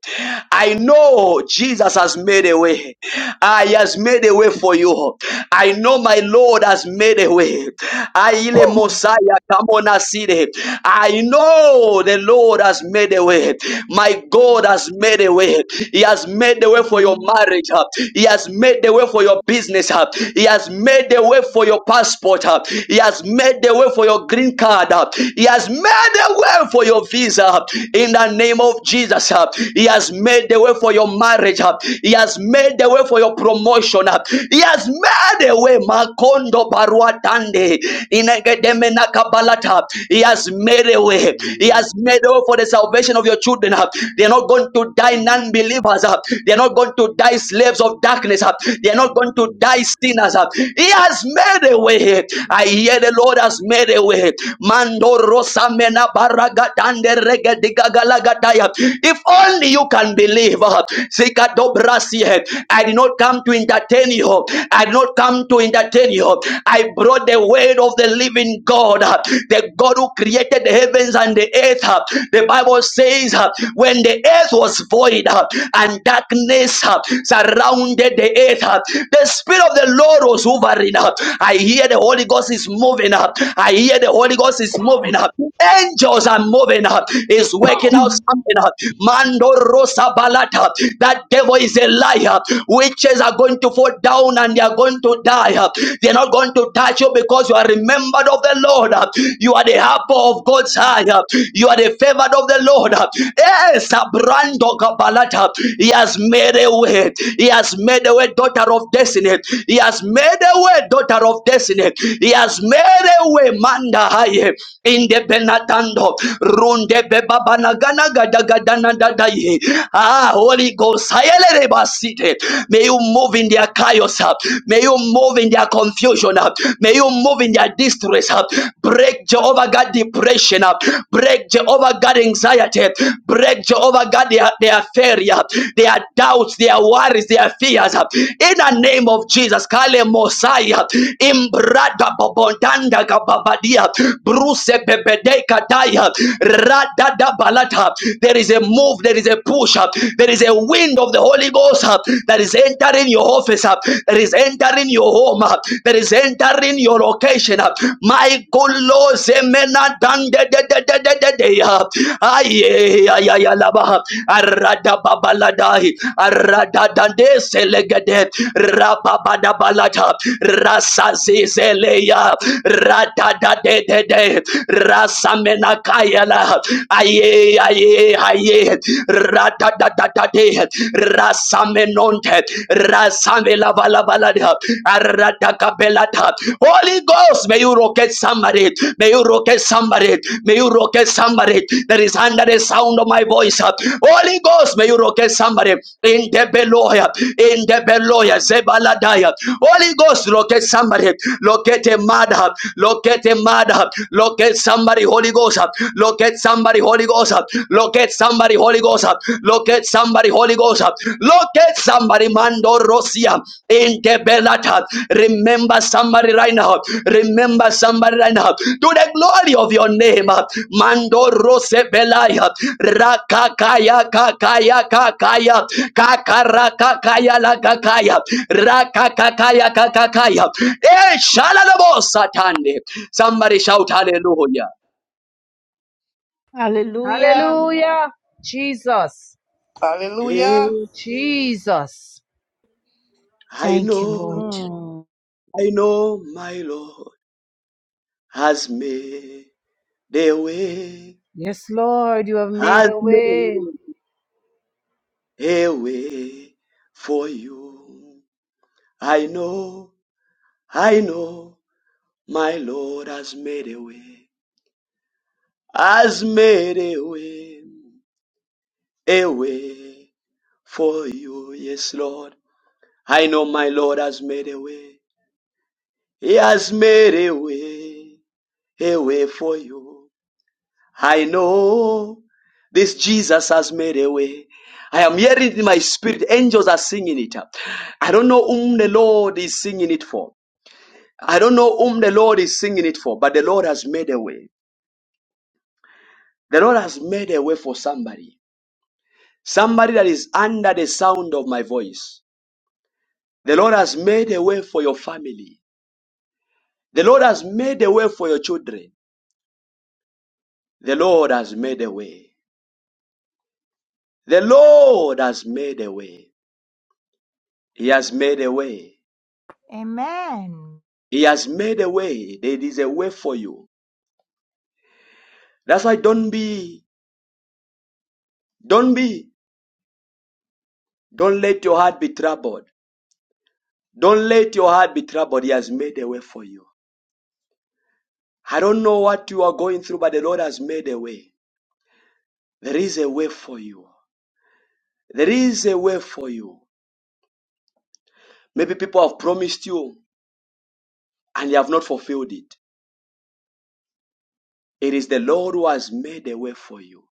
S1: I know Jesus has made a way. Ah, he has made a way for you. I know my Lord has made a way. Aile Mosiah, come on, I see it. I know the Lord has made a way. My God has made a way. He has made the way for your
S9: Hallelujah.
S1: marriage. He has made the way for your business. He has made the way for your passport uh, He has made the way for your green card. uh, He has made the way for your visa uh, in the name of Jesus. uh, He has made the way for your marriage. uh, He has made the way for your promotion. uh, He has made the way. Makondo barua dande inegedeme nakabalata. He has made a way. He has made a way for the salvation of your children. uh, They are not going to die non-believers. uh, They are not going to die slaves of darkness. uh, They are not going to die sinners. uh, He has has made a way. I hear the Lord has made a way. Mando rosa mena baragatande regedigagalagagataya. If only you can believe. uh, Zika dobrasi, eh. I did not come to entertain you. I did not come to entertain you. I brought the word of the living God, uh, the God who created the heavens and the earth. uh. The Bible says, uh, when the earth was void uh, and darkness uh, surrounded the earth, uh, the Spirit of Spirit of the Lord was hovering. uh, I hear the Holy Ghost is moving. up. I hear the Holy Ghost is moving. up. Angels are moving. up. Is working out something. uh, Mando Rosa Balata. That devil is a liar. Witches are going to fall down and they are going to die. uh, They're not going to touch you because you are remembered of the Lord. uh, You are the apple of God's eye. uh, You are the favored of the Lord. uh, Yes, Abrando Gabalata. He has made a way. He has made a way way, daughter of destiny. He has made a way, daughter of destiny. He has made a way, manda haye, in the benatando, runde bebabanagana gadagadana dadaye. Ah, Holy Ghost, hayelele basite. may you move in their chaos, ah. may you move in their confusion, ah. may you move in their distress, ah. break Jehovah God depression, ah. break Jehovah God anxiety, break Jehovah God their, their failure, their doubts, their their worries, their fears. In the name of Jesus, Kale Mosiah, Imbrada Bobondanda Gababadia, Bruce Bebede Kataya, Rada da Balata. There is a move, there is a push up, there is a wind of the Holy Ghost uh, that is entering your office up, that is entering your home up, that is entering your location up. My God, Lord, Zemena Dande de de de de de de. uh, Aye, aye, aye, aye, laba, uh, Arada baladai aradadande selegede rababadabalata rasazizeleya radadadedede rasamenakayala aye aye aye radadadadade rasamenonte rasamelabalabalada aradakabelata Holy Ghost may you rocket somebody may you rocket somebody may you rocket somebody that is under the sound of my voice Holy Ghost, may you locate somebody in the Beloya, in the Beloya, Zebaladaya. Holy Ghost, locate somebody, locate a mother, locate a mother, locate somebody, Holy Ghost, locate somebody, Holy Ghost, locate somebody, Holy Ghost, locate somebody, Holy Ghost, locate somebody, Mando Rosia, in the Belata. Remember somebody right now, remember somebody right now, to the glory of your name, Mando Rose Belaya rakakaya kakaya kakaya kakarakakaya lakakaya rakakakaya kakakaya eh shalalabo satande somebody shout hallelujah
S14: Hallelujah.
S5: Hallelujah. Jesus.
S1: eh,
S11: Hallelujah.
S5: Jesus.
S1: i
S14: Thank you,
S1: know
S14: Lord.
S5: Mm.
S1: i know my lord has made a way
S5: Yes, Lord, you have made
S1: has
S5: a way.
S1: made a way for you i know i know my lord has made a way has made a way, a way for you. Yes, Lord. I know my Lord has made a way. He has made a way, a way for you. I know this Jesus has made a way. I am hearing it in my spirit. Angels are singing it. I don't know whom the Lord is singing it for. I don't know whom the Lord is singing it for, but the Lord has made a way. The Lord has made a way for somebody. Somebody that is under the sound of my voice. The Lord has made a way for your family. The Lord has made a way for your children. The Lord has made a way. The Lord has made a way. He has made a way.
S7: Amen.
S1: He has made a way. There is a way for you. That's why don't be, don't be, don't let your heart be troubled. Don't let your heart be troubled. He has made a way for you. I don't know what you are going through, but the Lord has made a way. There is a way for you. There is a way for you. Maybe people have promised you and you have not fulfilled it. It is the Lord who has made a way for you.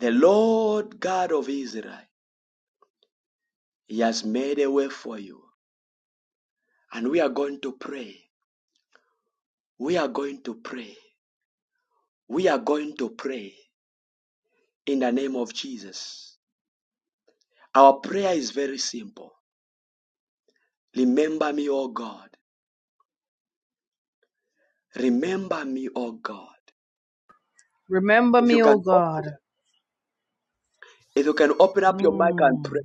S1: The Lord God of Israel, He has made a way for you. And we are going to pray. We are going to pray. We are going to pray in the name of Jesus. Our prayer is very simple. Remember me, O God. Remember me, O God.
S5: Remember
S1: If you
S5: me, O
S1: can,
S5: God.
S1: if you can open up your mic and
S5: Mm.
S1: pray.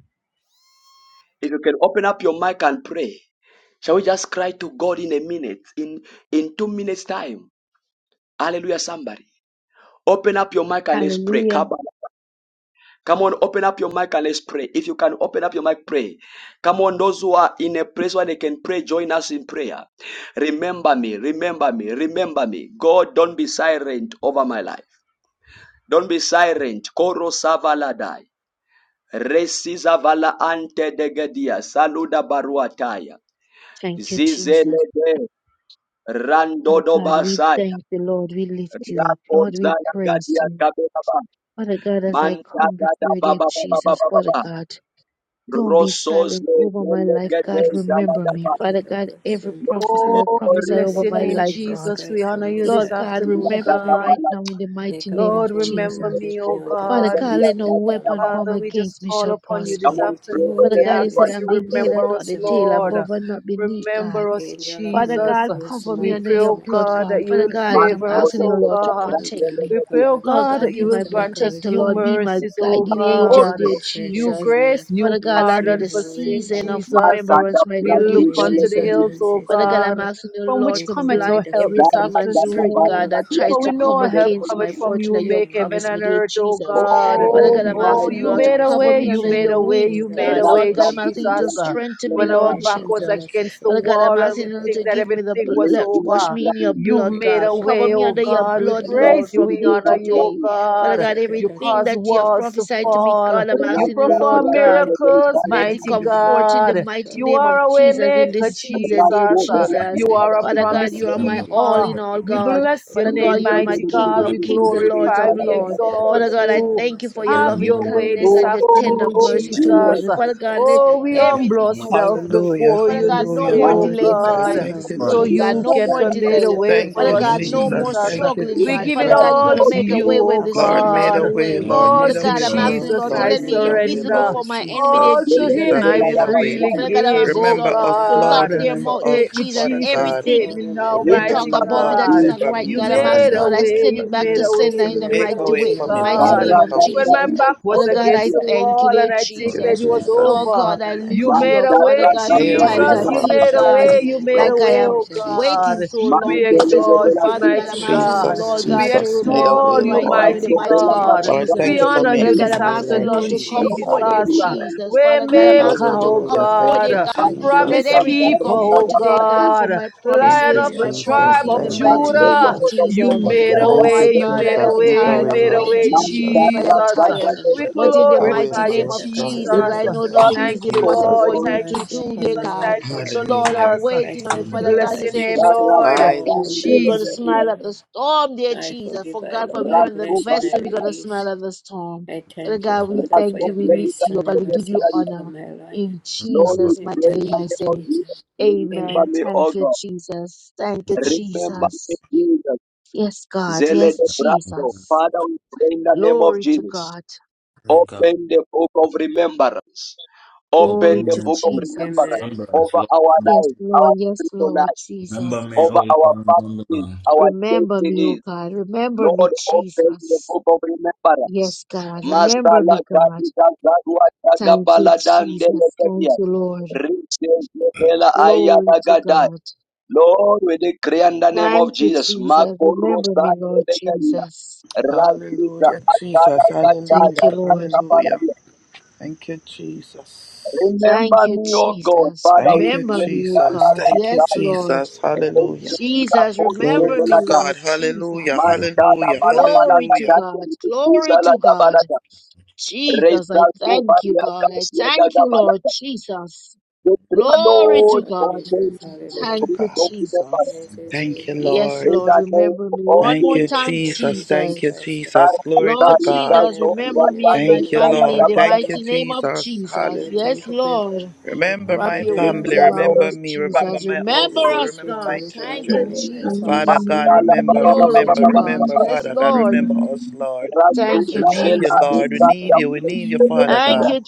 S1: If you can open up your mic and pray, shall we just cry to God in a minute, in in two minutes time? Hallelujah! Somebody, open up your mic and let's pray.
S14: Hallelujah.
S1: Come on, come on, open up your mic and let's pray. If you can open up your mic, pray. Come on, those who are in a place where they can pray, join us in prayer. Remember me, remember me, remember me. God, don't be silent over my life. Don't be silent. Koro savaladai. Resiza vala ante degedia. Saluda baruataya.
S14: Thank you, Jesus.
S1: Zizelede
S14: Father
S1: Randodo
S14: God, we
S1: Basaya
S14: thank the Lord. We lift you up. Lord, we
S1: Rakozala
S14: praise
S1: Gadia
S14: you.
S1: Kabeba
S14: Father God, as I
S1: Manta
S14: come
S1: Gada
S14: before you, dear
S1: Baba Baba
S14: Jesus,
S1: Baba
S14: Father
S1: Baba
S14: God. Don't be
S1: Rosos
S14: silent over my
S15: In
S14: life,
S1: Legede
S14: God.
S1: Jala
S14: Remember me,
S1: Gaba
S15: the
S14: Father God. Every prophecy that
S5: We
S1: Lord
S14: prophesy
S5: bless
S14: over
S5: your
S15: name
S1: remember
S14: my
S1: me.
S15: of
S5: name,
S14: life,
S15: Jesus
S14: God.
S5: Jesus. We
S15: Christ,
S5: honor
S15: don't be
S5: you
S14: Lord
S5: this
S15: silent
S14: God,
S15: in
S1: Ila
S5: afternoon,
S14: remember
S15: my
S14: me
S1: Gada
S15: life.
S5: God.
S14: right
S1: Bala
S14: now in the
S15: Make
S14: mighty
S15: a
S14: name
S15: way
S14: of
S5: Lord,
S15: for me and
S5: remember
S14: Jesus.
S15: take
S5: me,
S15: me
S5: O
S15: out of
S14: Father
S15: this
S5: God.
S14: God,
S15: place
S14: let no
S15: where I am,
S14: weapon
S15: Lord
S14: formed
S5: Father,
S15: God.
S5: we
S14: against
S5: just
S14: me
S5: call
S14: shall
S5: upon you
S15: Take me
S1: Come
S14: prosper.
S5: this
S1: on,
S15: into
S1: pray
S15: a
S5: afternoon.
S1: with
S14: Father
S5: We
S15: wealthy
S14: God, you
S5: ask
S14: said
S1: everyone.
S5: that
S15: place.
S14: I'm
S5: you
S14: the head and
S5: remember
S14: not
S5: us,
S15: Manifest
S14: the
S15: your
S14: tail,
S5: Lord.
S15: miracles.
S14: above and not beneath, God.
S5: Remember
S15: The
S5: us,
S15: Angel of
S14: Father
S5: Jesus.
S14: God,
S15: miracles to
S14: cover me
S5: We
S14: under
S5: pray,
S15: manifest
S14: your
S5: oh
S14: blood,
S15: miracles
S5: God,
S14: God.
S5: that
S15: now
S5: you
S14: Father
S5: will
S15: in my
S14: God,
S1: Man,
S14: I'm
S15: life.
S5: favor us,
S14: asking you,
S5: oh
S14: Lord, to
S5: God.
S15: We
S14: protect
S15: thank
S14: me.
S5: We
S15: you,
S5: pray,
S15: Father
S5: oh
S15: God
S14: Lord
S5: God,
S14: God,
S5: that
S14: be
S5: you
S15: Jesus,
S5: will
S14: my
S15: to make a
S5: grant us
S15: way
S14: protector.
S15: for
S5: new
S14: Lord,
S15: me.
S14: be my
S5: mercies, oh
S14: guiding
S15: Enter
S14: angel,
S15: this
S5: God.
S14: dear
S15: place where there
S5: New
S15: is
S14: Jesus.
S15: no
S5: grace,
S14: Father
S5: new
S15: wind,
S14: God, I'm in
S5: pardon
S14: the
S15: seems
S5: for
S15: no way
S5: sin,
S14: season
S15: out.
S14: of
S5: Jesus.
S14: remembrance right
S5: We
S15: Make
S14: now,
S15: a
S14: dear
S5: look
S15: way, my
S5: unto the
S14: Jesus.
S1: so
S5: hills, oh
S15: finances,
S14: Father
S15: God.
S14: God,
S5: God,
S14: I'm asking you,
S5: from which
S14: Lord, to
S15: Make a way
S5: cometh
S15: with
S14: blind
S5: our
S15: the
S1: Oh
S5: help
S14: every
S5: this
S15: physical
S14: demon
S15: keys for
S14: spirit,
S15: the
S1: my
S14: God,
S5: afternoon.
S15: home
S14: that
S15: for me
S14: tries
S5: For we
S15: to
S14: to
S15: live
S5: know
S14: come
S5: our
S15: in and
S5: help
S15: walk
S14: against my
S5: cometh
S15: me
S5: from
S15: out
S14: fortune
S5: you,
S15: of
S14: that
S5: who
S15: the
S14: you have
S5: make
S15: enemy
S5: heaven
S14: promised
S15: camp.
S14: me,
S5: and
S14: dear
S5: earth, O
S14: Jesus.
S5: God.
S15: Make a
S14: Father God,
S15: way,
S14: I'm
S15: Lord
S5: Oh,
S14: asking you,
S5: you
S15: God,
S14: Lord,
S15: of
S14: to
S5: made a
S14: cover
S5: way,
S14: me
S5: you
S14: under
S15: restoration
S5: made
S14: your
S5: a
S15: and all
S5: way,
S14: wings,
S15: things
S5: you
S15: that
S5: made
S14: God.
S15: was
S5: a
S14: Lord
S5: way,
S14: God, I'm
S15: stolen from
S14: asking you
S15: me.
S5: Jesus.
S14: to
S5: Uh,
S14: strengthen me,
S5: When our
S14: Lord
S5: back was
S14: Jesus.
S5: against the
S14: Father God, I'm
S5: wall and
S14: asking
S5: we
S14: you
S5: think
S14: to
S5: that
S14: give
S15: Ishatakasotokadadadadadada.
S14: me the bl-
S5: everything was
S14: let wash
S5: over,
S14: me in your
S5: you
S14: blood,
S5: made
S14: God.
S5: a
S14: Cover
S5: way,
S14: me
S5: oh
S14: under your
S5: God. We
S14: blood,
S15: Ikashatakasotokadadada.
S14: Lord,
S5: praise you,
S14: from
S5: we
S14: day to
S5: honor you, oh
S14: day. Father
S5: God.
S14: God,
S5: You
S14: everything
S5: cause
S14: that you have
S5: walls
S15: Ishatakasotokadadada.
S5: to
S14: prophesied to me,
S15: Kashatakadadada.
S5: fall.
S14: God, I'm
S5: You
S14: asking you,
S1: God.
S15: I
S14: Lord
S5: perform
S15: thank
S14: God.
S15: you for
S5: miracles,
S14: Let it
S5: mighty
S15: protecting
S14: come
S15: me in this
S14: forth in the
S5: God.
S15: place,
S14: mighty
S15: God.
S5: You
S14: name of
S5: are
S15: Praise
S5: a
S15: why
S5: way
S15: I'm
S14: Jesus in this
S5: maker,
S15: living.
S14: season, dear
S5: Jesus. Uh,
S15: I
S14: Jesus.
S17: Remember
S5: You
S15: thank
S17: me,
S15: you,
S5: are a
S15: Lord,
S17: O
S14: Father
S17: Lord.
S15: Father
S14: God,
S5: promise
S14: you are
S17: Remember
S15: God,
S17: me.
S14: my all
S5: keeper.
S15: Jesus.
S14: in
S15: I
S14: all,
S15: give
S5: We
S15: you
S17: Remember me.
S14: God.
S15: thanks.
S5: bless
S15: I
S5: your
S14: Father
S15: give you
S14: God,
S5: name,
S14: you are
S15: praise.
S14: my
S5: mighty
S14: King
S5: God. We
S14: of
S17: Remember
S14: kings,
S15: I
S14: the
S17: me.
S15: give
S14: Lords
S15: you
S5: glorify,
S14: of
S5: we
S15: glory,
S14: lords.
S15: God,
S5: exalt
S14: Father God,
S15: Jesus.
S14: I
S15: I
S5: you.
S14: thank you
S15: mercy
S14: for your
S15: upon
S5: Have
S15: me.
S14: loving
S5: your way
S14: kindness
S5: this
S1: Oh,
S14: and your
S1: oh,
S15: Have
S14: tender
S5: afternoon,
S15: your way
S1: oh,
S15: in
S14: mercy
S15: my
S14: towards
S15: life,
S5: Jesus.
S1: Jesus,
S14: me. Father
S15: move by
S14: God,
S15: the
S14: let
S5: Oh,
S15: Spirit
S5: we
S15: and
S5: humble
S14: everything come
S15: demonstrate
S5: ourselves
S15: it.
S14: forth, dear
S11: Hallelujah.
S14: Jesus.
S5: before
S14: Father
S5: you
S14: God,
S5: this
S14: no
S11: Hallelujah.
S15: Come,
S5: day,
S14: more
S1: man,
S15: Lord
S5: oh
S11: Glory
S14: delay
S11: to
S14: in my
S11: God.
S15: Jesus,
S14: life
S5: God,
S11: Thank
S14: this
S11: you,
S15: come.
S5: so
S14: moment, God.
S5: you
S14: No
S5: can
S11: Jesus.
S14: more
S5: convey
S15: Manifest
S5: the
S15: your
S14: delay.
S5: way
S11: Thank
S14: Father
S5: for
S11: you,
S15: presence
S5: us,
S14: God,
S15: in this
S14: no more
S11: Jesus.
S5: Jesus.
S11: Thank you,
S15: every
S14: struggling,
S5: We
S14: God.
S5: give it
S14: Father
S11: Jesus.
S14: God,
S15: September
S14: you're going
S5: all
S14: to
S15: month
S5: to
S14: make a
S5: you,
S14: way when
S5: oh
S15: of
S14: there
S11: Lord,
S14: seems like
S11: made a
S14: no
S15: birthing
S5: God.
S11: way,
S15: and
S14: way.
S17: Remember
S11: Lord,
S5: All
S14: Father
S11: made a
S5: to
S14: God,
S11: way
S14: I'm
S15: manifestation,
S11: for
S14: asking you,
S11: us,
S5: Jesus
S14: Lord, to
S5: I
S11: Lord,
S14: let
S15: fulfillment
S11: made
S14: me
S11: a
S15: in true
S11: way,
S14: invisible
S5: surrender.
S11: Lord
S14: for my
S15: prophecies,
S14: enemy, dear
S5: All
S11: Jesus,
S5: to
S14: Jesus,
S15: true
S5: him
S11: Jesus,
S14: that they
S5: I
S11: made
S14: will
S15: prophetic
S11: a
S14: not
S11: way.
S14: see.
S5: freely
S15: words
S1: the
S15: and
S14: Father
S15: your
S14: God, I'm
S5: give,
S14: asking you,
S5: oh
S15: promises,
S11: Remember
S14: Lord,
S15: and my
S11: us,
S14: to
S15: heart
S14: lock
S11: Lord,
S5: God.
S14: their
S15: desire.
S11: remember
S14: mouth, dear
S11: us,
S5: Take me,
S14: Jesus.
S11: Father
S15: I
S5: Jesus,
S15: thank
S11: God.
S15: you,
S14: Everything
S5: take
S15: Lord.
S5: me now,
S14: they
S15: Remember
S11: Remember
S15: me,
S5: mighty
S14: talk
S1: Remember,
S11: me,
S15: Lord
S14: about me
S11: Lord,
S15: God,
S14: that
S15: in
S5: God.
S14: is
S15: your
S1: we
S14: not
S11: remember
S14: right.
S15: throne
S5: You
S11: me,
S15: in
S14: God, I'm
S11: Father
S15: heaven.
S5: made
S14: asking,
S5: a
S14: Lord,
S11: God,
S14: I
S5: way,
S14: send
S11: remember
S5: you
S14: it back
S11: me.
S5: made
S14: to
S5: a
S15: Manifest
S14: sender
S5: way,
S15: your
S14: in
S5: you
S14: the
S5: made
S11: Make
S5: a
S11: a
S14: mighty
S11: way
S15: miracles
S14: way,
S5: way,
S11: for me,
S15: now, your
S14: mighty
S11: Lord,
S5: God.
S14: name
S1: Sarra
S11: make
S14: of
S11: a
S15: supernatural
S11: way.
S5: When
S1: Sarra
S5: my
S14: Jesus.
S15: miracles
S1: no
S5: back was
S14: Father
S15: now
S14: God,
S15: in
S14: I
S5: against
S1: Sobeladia,
S5: the
S15: my life.
S14: thank you,
S5: wall
S14: dear
S5: and I
S11: Thank
S5: think
S11: you,
S15: My
S5: it
S14: Jesus.
S5: was
S15: Father, my
S14: Lord
S11: Jesus.
S5: over,
S14: God,
S15: Father,
S14: I
S15: my
S5: you
S14: lift you
S1: Man
S5: made
S15: Father,
S14: up.
S5: a
S14: Father
S1: Sarra
S5: way,
S14: God,
S11: Make
S15: do
S11: a
S15: not
S14: sometimes
S11: way,
S1: Sapradia
S17: me.
S5: Jesus.
S14: I
S17: Remember
S5: You
S15: pass
S11: Lord
S14: feel,
S15: me
S5: made a
S1: Zapatala,
S15: by
S14: God,
S5: way.
S11: Jesus,
S15: in
S5: You
S15: the
S11: make a
S5: made
S15: name
S5: a
S14: like
S11: way,
S15: of
S14: I
S5: way,
S14: am
S11: Lord
S5: oh
S15: Jesus.
S14: waiting
S5: God.
S11: Jesus.
S14: so
S1: Man
S15: My
S14: long,
S5: We
S14: dear Jesus.
S15: kingdom
S1: Telege
S5: exalt
S14: But
S1: de la
S15: come,
S5: you,
S15: thy
S14: Father
S1: Sia,
S14: God,
S15: will
S14: I'm
S5: mighty
S15: be
S14: asking
S15: done
S14: the
S5: God.
S15: in
S11: Jesus,
S14: Lord
S15: earth as
S5: We
S15: in
S14: God to
S11: Jesus,
S15: heaven.
S11: made a
S14: remember me
S11: way,
S5: extol you,
S14: right
S11: Lord.
S14: now in the
S15: Thank
S1: Rasto
S5: mighty
S15: you for
S14: mighty name
S15: making
S1: Belanda
S14: of
S5: God.
S15: ways
S11: Lord,
S15: out
S11: thank
S5: We
S1: Sabrande
S14: Jesus.
S11: you
S15: of
S11: for
S1: de
S15: no
S5: honor
S14: Father
S5: you
S15: ways
S1: Sia,
S14: God,
S11: making
S15: for
S11: a
S5: this
S14: I'm
S15: me
S11: way,
S14: asking
S15: where
S11: Lord
S14: Lord
S15: there
S5: afternoon,
S14: to
S15: seems
S1: no
S11: Jesus.
S15: to be
S14: comfort,
S15: no
S14: dear
S5: Jesus.
S15: ways.
S11: Hallelujah.
S1: Opinion,
S14: Jesus. Father God,
S15: I
S14: I'm
S5: Waymaker,
S1: Jesus,
S14: asking
S15: honor
S14: Lord
S15: you,
S14: to
S5: oh
S15: Lord
S11: Hallelujah.
S15: God,
S14: comfort,
S11: Thank
S14: dear
S11: you,
S5: God.
S15: because you're
S14: God.
S1: Man de la
S11: Jesus.
S14: Let
S5: Promise
S15: honorable
S11: Thank
S15: God,
S11: you,
S14: everything
S15: you're
S1: Sarra
S5: keeper,
S14: come forth
S5: oh
S15: faithful
S11: Jesus.
S14: today,
S15: God.
S14: God,
S1: Sagapati,
S14: for
S5: God.
S14: my
S11: Thank
S5: Lion
S11: you,
S15: Faithful
S14: promises,
S5: of
S15: you
S5: the
S14: my
S15: are,
S11: Jesus.
S5: tribe
S14: prophecy
S15: faithful
S14: in
S5: of
S14: the
S15: you
S11: Thank
S17: me.
S11: you,
S14: mighty
S15: always.
S1: Rasto
S15: We
S14: name
S1: de
S5: Judah.
S14: of
S15: come
S11: Jesus.
S15: true
S5: You
S15: for
S14: Jesus.
S1: la
S15: me,
S17: on
S5: made
S15: Lord
S5: a
S14: Oh
S15: God.
S17: every
S11: Thank
S14: my
S5: way,
S11: you,
S1: Sia,
S17: step
S5: you
S14: God, I
S5: made a
S14: am
S11: Jesus.
S5: way,
S11: Make a
S5: you
S14: tired
S15: Ikaya
S11: way,
S14: of
S5: made a
S11: Lord
S15: kosha
S5: way,
S14: waiting,
S1: Man
S15: takoro
S14: Jesus. I
S1: Sarra
S11: Jesus.
S14: am
S15: baba
S5: Jesus.
S1: Sarra
S14: tired.
S1: de
S15: bashana.
S5: We
S1: la
S14: But in
S11: Make
S14: the
S1: Sia,
S11: a way
S14: mighty
S5: glorify you,
S15: Yesha
S11: for
S14: name of
S11: us, Lord
S15: takaso
S14: Jesus,
S5: Jesus.
S14: I
S1: Remember,
S15: tokoro
S11: Jesus.
S14: know
S11: Thank
S14: nothing
S15: boshe.
S11: you,
S1: we
S5: Thank
S14: is
S1: Sarra
S17: is
S5: you,
S17: the
S14: impossible
S1: Sarra
S11: Jesus.
S5: Lord.
S14: for
S15: Have
S14: you
S5: Thank
S14: to
S5: you,
S15: mercy
S14: do, dear
S15: upon me,
S5: Jesus.
S14: God.
S5: Thank
S15: Lord
S5: you,
S15: God.
S14: So, Lord,
S11: Hallelujah.
S14: I'm
S5: Jesus.
S15: I
S14: waiting on you,
S5: We
S15: thank you,
S14: Father
S15: Lord.
S14: God.
S5: bless
S14: You
S15: I
S5: your
S14: said
S5: name,
S15: choose to forgive
S5: Lord.
S11: Bye.
S15: all
S14: and
S15: those
S1: de
S14: you- you're
S15: that
S1: la
S14: going to
S15: done
S5: Jesus.
S15: me
S1: Sia,
S14: smile at
S15: evil.
S14: the storm, dear
S15: I
S14: Jesus. For
S15: forgive, I
S14: God,
S15: love,
S14: from you
S15: I
S14: and the
S1: Rasto
S15: bless, and I
S14: vessel,
S1: Belanda
S14: we're going to
S15: release.
S14: smile at the storm.
S15: I
S14: Father
S15: thank you,
S14: God, we
S1: Lord,
S15: Father, for
S14: thank
S15: your
S14: you. We lift
S15: grace
S14: you
S15: and
S14: up
S15: your
S14: and we give
S15: mercy
S14: you
S15: upon
S14: honor.
S15: my life.
S14: In
S17: about
S1: we
S14: Jesus'
S15: In
S14: mighty
S1: pray
S15: the
S1: in
S14: name,
S15: name
S1: the
S14: I
S15: of
S1: name of
S14: say.
S1: Jesus.
S15: Jesus.
S1: Remember
S14: Amen.
S15: Amen.
S1: me, O
S14: Thank you,
S1: God.
S14: Jesus. Thank you,
S1: Remember me,
S14: Jesus.
S1: Jesus.
S14: Yes, God.
S1: Zele
S14: Yes,
S1: de Brato.
S14: Jesus.
S1: Father, we pray in the name of
S14: Glory to
S1: Jesus.
S14: God.
S1: Open the book of remembrance. Open
S17: Open
S14: Glory
S1: the
S14: to
S17: your
S1: book of
S17: book of
S1: remembrance
S14: Jesus.
S15: Amen.
S17: remembrance,
S1: over our
S14: Yes,
S17: Lord.
S1: life, our
S14: Lord. Yes,
S1: spiritual
S14: Lord
S1: life,
S17: Remember me,
S14: Jesus.
S1: over
S17: oh
S1: our
S17: Lord, remember
S1: families,
S17: me.
S1: our
S14: Remember me, O
S1: destinies.
S14: God. Remember me,
S1: Lord, open the
S14: Jesus.
S1: book of remembrance.
S14: Yes, God. Remember
S1: Masala
S14: me, God.
S1: gadi gazadwa
S14: Thank you,
S1: gagabala dandele
S14: Jesus. Thank
S1: kedia.
S14: you, Lord.
S1: Riches levela ayada
S14: Glory to
S1: gadai.
S14: God.
S1: Lord, we decree in the name of
S14: Thank you,
S1: Jesus.
S14: Jesus.
S1: Makoro
S14: Remember me,
S1: sadi
S14: Lord
S1: lekedia.
S14: Jesus.
S1: Raziza
S11: Hallelujah, Jesus.
S1: atada
S14: Thank
S1: gadaya
S14: you,
S11: Hallelujah.
S14: Lord.
S11: Hallelujah.
S1: rakabaradia.
S11: Thank you, Jesus.
S14: Thank
S1: Remember
S14: you,
S1: me, O God,
S14: Jesus.
S1: Father,
S11: Thank
S1: we
S11: you,
S14: Remember
S1: pray.
S14: me, O
S11: Jesus.
S1: Sala
S14: God.
S11: Thank you,
S14: Yes,
S1: gadai.
S14: Lord.
S11: Jesus. Hallelujah.
S1: Riches levela
S14: Jesus,
S11: Glory
S14: remember
S11: to
S14: me,
S1: ayada gadai.
S11: God.
S14: Lord.
S11: Hallelujah.
S14: Jesus.
S17: Lord,
S1: Mandala
S11: Hallelujah.
S1: bala bala
S14: Glory to
S11: Hallelujah.
S1: gadai.
S14: God.
S1: Riches
S14: Glory
S1: levela
S14: to God.
S1: gadai.
S14: Jesus,
S1: Reza
S14: I thank you,
S1: Kovaria
S14: God. I
S1: Kasia
S14: thank you, Lord
S1: Dagabalaka.
S14: Jesus.
S1: The prayer,
S14: Glory
S1: Lord,
S14: to
S15: Lord
S14: God.
S15: Jesus,
S1: open the
S11: Glory
S15: hallelujah.
S11: to
S14: Thank
S1: fruit
S14: you,
S11: God.
S1: of the fire.
S14: Jesus.
S15: Praise you,
S11: Thank you,
S15: Jesus.
S14: Yes,
S15: Hallelujah.
S11: Lord.
S1: In
S14: Lord,
S1: the name
S14: remember me.
S1: of
S14: One
S11: Thank
S15: In
S14: more
S11: you,
S1: the
S15: the
S14: time,
S15: name of
S11: Jesus. Thank
S15: Jesus
S11: you,
S14: Jesus.
S15: Christ, Lord.
S11: Jesus. Glory to
S14: Lord
S1: Karakari
S11: God.
S14: Jesus,
S15: Remember me
S1: Dasovia
S14: remember
S15: and your
S14: me and my
S15: throne
S11: Thank you,
S15: in
S14: family
S1: Dagabalaka
S14: in
S11: Lord.
S15: heaven,
S14: the
S15: O
S11: Thank you,
S1: Gabalaka.
S15: God.
S14: mighty name of
S11: Jesus.
S14: Jesus.
S15: I
S14: Yes,
S15: thank
S11: Hallelujah.
S15: you for your
S14: Lord.
S15: book
S11: Remember
S15: of
S14: Wrap
S11: my
S14: your
S1: The
S14: wings
S11: family.
S1: prayer,
S15: remembrance.
S14: around
S1: Lord,
S11: Remember
S14: us,
S11: me. Remember
S1: fire.
S14: Jesus.
S11: my
S15: That my
S14: Remember
S15: name
S11: household.
S14: us,
S15: is
S11: Remember my
S14: God.
S15: written, God,
S14: Thank you,
S11: children.
S18: Amen.
S15: manifest, God.
S11: Father
S14: Jesus.
S11: God,
S1: Mandala
S18: Amen.
S11: remember,
S1: Baba Baba
S14: Glory
S1: Baba
S14: to
S11: remember,
S1: Baba.
S15: Nishataka
S14: God.
S11: remember,
S1: Baba.
S14: Yes,
S15: Sotoko
S11: Father God,
S14: Lord.
S11: remember
S15: Shataka.
S11: us, Lord.
S1: Razu
S14: Thank
S11: We
S14: you,
S11: need
S15: Kashataka
S11: you,
S1: Gavela
S15: Sotoko
S11: Lord. We
S14: Jesus.
S15: Roba
S11: need
S1: Ekasia
S11: you. We need you,
S15: Kashu.
S11: Father
S14: Thank
S11: God.
S14: you,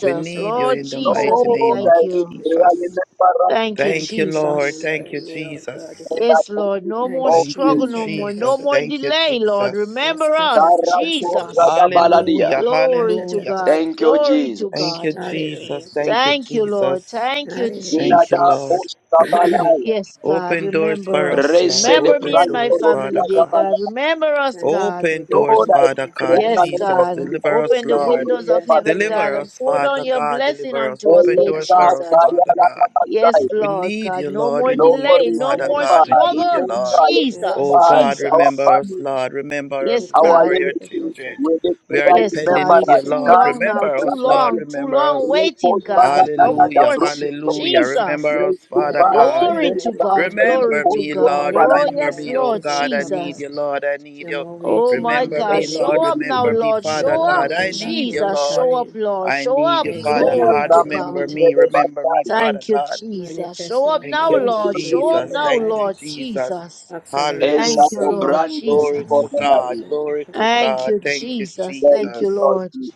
S11: We need you
S14: Lord
S11: in the
S15: Sotoko Da
S14: Jesus,
S11: mighty
S14: we
S15: Da
S11: name
S1: Lord,
S11: of
S1: I
S14: thank
S1: will
S14: you.
S15: Kashu.
S1: pray in
S11: Jesus.
S1: the power.
S14: Thank you,
S15: Thank
S11: Thank
S15: you
S11: you,
S15: to
S11: Lord.
S14: Jesus.
S11: Thank you,
S15: remembering me, O God.
S11: Jesus.
S1: and I
S14: Yes,
S1: thank
S14: Lord. No
S1: you
S14: more
S15: Thank you
S1: of
S15: for
S11: Thank
S15: your
S11: you,
S14: struggle,
S1: the
S14: no more.
S15: Shataka
S14: No
S11: Jesus.
S14: more
S15: Sotoko.
S11: Thank you,
S14: delay, Lord.
S11: Jesus.
S14: Remember
S15: Ask for
S14: us,
S15: Shataka
S1: Karakari
S15: Sotoko.
S14: Jesus.
S1: Dagabaladia.
S11: Hallelujah.
S14: Glory to
S15: Kashata
S11: Hallelujah.
S14: God.
S1: Thank
S15: Kasata.
S1: you,
S14: Glory to
S1: Jesus.
S11: Thank you,
S14: God.
S15: Hallelujah,
S11: Jesus. Thank you,
S15: Jesus.
S14: Thank you, Lord.
S11: Jesus.
S14: Thank you,
S15: Hallelujah.
S11: Thank you,
S1: Unada
S11: Lord.
S14: Jesus.
S1: Postabalaya.
S14: Yes, God,
S11: Open doors for
S14: remember
S11: us,
S14: us.
S11: Lord.
S1: Rese de
S14: Remember me
S11: Open
S15: Yes,
S14: and my
S1: Pranto
S11: doors,
S15: Kashata
S14: family,
S11: Father
S14: dear
S11: God.
S1: Rofiagabala.
S14: God.
S15: Kasata.
S14: Remember us,
S15: Thank you for
S14: God.
S11: Open
S15: total
S11: doors,
S1: Lord, I
S15: complete
S11: Father
S1: pray
S11: God.
S1: in the
S14: Yes,
S15: restoration.
S1: name of
S11: Jesus,
S14: God.
S1: Jesus.
S11: deliver
S1: the
S11: us,
S14: Open the
S15: in
S1: people
S15: Every
S11: Lord.
S1: will
S14: windows
S1: say,
S14: of
S15: areas of
S1: Father,
S14: heaven,
S15: my
S14: God,
S11: Deliver
S15: life,
S14: and
S11: us,
S14: pour
S15: Lord
S14: down
S11: Father
S15: God.
S14: your
S11: God.
S14: blessing
S11: Deliver us.
S14: unto us,
S15: Yes,
S11: Open
S14: dear
S11: doors
S1: Eleka
S15: Kashata
S11: for us,
S14: Jesus.
S15: Kasata
S11: Father
S1: Sayala
S11: God.
S15: Kurapapa.
S14: Yes,
S1: Kabasaya.
S11: We
S14: Lord
S11: need
S14: God.
S11: you,
S14: No
S11: Lord.
S14: more
S11: We
S15: Thank you
S1: Lord,
S11: need
S15: for
S11: you,
S14: delay, no
S11: Father
S14: more
S1: remember,
S11: God. We
S15: restoration.
S11: need you,
S14: struggle.
S1: remember,
S11: Lord.
S15: Yes,
S14: Jesus,
S11: Oh
S15: Kashata
S1: remember us,
S11: God,
S15: Kasata.
S1: our
S14: Jesus.
S11: remember us,
S1: family,
S11: Lord. Remember us.
S14: Yes,
S1: our
S15: Kashata
S14: God.
S11: Remember your
S15: Kasata
S1: relatives,
S11: children.
S15: Kashata.
S1: with the
S11: We are
S1: prayer,
S14: Yes,
S11: depending
S14: God.
S1: remember
S11: on
S14: It's
S11: you,
S1: us.
S14: too
S15: Kashata
S11: Lord.
S1: God,
S14: long
S1: the
S14: now,
S15: Kasata
S11: Remember
S14: too
S11: us,
S15: Kashata.
S11: Lord.
S1: Rakati,
S14: long, too
S11: Remember
S14: long
S11: us.
S14: waiting,
S1: Repost,
S15: Yes,
S14: God.
S1: Father,
S14: Come
S15: Kashata
S1: Dada, the
S11: Hallelujah.
S15: Kasata
S14: forth,
S1: broken
S11: Hallelujah.
S1: soldier.
S15: Kurapapa.
S14: Jesus.
S11: Remember us,
S1: Repost,
S15: Lord,
S11: Father
S15: I
S1: Father,
S11: God.
S15: decree
S14: Glory
S15: and I
S14: to
S1: Dada,
S14: God.
S15: declare.
S1: the
S14: Glory
S11: Remember
S14: to
S11: me,
S1: Repost,
S15: The
S14: God.
S11: Lord.
S1: Father,
S15: waiting
S14: Oh,
S15: in
S11: Remember
S15: my
S14: yes,
S11: me,
S15: life
S11: oh
S14: Lord
S15: is
S11: God. I
S15: over,
S11: need you,
S14: Jesus.
S15: God.
S11: Lord. I need
S15: No
S11: you.
S15: more
S14: Oh,
S15: waiting, no
S14: my
S11: Remember
S15: more
S11: me,
S14: God. Show
S11: Lord.
S1: Thank
S15: delays,
S14: up
S1: you,
S14: now,
S11: Remember me,
S14: Lord.
S15: no
S11: Father
S14: Show
S15: more
S14: up,
S11: God. I
S15: holding back,
S11: need
S15: no
S11: you,
S15: more
S14: Jesus. Show
S11: Lord.
S14: up,
S15: carrying.
S14: Lord.
S11: I
S14: Show
S11: need
S14: up.
S11: you, Father
S15: Aishata
S14: Glory
S11: God.
S14: to
S15: Pasoto
S14: God.
S11: Remember me.
S15: Kurobasa.
S11: Remember me, Father
S14: Thank you,
S11: God.
S14: Jesus. Show
S15: Manifest
S14: up
S15: your
S11: Thank
S14: now,
S11: you,
S15: Father God
S14: Lord. Show
S15: breakthrough
S14: up
S15: in
S11: Jesus.
S15: my
S14: now,
S11: Thank
S15: life.
S11: you,
S14: Lord
S15: It's
S11: Jesus.
S14: Jesus.
S15: accelerated
S14: Thank you,
S11: Hallelujah.
S1: Exacto,
S14: Lord
S15: speed.
S1: branches
S11: Glory
S1: for
S11: to
S14: Jesus.
S11: God.
S1: melody.
S11: Glory to
S14: Thank
S11: God.
S14: you,
S11: Thank you,
S14: Jesus.
S1: Thank
S14: Thank
S1: you,
S14: you,
S11: Jesus.
S1: Lord
S14: Lord.
S1: Jesus.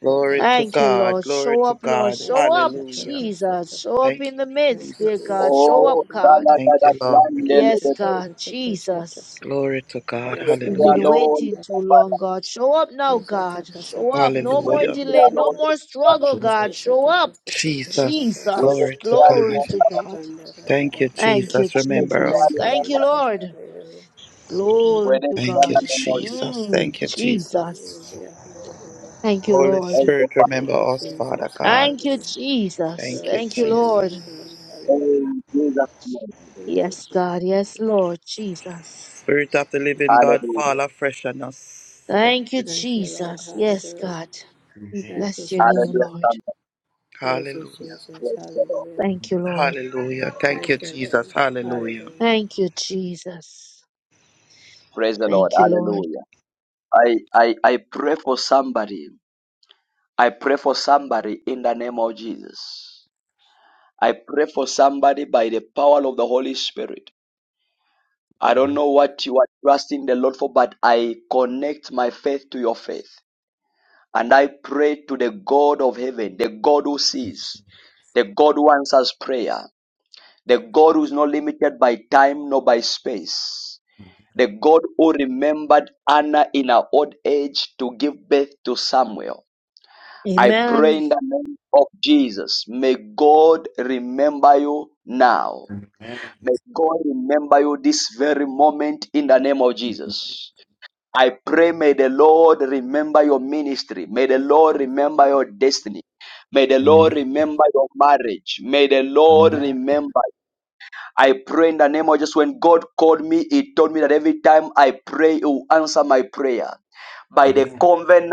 S11: Glory to
S14: Thank you,
S11: God.
S14: Lord.
S11: Glory
S14: Show
S11: to
S14: up, Lord.
S11: God.
S14: Show up,
S11: Hallelujah.
S14: Jesus. Show up
S11: Thank
S14: in
S11: you,
S14: the
S15: Thank
S14: midst,
S15: you,
S14: dear
S11: Jesus.
S14: God.
S15: Jesus.
S14: Show up,
S1: Oh,
S15: Hallelujah.
S14: God.
S1: Sana
S11: Thank
S1: Kada
S11: you, Lord.
S1: Blande
S14: Yes,
S15: Aishata
S1: Lebede.
S14: God, Jesus.
S11: Glory to God.
S1: Whether
S14: We've
S1: they are
S14: been
S11: Hallelujah.
S1: Lord,
S14: waiting too long, God. Show up now, God. Show up. No
S1: whether
S14: more
S11: Hallelujah.
S1: they
S14: delay.
S1: are
S14: No
S1: Lord,
S14: more struggle,
S17: Show us what
S14: God. Show
S15: Yeshata
S14: up.
S15: Pastor
S11: Jesus.
S15: Kurabasi.
S1: whether
S14: Jesus.
S11: Glory to
S1: they are in
S11: God.
S14: Glory to
S15: Yashata
S14: God.
S15: Panda
S17: you
S11: Thank
S17: want
S11: you,
S15: Radarabusi.
S14: Thank you,
S11: Jesus.
S1: whether
S11: Remember
S1: they
S14: Jesus.
S15: Thank
S11: us,
S15: you,
S11: Lord.
S1: are
S14: Thank you,
S15: Jesus.
S14: Lord.
S15: Hallelujah.
S17: and do
S1: in
S15: Hallelujah.
S1: whether
S14: Glory to
S1: they
S11: Thank
S14: God.
S11: you,
S15: Thank
S1: are in
S15: you.
S1: the
S11: Jesus.
S14: Mm,
S11: Thank you, Jesus.
S14: Jesus.
S17: what
S15: Hallelujah. Hallelujah.
S14: Thank you,
S11: Holy
S1: Thank
S14: Lord.
S1: you,
S11: Spirit,
S1: Father.
S15: Thank
S11: remember
S15: you,
S11: us, Father
S15: Jesus.
S11: God.
S14: Thank you,
S15: Hallelujah.
S14: Jesus.
S11: Thank you,
S14: Thank you,
S15: Glorify your name,
S14: Lord.
S15: God.
S11: Jesus.
S15: Hallelujah.
S1: In Jesus' name.
S15: Thank you,
S14: Yes,
S15: Jesus.
S14: God. Yes, Lord. Jesus.
S11: Spirit of the living God, fall
S1: Hallelujah.
S11: afresh on us. Thank
S14: Thank you,
S11: you.
S15: Thank you, Lord.
S14: Jesus. Yes,
S15: Hallelujah.
S14: God.
S17: you
S14: We
S15: Thank
S17: say.
S15: you,
S14: bless your
S15: Jesus.
S14: name,
S1: Hallelujah.
S14: Lord.
S1: Somebody.
S15: Praise you,
S11: Hallelujah.
S15: Jesus.
S1: Praise the Lord.
S15: Hallelujah.
S14: Thank you, Lord.
S11: Hallelujah. Thank
S15: Thank
S11: you,
S15: you,
S11: Jesus.
S15: Lord.
S11: Hallelujah.
S15: Hallelujah.
S14: Thank you, Jesus.
S1: Praise the Lord.
S14: Thank you, Lord.
S1: Hallelujah. I, I, I pray for somebody I pray for somebody in the name of Jesus. I pray for somebody by the power of the Holy Spirit. I don't
S17: Amen.
S1: know what you are trusting the Lord for, but I connect my faith to your faith. And I pray to the God of heaven, the God who sees, the God who answers prayer, the God who is not limited by time nor by space, the God who remembered Anna in her old age to give birth to Samuel I pray
S14: Amen.
S1: in the name of Jesus. May God remember you now. May God remember you this very moment in the name of Jesus. I pray, may the Lord remember your ministry. May the Lord remember your destiny. May the Lord
S17: Amen. Amen.
S1: remember your marriage. May the Lord
S17: Amen.
S1: remember. I pray in the name of Jesus. When God called me, He told me that every time I pray, He will answer my prayer by the
S17: Amen.
S1: covenant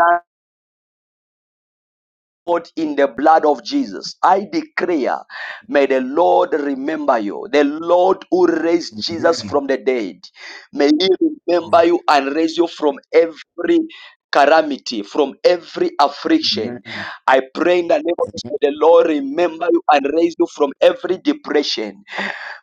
S1: Lord, in the blood of Jesus, I declare, may the Lord remember you. The Lord who raised Jesus from the dead, may He
S17: Oh,
S1: remember you and raise you from every calamity, from every
S17: Amen.
S1: affliction.
S17: Amen.
S1: I pray in the name of Jesus,
S17: Amen.
S1: may the Lord remember you and raise you from every depression.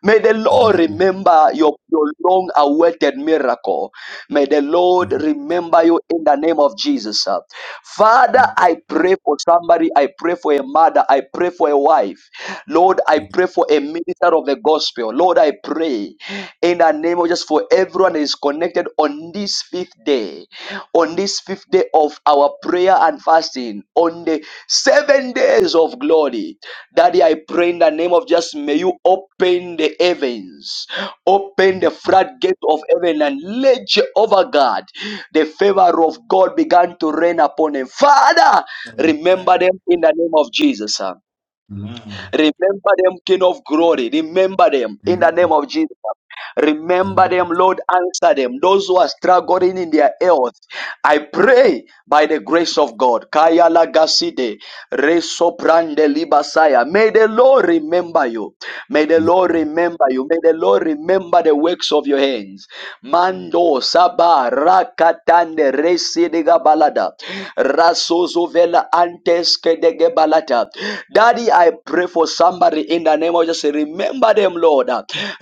S1: May the Lord
S17: Amen.
S1: remember your, your long awaited miracle. May the Lord remember you in the name of Jesus. uh. Father, I pray for somebody. I pray for a mother. I pray for a wife. Lord, I pray for a minister of the gospel. Lord, I pray in the name of just for everyone that is connected on this fifth day, on this fifth day of our prayer and fasting on the seven days of glory. Daddy, I pray in the name of Jesus, may you open the heavens, open the
S17: Amen.
S1: floodgate of heaven, and let Jehovah God, the favor of God, began to rain upon them. Father,
S17: Amen.
S1: remember them in the name of Jesus.
S17: Amen.
S1: Remember them, King of glory. Remember them in the name
S17: Amen,
S1: of Jesus. Remember
S17: amen,
S1: them, Lord. Answer them. Those who are struggling in their health. I pray by the grace of God. Kaya lagaside, resoprande libasaya. May the Lord remember you. May the
S17: amen.
S1: Lord remember you. May the Lord remember the works of your hands. Mando Saba Rakatande Residiga Balada Rasozovela Antes Kedege Balata. Daddy, I pray for somebody in the name of Jesus. Remember them, Lord.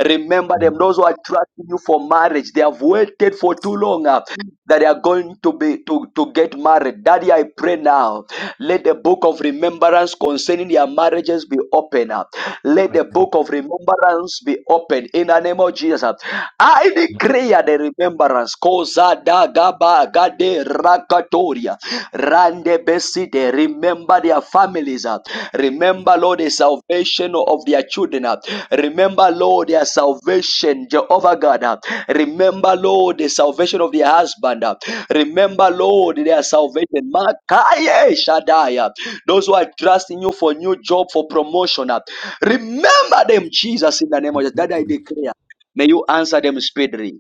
S1: Remember them. Those who are trusting you for marriage, they have waited for too long young uh, that are going to be to, to get married. Daddy, I pray now. Let the book of remembrance concerning their marriages be open. uh. Let the book of remembrance be open in the name of Jesus. uh. I declare the remembrance. Koza da gaba gade rakatoria. Rande beside. Remember their family families. uh, Remember, Lord, the salvation of their children. uh, Remember, Lord, their salvation, Jehovah God. uh, Remember, Lord, the salvation of their husband. uh, Remember, Lord, their salvation. Makaye Shaddai. uh, Those who are trusting you for new job, for promotion. uh, Remember them, Jesus, in the name of Jesus. That I declare. May you answer them speedily.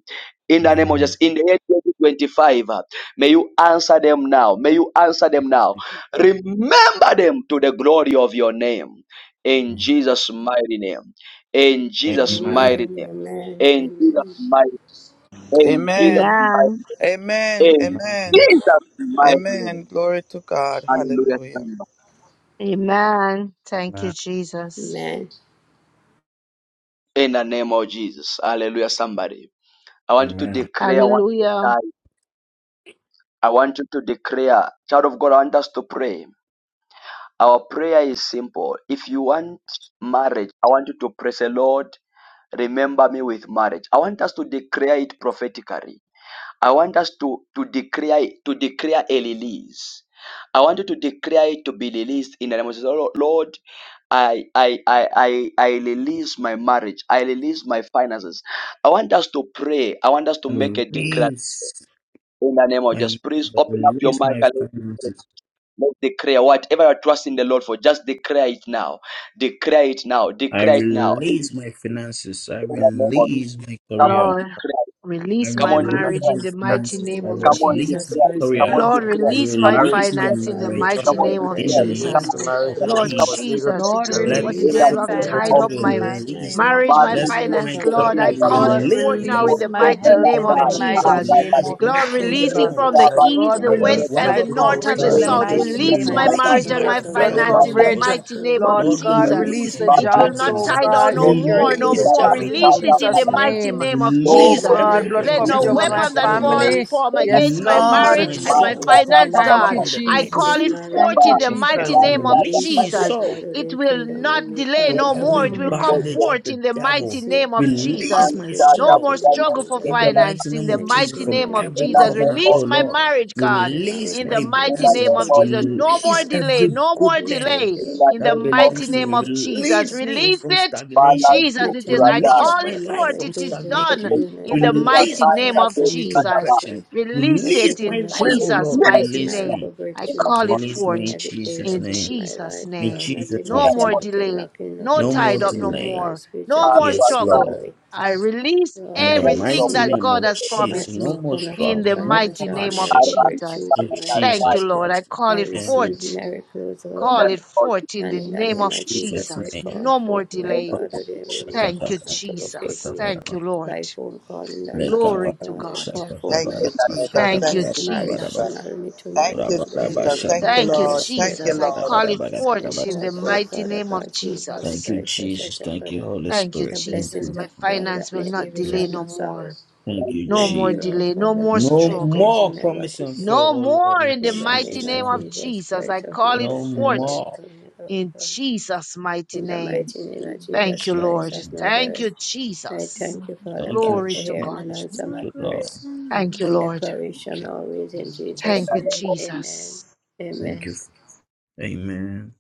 S1: In the name of Jesus, in the year 2025, uh, may you answer them now. May you answer them now. Remember remember them to the glory of your name. In Jesus' mighty name. In Jesus' mighty
S15: Amen.
S1: name.
S15: Amen.
S1: In Jesus'
S15: Amen.
S1: mighty In Jesus'
S11: Amen.
S1: mighty
S14: Amen.
S11: Amen.
S1: In
S11: Amen.
S1: Jesus' mighty name.
S11: Amen. Glory to God.
S1: Hallelujah.
S11: Hallelujah.
S1: Somebody.
S14: Amen. Thank you, Jesus.
S15: Amen.
S1: In the name of Jesus. Hallelujah. Somebody. I want you to
S17: Amen.
S1: declare I want you
S14: Hallelujah.
S1: to I want you to declare. Child of God, I want us to pray. Our prayer is simple. If you want marriage, I want you to pray, say, Lord, remember me with marriage. I want us to declare it prophetically. I want us to, to declare it- to declare a release. I want you to declare it to be released in the name of Jesus. Lord, Lord, I, I, I, I, I release my marriage. I release my finances. I want us to pray. I want us to
S17: I
S1: make a decree
S17: release
S1: in the name of
S17: my
S1: Jesus.
S17: marriage.
S1: Please
S17: I
S1: open up your
S17: release
S1: mic
S17: my
S1: and let's declare.
S17: finances.
S1: Let's declare whatever you're trusting the Lord for. Just declare it now. Declare it now.
S17: I
S1: Declare it now. In
S17: release my finances. I
S19: Don't
S1: the name of
S17: release my
S1: Come on,
S17: career.
S14: Lord,
S1: declare. it.
S17: I
S14: release
S1: Come
S14: my
S1: on, declare.
S19: realize
S17: release
S14: marriage
S17: my
S14: in
S1: it.
S14: the mighty
S15: In
S17: finances.
S15: the
S14: name
S17: I
S15: name
S14: of
S1: Come
S15: of
S1: on,
S17: release
S15: Jesus
S14: Jesus.
S17: my
S1: declare. it.
S15: Christ, O
S1: Come
S17: career.
S1: on,
S15: Lord.
S14: Lord,
S15: God.
S17: I
S1: declare. it.
S14: release
S1: Come
S14: my
S19: I
S1: on, declare.
S17: release
S1: it.
S17: my
S14: finance in the
S15: I
S19: repent
S17: marriage
S14: mighty
S15: declare and
S1: Someone on,
S14: name
S15: declare
S19: finance,
S14: of
S17: in the
S19: I
S15: your
S1: you
S19: release marriage, I release
S1: Someone
S17: mighty
S19: my
S1: Come
S14: Jesus.
S15: release,
S19: finance, I release my
S15: my
S17: name
S19: marriage
S17: of
S1: on,
S19: in the
S14: Lord
S1: Someone pray.
S19: name
S1: Come
S15: finances.
S17: Jesus.
S19: of
S14: Jesus,
S19: Jesus.
S14: if
S5: Lord,
S14: it,
S19: I
S15: Your
S17: Let
S14: what
S19: release
S14: the
S5: release
S17: my
S1: In the
S5: my
S15: release,
S14: devil have
S1: name
S15: Father
S19: COVID,
S17: prosperity
S14: tied
S1: of
S17: be
S15: God,
S5: finance
S14: up
S5: in the
S14: my
S1: Jesus.
S15: Jesus,
S5: mighty
S15: my
S17: released.
S5: name of
S14: marriage,
S15: marital
S14: my
S1: Maria,
S17: Let
S1: you
S15: remade
S1: are
S5: Jesus.
S14: finance,
S17: my
S1: so
S19: I
S15: partner,
S14: Lord,
S15: your
S1: glad
S17: problem
S14: I
S17: be
S19: release
S1: that
S15: release
S14: call
S1: you
S15: of
S19: Jesus,
S14: it
S5: God,
S14: forth
S15: destiny,
S1: are
S19: I
S17: released.
S14: now
S15: help
S14: in
S1: so
S5: release
S19: release
S14: the
S15: us.
S1: so
S5: my
S17: My
S14: mighty
S1: glad
S5: health
S14: name
S1: that
S5: in the
S14: of
S17: problem
S1: I
S15: Lord,
S17: is
S5: mighty
S19: your
S1: have
S14: Jesus.
S15: release
S19: peace
S15: the
S1: that I
S5: name
S19: in
S17: released
S5: of
S15: physical
S14: Lord,
S17: now in
S15: keys
S17: the
S15: for
S14: release
S1: pray.
S17: name
S15: the
S14: it
S5: Jesus.
S17: of
S14: from
S15: home
S14: the
S17: Jesus.
S19: my
S15: for
S19: life.
S1: Father,
S15: me to
S14: east,
S5: God,
S14: the
S15: live
S19: As
S1: you
S19: I
S15: in.
S1: pray
S14: west,
S5: release
S1: that
S14: and
S5: my
S1: I
S14: the
S17: Whatever
S19: release
S14: north
S19: more
S17: belongs
S14: and
S5: coverage
S17: to
S14: the
S5: in
S15: Lord,
S1: pray.
S5: the
S19: powers
S17: me
S19: of
S14: south.
S1: You
S5: mighty
S1: are
S17: is
S15: release
S19: Jesus,
S15: the
S1: so
S14: Release
S5: name
S14: my
S5: of
S15: find
S1: glad that I
S14: marriage
S17: released
S14: and
S1: so
S19: righteousness
S17: by
S5: Jesus.
S14: my
S17: the
S19: in the
S15: supernatural
S1: so
S19: name
S17: fire
S5: Blood
S19: of
S17: of the
S14: finance
S1: glad
S19: Jesus,
S14: in
S17: Holy
S14: the
S1: that I
S15: financial
S5: coverage.
S17: Ghost.
S14: mighty
S15: miracles
S14: name of
S15: in
S5: Lord
S1: pray.
S15: my
S17: Lord,
S5: God,
S15: life.
S14: Jesus.
S1: Jesus,
S5: release
S17: release
S19: righteousness,
S5: the
S19: righteousness,
S17: my
S14: It
S1: Father,
S14: will
S19: righteousness,
S5: jobs,
S14: not
S15: Release
S17: blessings.
S5: oh
S15: the
S14: tie
S19: righteousness, righteousness,
S5: God,
S14: down
S1: you
S14: no
S15: destiny,
S1: are so
S15: help
S14: more,
S5: security
S15: us,
S5: in
S14: no
S19: I
S5: the
S15: Lord
S17: Release
S1: glad
S14: more.
S1: that
S5: jobs
S15: Father
S17: every
S1: I
S19: release
S5: in
S15: God,
S14: Release
S1: have
S17: health
S15: to
S1: that
S14: it
S15: help
S14: in
S1: I
S5: Jesus'
S14: the
S15: me,
S1: pray.
S17: blessing.
S15: Lord
S14: mighty
S5: name.
S15: God.
S14: name of
S1: Lord,
S5: Oh
S17: Release
S15: I
S14: Jesus.
S1: you are so
S17: every
S5: God,
S15: thank you,
S19: my
S5: blood
S14: Let
S15: Lord
S19: faith
S1: good.
S14: no
S5: coverage
S1: In
S19: in
S17: hijacked
S15: Father
S5: over
S19: my
S5: my
S14: weapon
S15: God,
S17: blessing,
S15: to
S19: faith
S17: oh
S19: in
S14: that
S19: the
S14: fall
S17: Lord.
S5: family.
S15: release,
S14: form
S1: the
S5: Yes,
S14: against
S1: name
S14: my
S1: of
S15: Father
S1: Jesus.
S17: Release
S5: God.
S15: God,
S17: my
S14: marriage
S19: name of
S14: and
S15: my
S14: my
S19: Jesus.
S1: Maria,
S17: soul
S14: finance,
S1: Baba,
S15: covenant
S5: Thank
S1: Baba,
S14: God.
S5: you,
S1: Baba.
S17: from
S15: marriage
S17: the
S15: for me
S14: I
S15: to
S17: pits
S14: call
S15: get
S5: Jesus.
S14: it
S1: Please,
S15: married,
S5: Thank
S14: forth
S15: God.
S5: you,
S1: Baba.
S14: in the
S17: of
S5: Jesus.
S14: mighty
S17: hell.
S1: Lord,
S14: name of
S1: Baba,
S17: Release
S1: Baba,
S15: Release
S17: my
S15: my
S14: Jesus.
S17: soul
S15: daughter
S14: It
S15: in
S14: will
S15: kingdom and
S14: not
S15: make
S14: delay
S17: from
S15: partner
S14: no
S15: for me
S14: more.
S17: every
S15: to
S14: It will
S15: get
S14: come
S5: Mm.
S1: Baba.
S15: married
S17: bondage of
S14: forth
S17: the
S14: in the mighty
S17: devil.
S15: this year,
S14: name of
S15: God. I
S1: Man,
S17: Release
S14: Jesus.
S15: thank
S17: my
S15: you in the
S1: that
S14: No
S1: up,
S15: mighty
S14: more
S17: soul
S15: name
S1: that
S15: of
S14: struggle
S1: most
S14: for
S15: Jesus.
S17: in the
S1: like
S17: mighty
S14: finance in
S17: name
S14: the
S15: And I
S17: of Jesus
S14: mighty
S15: declare
S17: from
S15: and I
S14: name of
S1: in
S17: every
S1: the
S15: declare,
S14: Jesus.
S15: Lord
S1: name
S17: covenant,
S1: of
S17: oh
S14: Release
S15: God
S14: my
S1: Jesus,
S17: Lord.
S15: Jesus,
S14: marriage, God,
S15: you
S17: Release
S14: in the
S17: my
S15: manifest
S1: in
S14: mighty
S1: the
S15: complete
S14: name
S1: name
S17: blessings.
S14: of
S1: of
S15: healing
S14: Jesus.
S15: in
S1: Jesus,
S14: No
S15: my
S14: more
S17: Release
S15: body.
S14: delay,
S17: every
S14: no
S17: good
S14: more
S15: We
S17: thing
S15: thank
S14: delay
S15: you,
S1: in
S15: Lord
S1: the
S14: in
S17: that
S14: the
S15: Father
S1: name of
S15: God,
S14: mighty
S17: belongs to
S1: Jesus.
S14: name
S17: me.
S14: of
S15: Jesus Christ.
S14: Jesus.
S15: of
S17: Release
S15: heaven.
S17: me
S14: Release
S17: from
S14: it.
S1: Bala
S17: stagnation.
S15: I
S14: Jesus, it is,
S1: Supra
S15: thank
S14: I
S15: you, Lord
S1: die.
S14: call
S17: Release
S14: it
S17: my
S15: Father,
S17: life
S15: and I
S14: forth.
S17: from
S14: It is
S15: praise you, I
S1: And
S14: done
S1: they
S17: stagnation.
S15: decree and I
S14: in
S1: spoke
S14: the
S1: with
S15: declare,
S1: that
S14: mighty
S17: Release
S15: Lord
S17: my
S1: time
S14: name
S1: that
S15: Father
S17: life
S14: of
S15: God,
S1: they
S17: from
S1: spoke
S15: Jesus
S14: Jesus.
S1: about.
S17: retrogression.
S15: Christ, your
S14: Release it
S17: Release my
S14: in
S1: Will
S17: life,
S15: supernatural
S17: oh
S1: it
S15: more
S1: be
S14: Jesus'
S17: Lord.
S1: yes?
S15: plus
S14: mighty
S17: Release
S1: In the
S14: name.
S15: miracle
S17: me.
S14: I
S15: breakthroughs
S1: name
S14: call
S1: of
S14: it
S1: Jesus,
S17: Release
S15: in
S17: me
S14: forth
S17: in
S15: every
S17: Jesus'
S14: in
S15: areas of
S17: name.
S15: my
S14: Jesus'
S15: life,
S17: In
S15: God.
S14: name.
S17: Jesus'
S15: Nothing
S1: and
S14: No
S17: mighty
S14: more
S15: missing,
S17: name.
S15: nothing
S14: delay.
S15: lacking,
S14: No
S15: nothing
S17: No more
S14: tied
S15: broken
S14: up
S15: in
S14: no
S15: my
S17: delay.
S15: life,
S14: more. No
S1: that
S15: spiritually
S14: more
S15: and
S1: you are
S17: Yes,
S14: struggle.
S1: trying to
S17: Lord.
S15: physically.
S14: I release
S15: Lord,
S17: In the
S15: I
S1: raise up
S14: everything
S17: mighty
S1: the
S14: that
S15: receive
S17: name
S14: God
S17: of
S14: has
S15: my
S17: Jesus,
S14: promised
S17: no
S14: me
S17: more
S14: in
S15: supernatural
S14: the
S17: struggle, no more
S14: mighty
S15: financial
S14: name of
S17: hardship.
S15: miracle
S1: tyrant
S14: Jesus.
S15: breakthroughs
S17: In
S15: in my
S1: that
S15: life.
S14: Thank you,
S17: Jesus
S1: died.
S14: Lord. I
S17: Christ.
S14: call
S15: I
S14: it
S17: name. And
S15: receive
S14: forth
S15: miracles, O
S1: In the
S14: Call it
S15: God.
S1: name of Jesus,
S14: forth in
S15: And
S14: the
S15: in the
S14: name
S17: in
S15: name
S14: of
S15: of
S17: Jesus'
S15: Jesus, I
S14: Jesus.
S17: name.
S15: call
S14: No more
S15: forth, my
S14: delay.
S15: God, that every maid
S14: Thank you,
S15: partner to locate
S14: Jesus.
S15: me
S14: Thank you, Lord.
S15: by phone call in the natural
S14: Glory to
S15: God. I
S14: God.
S15: call forth
S11: Thank
S15: my
S11: you, Jesus.
S14: Thank
S11: Thank
S14: you,
S15: covenant
S11: you,
S15: marriage,
S14: Jesus.
S11: Jesus.
S15: marry me to my
S11: Thank you,
S15: God, that every
S11: Jesus.
S15: maid
S11: Thank you,
S14: Thank
S15: partner
S14: you,
S11: Lord.
S15: this year,
S11: Thank you,
S14: Jesus.
S15: God.
S14: I
S11: Lord.
S14: call it
S11: Thank
S14: forth
S15: I
S11: you,
S14: in
S15: call
S14: the
S15: forth,
S11: Jesus.
S14: mighty
S15: Father
S14: name
S15: God,
S14: of
S15: Jesus
S17: Thank
S14: Jesus.
S17: you,
S15: Christ, as your
S17: Jesus. Thank you,
S15: shepherd,
S17: Holy
S14: Thank you,
S15: the
S17: Spirit. Thank
S14: Jesus.
S15: blessings
S17: you.
S14: My
S15: of
S17: Holy
S15: God
S14: finance
S15: that
S14: will
S15: make me
S14: not
S15: rich
S17: Spirit.
S14: delay
S15: and no
S14: no
S15: sorrow.
S14: more.
S17: Thank you,
S14: No
S15: Thank
S14: more
S15: you,
S17: Jesus.
S15: Lord,
S14: delay. No
S15: Father
S14: more
S15: God.
S17: No
S15: I
S14: struggle.
S15: praise
S17: more
S15: and I
S17: promise
S15: worship
S17: and
S15: you.
S17: fail,
S14: No
S17: oh Lord,
S14: more
S17: in
S14: in the
S15: In the
S14: mighty
S15: name
S17: Jesus'
S14: name
S15: of
S17: name.
S14: of
S15: Jesus
S14: Jesus. I
S15: Christ of
S14: call it
S17: no
S15: Nazareth, I
S14: forth
S17: more.
S15: welcome you, Lord
S14: in
S15: God.
S14: Jesus' mighty
S15: In the
S14: name.
S15: mighty name of
S14: Thank
S15: Jesus
S14: you,
S17: Jesus.
S15: Christ
S14: Lord.
S15: of
S14: Thank
S15: Nazareth,
S14: you,
S15: I
S14: Jesus.
S15: thank you, Father
S17: Thank you,
S15: God,
S14: Glory
S15: for
S14: to
S17: Jesus.
S15: hearing
S14: God.
S15: and answering
S17: Thank
S19: Your
S15: my
S17: you, Lord.
S19: grace
S15: prayers
S19: and
S14: Thank you,
S19: mercy.
S15: and
S14: Lord.
S17: Thank
S15: declaration
S17: you,
S15: always in
S17: thank you,
S15: Jesus'
S14: Thank you,
S17: Lord.
S15: name. Amen.
S14: Jesus.
S17: Thank
S15: Amen.
S17: you. Amen.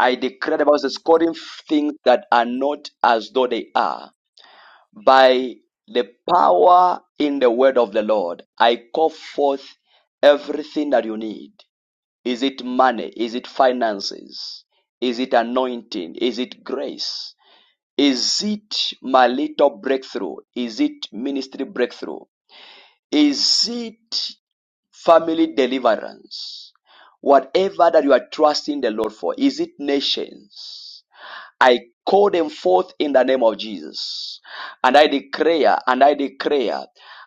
S1: I declare the Bible says, calling things that are not as though they are. By the power in the word of the Lord, I call forth everything that you need. Is it money? Is it finances? Is it anointing? Is it grace? Is it my little breakthrough? Is it ministry breakthrough? Is it family deliverance? Whatever that you are trusting the Lord for, is it nations? I call them forth in the name of Jesus. And I declare, and I declare,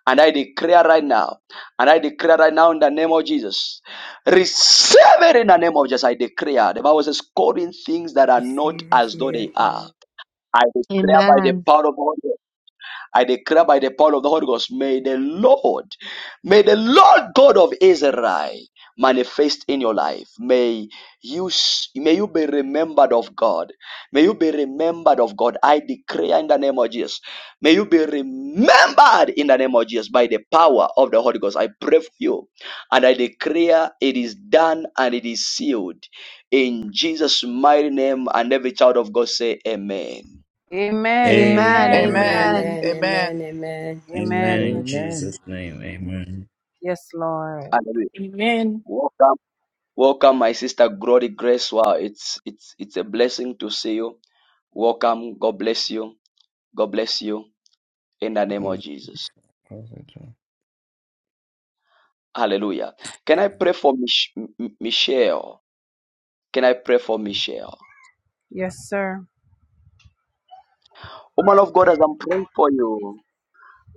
S1: and I declare right now, and I declare right now in the name of Jesus. Receive it in the name of Jesus. I declare. The Bible says, calling things that are not
S15: Receive it,
S1: as though
S15: Jesus'
S1: they are. I declare by the
S14: Amen.
S1: power of God. I declare by the power of the Holy Ghost, may the Lord, may the Lord God of Israel manifest in your life. May you, s- may you be remembered of God. May you be remembered of God. I declare in the name of Jesus. May you be remembered in the name of Jesus by the power of the Holy Ghost. I pray for you and I declare it is done and it is sealed in Jesus' mighty name. And every child of God say, Amen.
S5: Amen.
S14: Amen.
S5: Amen.
S11: Amen.
S17: Amen.
S14: Amen.
S15: Amen. Amen.
S11: Amen.
S15: Amen.
S17: Amen. In
S5: Amen.
S19: Amen.
S17: Jesus' name. Amen.
S5: Yes, Lord.
S1: Hallelujah.
S2: Amen.
S1: Welcome. Welcome, my sister Glory Grace. Wow, it's it's it's a blessing to see you. Welcome. God bless you. God bless you in the name of
S17: Mm,
S1: Jesus.
S17: perfect.
S1: Hallelujah. Can I pray for Mich- M- M- Michelle? Can I pray for Michelle?
S5: Yes, sir.
S1: Woman of God, as I'm praying for you,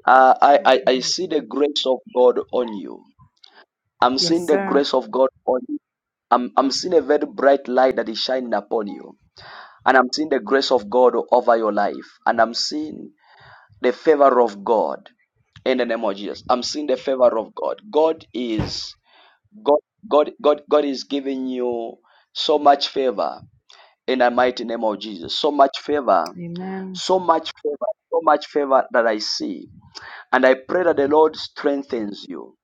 S1: uh, I, I I see the grace of God on you. I'm seeing
S5: Yes,
S1: the
S5: sir.
S1: grace of God on you. I'm I'm seeing a very bright light that is shining upon you, and I'm seeing the grace of God over your life, and I'm seeing the favor of God in the name of Jesus. I'm seeing the favor of God. God is God God God God is giving you so much favor in the mighty name of Jesus. So much favor,
S5: Amen.
S1: so much favor, so much favor that I see. And I pray that the Lord strengthens you.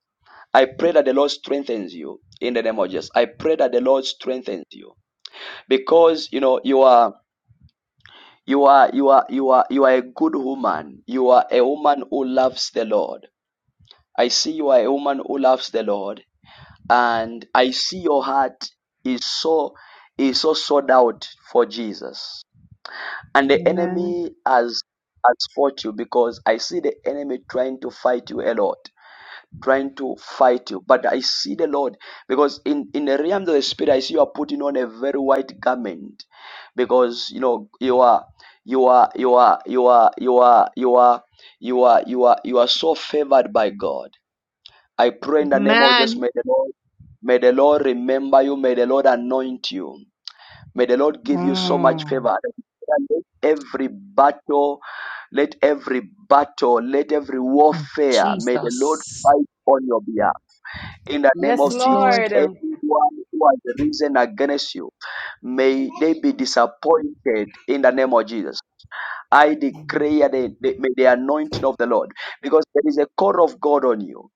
S1: I pray that the Lord strengthens you in the name of Jesus. I pray that the Lord strengthens you because you know you are you are you are you are you are a good woman. You are a woman who loves the Lord I see you are a woman who loves the Lord, and I see your heart is so is so sold out for Jesus. And the
S5: Amen.
S1: enemy has has fought you because I see the enemy trying to fight you a lot, trying to fight you. But I see the Lord because in in the realms of the spirit, I see you are putting on a very white garment because you know you are you are you are you are you are you are you are you are you are so favored by God I pray in the name of Jesus,
S14: Amen.
S1: may the Lord, may the Lord remember you, may the Lord anoint you, may the Lord give you so much
S5: Mm.
S1: favor. Let every battle, let every battle, let every
S14: Mm.
S1: warfare, may the Lord
S14: Jesus.
S1: fight on your behalf. In the name
S5: Yes,
S1: of
S14: Yes,
S1: Jesus,
S14: Lord.
S5: Lord.
S1: anyone who has risen against you, may they be disappointed in the name of Jesus. I declare the, the, may the anointing of the Lord because there is a call of God on you.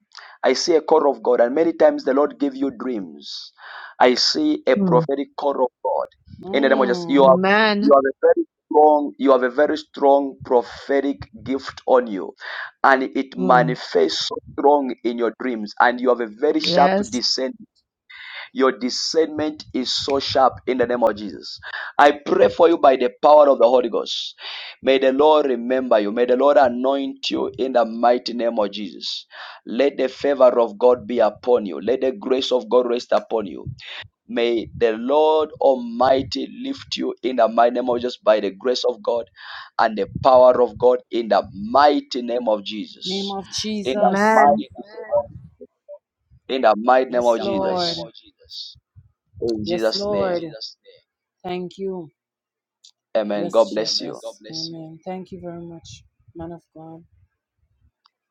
S1: I see a call of God, and many times the Lord give you dreams. I see a
S14: Mm.
S1: prophetic call of God. In the name of Jesus, you
S5: Mm.
S1: have you
S14: Amen.
S1: have a very strong, you have a very strong prophetic gift on you, and it
S14: Mm.
S1: manifests so strong in your dreams, and you have a very sharp
S14: Yes.
S1: discernment your discernment is so sharp in the name of Jesus. I pray for you by the power of the Holy Ghost. May the Lord remember you. May the Lord anoint you in the mighty name of Jesus. Let the favor of God be upon you. Let the grace of God rest upon you. May the Lord Almighty lift you in the mighty name of Jesus by the grace of God and the power of God in the mighty name of
S5: Name
S1: Jesus.
S5: of
S1: In the
S5: Jesus.
S1: mighty,
S14: Amen.
S1: in the mighty name
S5: Yes,
S1: of
S5: Lord.
S1: Jesus. In
S5: Yes,
S1: Jesus' name.
S5: Lord. Thank you.
S1: Amen. God
S5: Yes,
S1: bless you.
S5: Jesus. Amen. Thank you very much, man of God.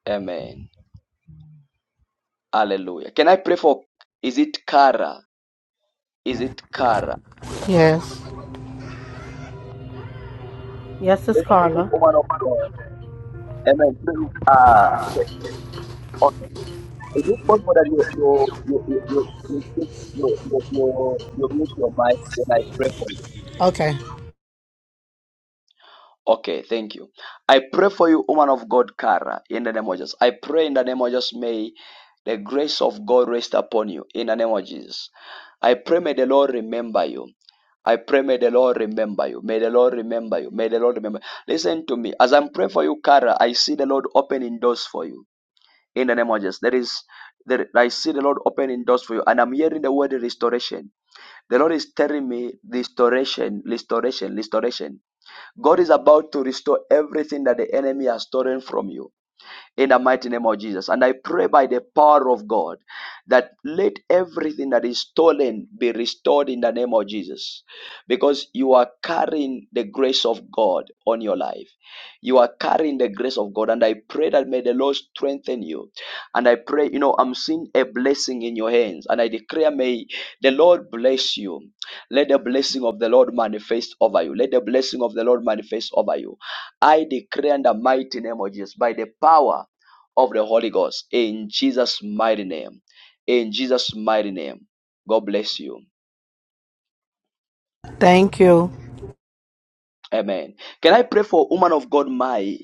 S1: Amen. Hallelujah. Can I pray for is it Kara? Is it Kara?
S20: Yes. Yes, it's Carla.
S1: Woman of God. Amen. Ah, okay. Okay. Is it possible that you you you you you you you you, you, you, you mute your mic when I pray for you?
S20: Okay.
S1: Okay, thank you. I pray for you, woman of God, Kara, in the name of Jesus. I pray in the name of Jesus. May The grace of God rest upon you in the name of Jesus. I pray may the Lord remember you. I pray may the Lord remember you. May the Lord remember you. May the Lord remember. you. Listen to me. As I'm praying for you, Kara, I see the Lord opening doors for you. In the name of Jesus. There is there, I see the Lord opening doors for you. And I'm hearing the word restoration. The Lord is telling me restoration, restoration, restoration. God is about to restore everything that the enemy has stolen from you in the mighty name of Jesus. And I pray by the power of God that let everything that is stolen be restored in the name of Jesus. Because you are carrying the grace of God on your life. You are carrying the grace of God. And I pray that may the Lord strengthen you. And I pray, you know, I'm seeing a blessing in your hands. And I declare, may the Lord bless you. Let the blessing of the Lord manifest over you. Let the blessing of the Lord manifest over you. I declare in the mighty name of Jesus by the power of the Holy Ghost in Jesus' mighty name. In Jesus' mighty name. God bless you.
S20: Thank you.
S1: Amen. Can I pray for woman of God, Mai?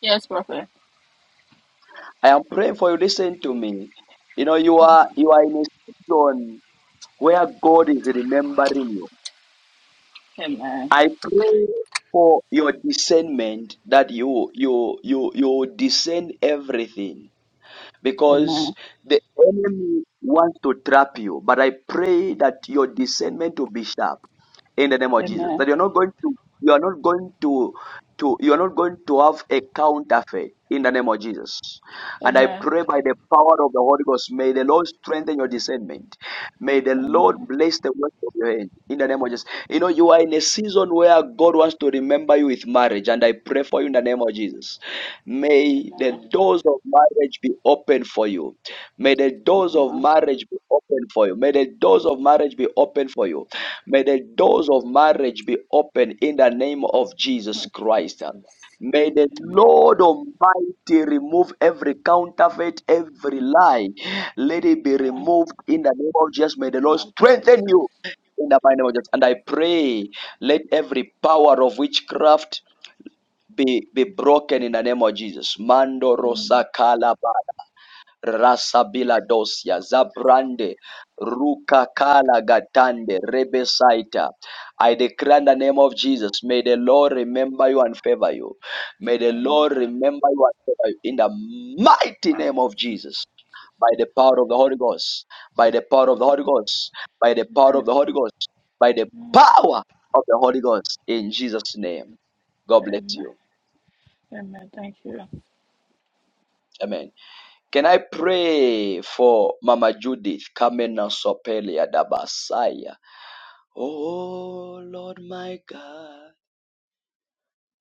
S21: Yes, Prophet.
S1: I am praying for you. Listen to me. You know, you are you are in a season where God is remembering you.
S21: Amen.
S1: I pray for your discernment that you you you you discern everything because
S21: Amen.
S1: the enemy wants to trap you. But I pray that your discernment will be sharp in the name of Jesus.
S21: Amen.
S1: That you're not going to you are not going to to you are not going to have a counterfeit in the name of Jesus. And I
S21: Amen.
S1: pray by the power of the Holy Ghost, may the Lord strengthen your discernment. May the Lord
S21: Amen.
S1: bless the work of your hand in the name of Jesus. You know, you are in a season where God wants to remember you with marriage, and I pray for you in the name of Jesus May the
S21: Amen.
S1: doors of marriage be open for you. May the doors of
S21: Amen.
S1: marriage be open for you. May the doors of marriage be open for you. May the doors of marriage be open in the name of Jesus
S21: Oh,
S1: Christ.
S21: Jesus.
S1: May the
S21: Amen.
S1: Lord Almighty remove every counterfeit, every lie. Let it be removed in the name of Jesus. May the Lord
S21: Oh, Jesus.
S1: strengthen you in the mighty name of Jesus. And I pray, let every power of witchcraft be be broken in the name of Jesus. Mando
S21: Amen.
S1: rosa kala ba- rasa bila dosia zabrande ruka kala gatande rebesaita. I declare in the name of Jesus, may the Lord remember you and favor you. May the Lord
S21: Amen.
S1: remember you and favor you in the mighty
S21: Oh,
S1: name of Jesus.
S21: Jesus.
S1: By the power of the Holy Ghost, by the power of the Holy Ghost, by the power
S21: Amen.
S1: of the Holy Ghost, by the
S21: Amen.
S1: power of the Holy Ghost, in Jesus' name. God bless
S21: Amen.
S1: you.
S21: Amen. Thank you.
S1: Amen. Can I pray for Mama Judith Kamena Sopele Adabasaya? Oh Lord my God,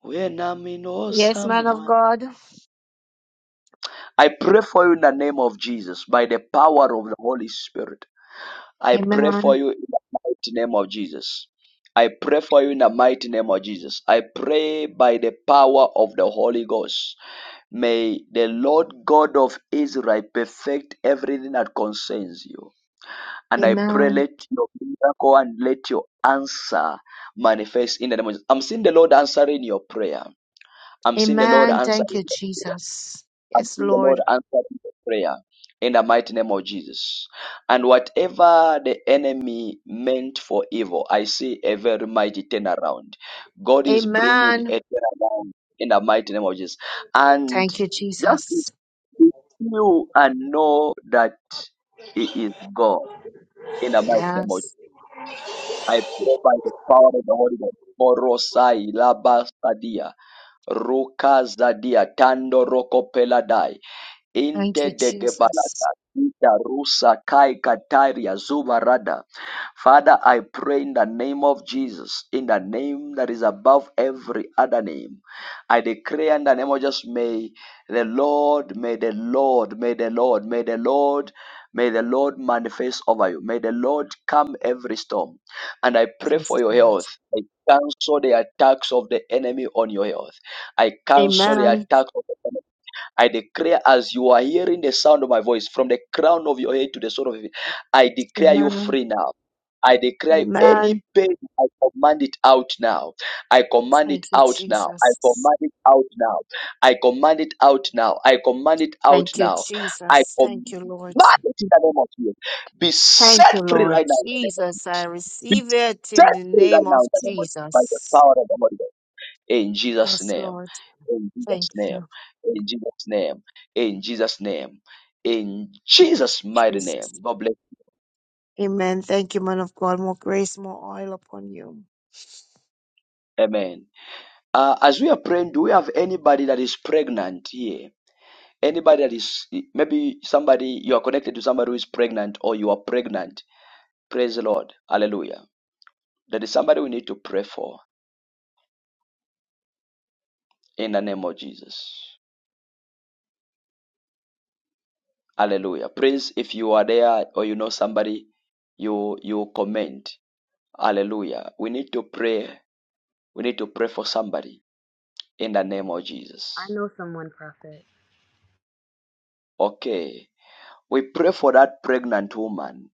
S1: when I'm in
S14: Yes,
S1: awesome
S14: man of
S1: one.
S14: God.
S1: I pray for you in the name of Jesus, by the power of the Holy Spirit. I pray for
S14: Amen.
S1: you in the mighty name of Jesus. I pray for you in the mighty name of Jesus. I pray by the power of the Holy Ghost. May the Lord God of Israel perfect everything that concerns you. And I pray,
S14: Amen.
S1: let your miracle and let your answer manifest in the name of Jesus. I'm seeing the Lord answering your prayer. I'm seeing the Lord
S14: Amen.
S1: answering
S14: Thank you,
S1: your prayer.
S14: Jesus.
S1: I'm
S14: Yes,
S1: seeing the Lord
S14: Lord.
S1: answering your prayer in the mighty name of Jesus. And whatever the enemy meant for evil, I see a very mighty turnaround. God is bringing
S14: Amen.
S1: a turnaround in the mighty name of Jesus. And
S14: Thank you,
S1: just
S14: Jesus.
S1: be still and know that He is God in the mighty name of
S14: Yes.
S1: I pray by the power of the Holy Ghost. Orosai labastadia, rukazadia, tando roko peladai.
S14: Thank
S1: Inte
S14: you,
S1: de
S14: Jesus.
S1: gebalata, ita rusa kai kataria zubarada. Father, I pray in the name of Jesus, in the name that is above every other name. I declare in the name of Jesus, may the Lord, may the Lord, may the Lord, may the Lord, may the Lord manifest over you. May the Lord calm every storm. And I pray for
S14: Yes,
S1: your
S14: Lord.
S1: health. I cancel the attacks of the enemy on your health. I cancel the
S14: Amen.
S1: attacks of the enemy. I declare as you are hearing the sound of my voice from the crown of your head to the sole of your feet, I declare you
S14: Amen.
S1: free now. I declare
S14: Amen.
S1: any pain, I command it out now. I command it
S14: Thank you,
S1: out now. I
S14: Jesus.
S1: command it out now. I command it out now. I command it out
S14: Thank you,
S1: now. I
S14: Jesus.
S1: command
S14: Thank you, Lord.
S1: it in the name of Jesus. Be
S14: Thank
S1: set
S14: you,
S1: free
S14: Lord.
S1: right now in the name of
S14: Jesus, I
S1: Jesus. Be
S14: receive it
S1: set
S14: in the
S1: free right
S14: name
S1: now
S14: of
S1: in the name of Jesus. By the
S14: Jesus.
S1: power of the Holy Ghost in Jesus'
S14: Yes,
S1: name.
S14: Lord.
S1: In Jesus'
S14: Thank
S1: name.
S14: you,
S1: In Jesus' name. In Jesus' name. In Jesus' mighty name.
S14: Jesus.
S1: God bless.
S14: Amen. Thank you, man of God. More grace, more oil upon you.
S1: Amen. Uh, as we are praying, do we have anybody that is pregnant here? Anybody that is maybe somebody you are connected to somebody who is pregnant or you are pregnant. Praise the Lord. Hallelujah. That is somebody we need to pray for in the name of Jesus. Hallelujah. Prince, if you are there or you know somebody, you you comment. Hallelujah. We need to pray We need to pray for somebody in the name of
S8: I
S1: Jesus.
S8: know someone, Prophet.
S1: Okay. We pray for that pregnant woman.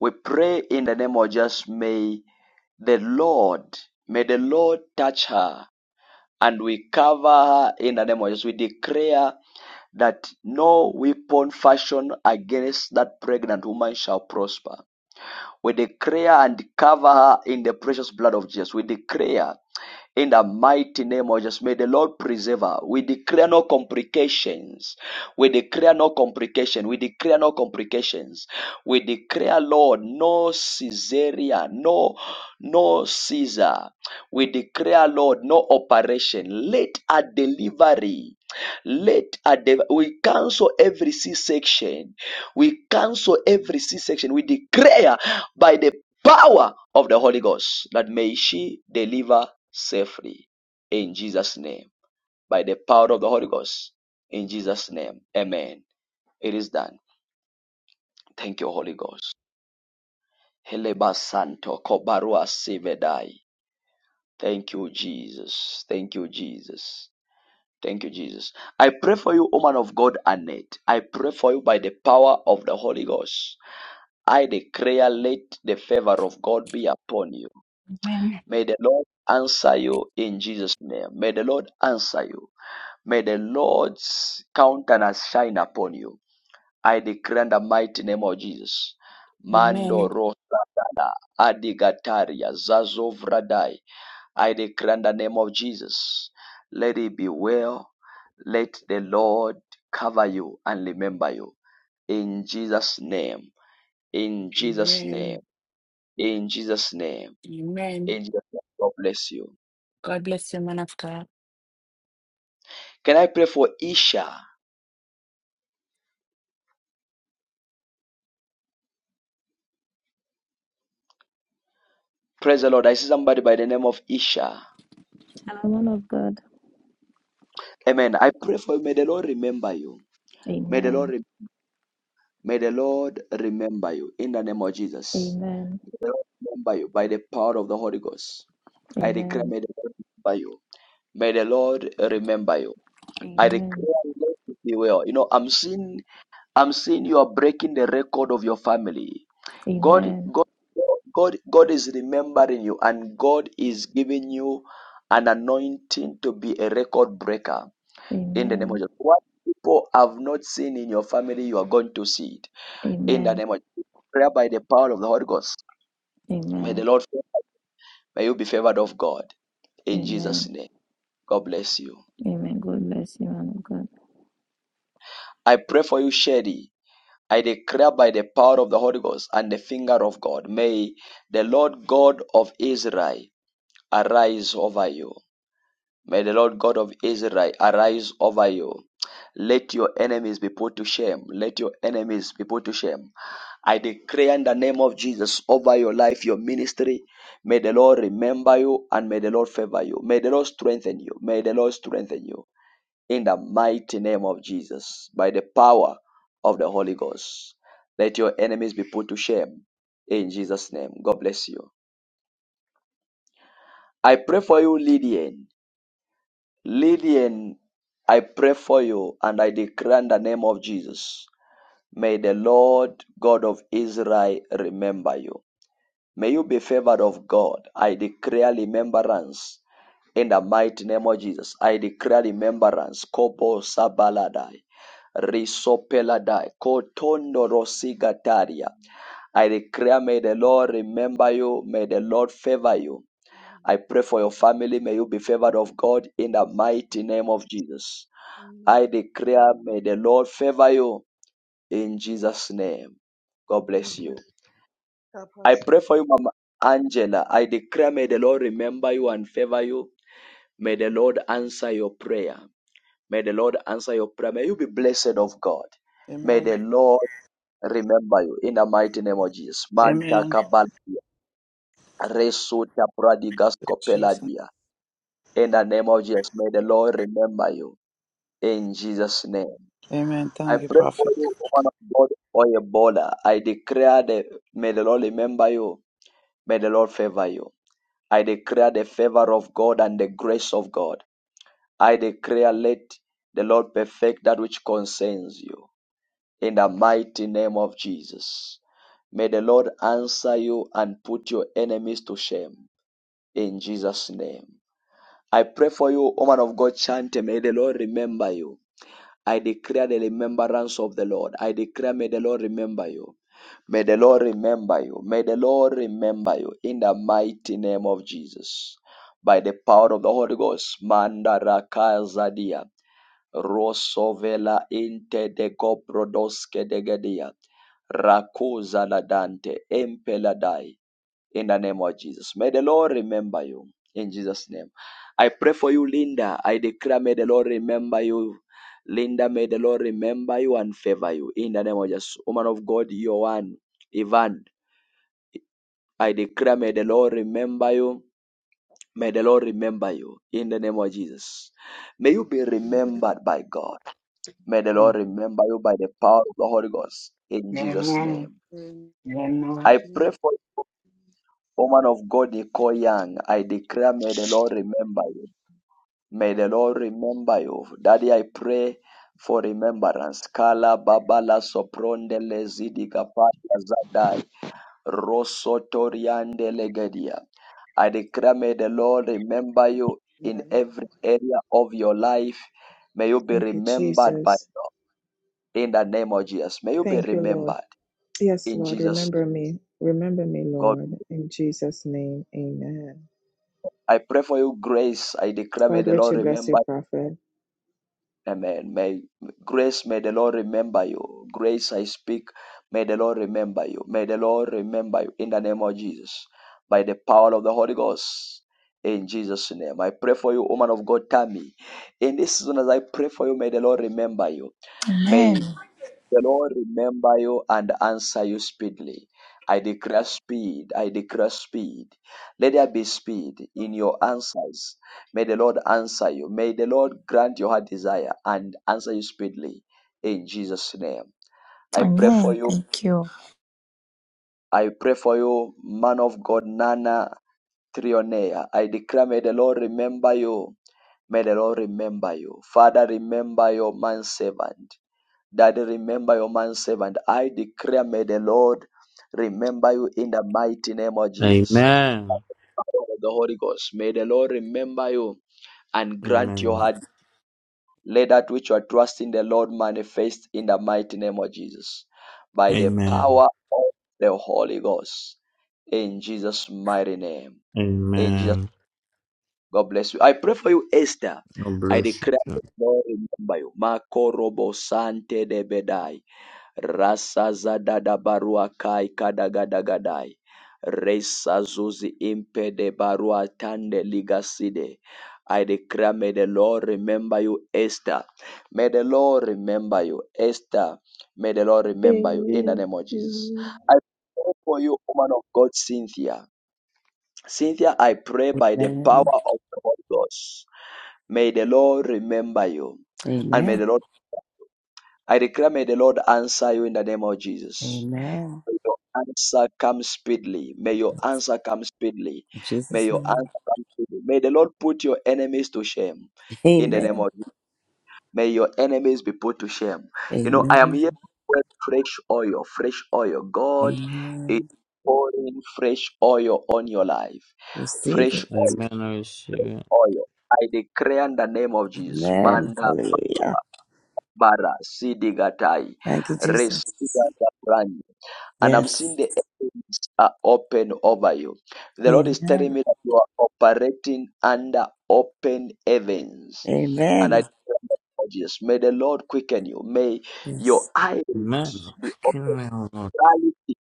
S1: We pray in the name of Jesus. May the Lord, may the Lord touch her and we cover her in the name of Jesus. We declare that no weapon fashioned against that pregnant woman shall prosper. We declare and cover her in the precious blood of Jesus. We declare in the mighty name of Jesus. May the Lord preserve her. We declare no complications. We declare no complication. We declare no complications. We declare, Lord, no cesarean, no, no Caesar. We declare, Lord, no operation. Let a delivery. Let a de- we cancel every C section we cancel every C section. We declare by the power of the Holy Ghost that may she deliver safely in Jesus' name. By the power of the Holy Ghost in Jesus' name. Amen. It is done. Thank you, Holy Ghost. Heleba Santo Kobarua Sivedai. Thank you, Jesus. Thank you, Jesus. Thank you, Jesus. I pray for you, woman of God, Annette. I pray for you by the power of the Holy Ghost. I declare, let the favor of God be upon you.
S2: Amen.
S1: May the Lord answer you in Jesus' name. May the Lord answer you. May the Lord's countenance shine upon you. I declare in the mighty name of Jesus. Mando
S2: Amen.
S1: Rosa Adigataria Zazovradai. I declare in the name of Jesus. Let it be well. Let the Lord cover you and remember you. In Jesus' name. In Jesus' name.
S2: Amen.
S1: In Jesus' name
S2: Amen.
S1: In Jesus' name, God bless you.
S2: God bless you, man of God.
S1: Can I pray for Isha? Praise the Lord. I see somebody by the name of Isha.
S22: and the one of God.
S1: Amen. I pray for you. May the Lord remember you. May the Lord,
S22: Amen.
S1: re- may the Lord remember you in the name of Jesus.
S22: Amen.
S1: Remember you by the power of the Holy Ghost. I declare,
S22: Amen.
S1: may the Lord remember you. May the Lord remember you. I declare,
S22: Amen.
S1: let it be well. You know, I'm seeing I'm seeing you are breaking the record of your family. God,
S22: Amen.
S1: God, God, God is remembering you, and God is giving you an anointing to be a record breaker. In the name of
S22: Amen.
S1: Jesus, what people have not seen in your family, you are going to see it. In the
S22: Amen.
S1: name of Jesus, prayer by the power of the Holy Ghost. May the
S22: Amen.
S1: Lord, may you be favored of God. In Jesus'
S22: Amen.
S1: name, God bless you.
S22: Amen. God bless you, man of God.
S1: I pray for you, Sherry. I declare by the power of the Holy Ghost and the finger of God, may the Lord God of Israel arise over you. May the Lord God of Israel arise over you. Let your enemies be put to shame. Let your enemies be put to shame. I declare in the name of Jesus over your life, your ministry. May the Lord remember you and may the Lord favor you. May the Lord strengthen you. May the Lord strengthen you in the mighty name of Jesus, by the power of the Holy Ghost. Let your enemies be put to shame in Jesus' name. God bless you. I pray for you, Lydian. Lydian, I pray for you and I declare in the name of Jesus. May the Lord God of Israel remember you. May you be favored of God. I declare remembrance in the mighty name of Jesus. I declare remembrance. Kobo sabaladai. Risopeladai. Kotondo rosigataria.
S23: Amen.
S1: I declare, may the Lord remember you. May the Lord favor you. I pray for your
S23: Amen.
S1: family. May you be favored of God in the
S23: Jesus'
S1: mighty
S23: name.
S1: name of Jesus. I
S23: Amen.
S1: declare, may the Lord favor you in Jesus' name. God bless
S23: Amen.
S1: you.
S23: God
S1: I
S23: bless
S1: pray
S23: you.
S1: for you, Mama Angela. I declare, may the Lord remember you and favor you. May the Lord answer your prayer. May the Lord answer your prayer. May you be blessed of God. May
S11: Amen.
S1: the Lord remember you in the mighty name of Jesus. Manta
S11: Amen.
S1: kabalia, resuta pradigas
S11: Jesus.
S1: kopeladia. In the name of Jesus, may the Lord remember you in Jesus' name.
S11: Amen.
S1: I
S11: Thank you,
S1: pray for
S11: Prophet.
S1: you, woman of God, or Ebola. I declare that may the Lord remember you. May the Lord favor you. I declare the favor of God and the grace of God. I declare, let the Lord perfect that which concerns you. In the mighty name of Jesus. May the Lord answer you and put your enemies to shame. In Jesus' name. I pray for you, woman of God, Chante. May the Lord remember you. I declare the remembrance of the Lord. I declare, may the Lord remember you. May the Lord remember you. May the Lord remember you in the mighty name of Jesus. By the power of the Holy Ghost, Mandaraka Zadia, Rosovela Inte de Goprodoske de Gedia, Rakuza Ladante, Empeladai in the name of Jesus. May the Lord remember you in Jesus' name. I pray for you, Linda. I declare, may the Lord remember you. Linda, may the Lord remember you and favor you in the name of Jesus. Woman of God, Yohan, Ivan, I declare, may the Lord remember you. May the Lord remember you in the name of Jesus. May you be remembered by God. May the Lord remember you by the power of the Holy Ghost in Jesus'
S13: Amen.
S1: name.
S13: Amen.
S1: I pray for you, woman of God, Nicole Young. I declare, may the Lord remember you May the Lord remember you. Daddy, I pray for remembrance. Kala babala soprondele zidigapatia zadai. Rosotoriande legedia. I declare may the Lord remember you in
S24: Amen.
S1: every area of your life. May you be
S24: Thank you,
S1: remembered by
S24: Jesus.
S1: in the name of Jesus. May you be
S24: Thank you, Lord.
S1: remembered
S24: Yes,
S1: in
S24: Lord,
S1: Jesus' name.
S24: remember me. Remember me,
S1: God.
S24: Lord. In Jesus' name, amen.
S1: I pray for you grace. I declare may
S24: God,
S1: the Lord
S24: Richard, bless you,
S1: remember
S24: prophet.
S1: Amen. May grace, may the Lord remember you. Grace, I speak, may the Lord remember you. May the Lord remember you in the name of Jesus. By the power of the Holy Ghost. In Jesus' name. I pray for you, woman of God, Tammy. In this season, as I pray for you, may the Lord remember you.
S7: Amen.
S1: May the Lord remember you and answer you speedily. I declare speed. I declare speed. Let there be speed in your answers. May the Lord answer you. May the Lord grant your heart desire and answer you speedily in Jesus' name. I pray for
S7: Amen.
S1: you.
S7: Thank you.
S1: I pray for you, man of God, Nana Trionea. I declare, may the Lord remember you. May the Lord remember you. Father, remember your man servant. Daddy, remember your manservant. I declare, may the Lord remember you in the mighty name of Jesus. by
S17: Amen.
S1: the Power of The Holy Ghost, may the Lord remember you and grant your
S17: Amen.
S1: heart. Let that which you are trusting the Lord manifest in the mighty name of Jesus. By the
S17: Amen.
S1: power of the Holy Ghost. In Jesus' mighty name. In Jesus,
S17: Amen.
S1: God bless you. I pray for you, Esther.
S17: God
S1: I
S17: bless you.
S1: declare
S17: too.
S1: the Lord remember you. Marco Robo Sante de Bedai. Rasa zadada barua rasazadadabaruakai kadagadagadai resazuzi impede barua tande ligaside I declare, may the Lord remember you, Esther. May the Lord remember you, Esther. May the Lord remember you in the name of Jesus. I pray for you, woman of God, Cynthia. Cynthia, I pray by the
S19: Amen.
S1: power of the Holy Ghost. May the Lord remember you. And may
S19: Amen.
S1: the Lord, I declare, may the Lord answer you in the name of Jesus.
S19: Amen.
S1: May your answer come speedily. May your answer come speedily.
S19: In
S1: May
S19: Jesus'
S1: your
S19: name.
S1: answer come speedily. May the Lord put your enemies to shame. In the name
S19: Amen.
S1: of Jesus. May your enemies be put to shame. You know, I am
S19: Amen.
S1: here with fresh oil, fresh oil. God is
S19: Amen.
S1: pouring fresh oil on your life.
S19: Receive
S1: Fresh
S19: it.
S1: oil,
S17: Amen. I receive it.
S1: oil. I declare in the name of Jesus.
S19: Amen.
S1: Manda
S19: Hallelujah.
S1: bara sidigatai.
S19: Thank you, Jesus.
S1: Resiga and I'm seeing
S19: Yes.
S1: the heavens are open over you. The Lord is telling
S19: Amen.
S1: me that you are operating under open heavens. And
S19: Amen.
S1: I Jesus, may the Lord quicken you. May your
S19: Yes.
S1: eyes
S17: Amen.
S1: be open.
S17: Quicken me, O Lord.
S1: Reality.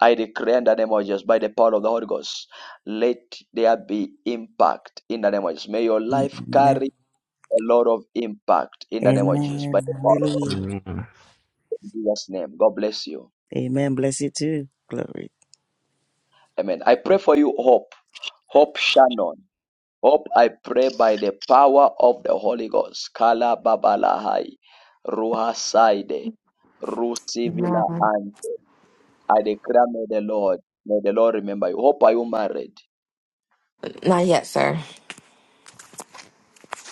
S1: I declare in the name of Jesus, by the power of the Holy Ghost, let there be impact in the name of Jesus. May your life
S19: Amen.
S1: carry a lot of impact in the name of Jesus, by
S19: Amen.
S1: the power of the Holy
S19: Hallelujah.
S17: Amen.
S1: Ghost. In Jesus' name, God bless you.
S19: Amen. Bless you too. Glory.
S1: Amen. I pray for you, hope. Hope Shannon. Hope I pray by the power of the Holy Ghost. Kala babalahai, ruhasaide, rusivila
S25: No,
S1: ante. I declare, may the Lord, may the Lord remember you. Hope are you married?
S25: not yet, sir.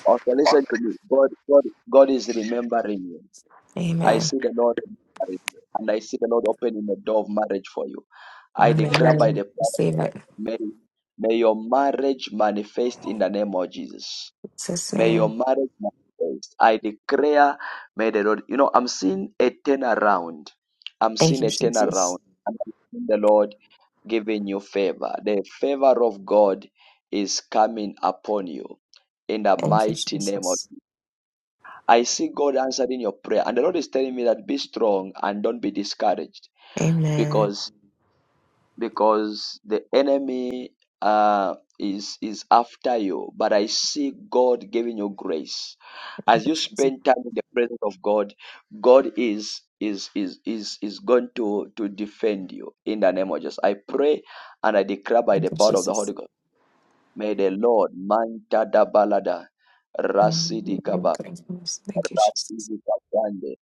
S1: Okay, listen to me. God, God, God is remembering you. I
S25: Amen.
S1: see the Lord remembering you, and I see the Lord opening the door of marriage for you. I declare by
S25: Amen.
S1: the power, of
S25: Receive it.
S1: Mary, may your marriage manifest in the name of Jesus.
S25: Jesus'
S1: May your
S25: name.
S1: marriage manifest. I declare, may the Lord, you know, I'm seeing a turnaround. I'm
S25: Thank
S1: seeing
S25: you,
S1: a turnaround.
S25: Jesus.
S1: And I'm seeing the Lord giving you favor. The favor of God is coming upon you in the
S25: Thank you,
S1: mighty name of.
S25: Jesus.
S1: I see God answering your prayer. And the Lord is telling me that be strong and don't be discouraged
S25: Amen.
S1: because because the enemy uh, is is after you. But I see God giving you grace as you spend time in the presence of God. God is is is is is going to to defend you in the name of Jesus. I pray and I declare by
S25: Thank
S1: the
S25: you,
S1: power of the
S25: Jesus.
S1: Holy Ghost. May the Lord manta da balada rasidi
S25: Amen.
S1: kaba
S25: Thank you, Jesus.
S1: rasidi kabande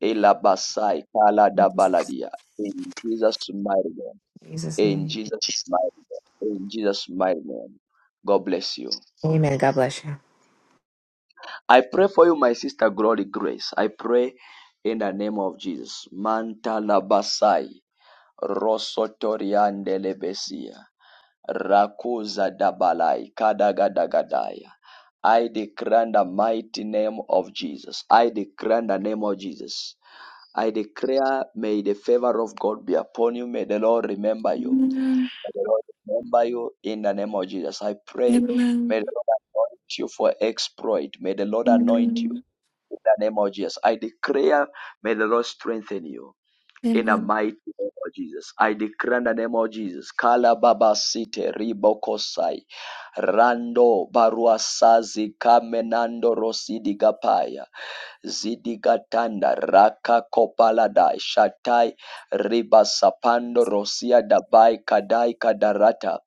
S1: elabasai kala da
S25: In
S1: baladia in Jesus' mighty name.
S25: Jesus'
S1: In
S25: name.
S1: Jesus' mighty name. In Jesus' mighty name. God bless you.
S25: Amen. God bless you.
S1: I pray for you, my sister Glory Grace. I pray in the name of Jesus. Manta labasai. Rosotoriande lebesia. Rakuza dabalai. Kadagadagadaya. I declare in the mighty name of Jesus. I declare in the name of Jesus. I declare, may the favor of God be upon you. May the Lord remember you.
S26: Amen.
S1: May the Lord remember you in the name of Jesus. I pray, may the
S26: Amen.
S1: Lord anoint you for exploit. May the Lord anoint you
S26: Amen.
S1: in the name of Jesus. I declare, may the Lord strengthen you in the
S26: Amen.
S1: mighty name of Jesus. I declare in the name of Jesus. Kala Baba Site Ribokosai Rando Baruasazi Kamenando Rosidi Gapaya zidigatanda raka kopalada shatai ribasapando rosia dabai kadai kadarata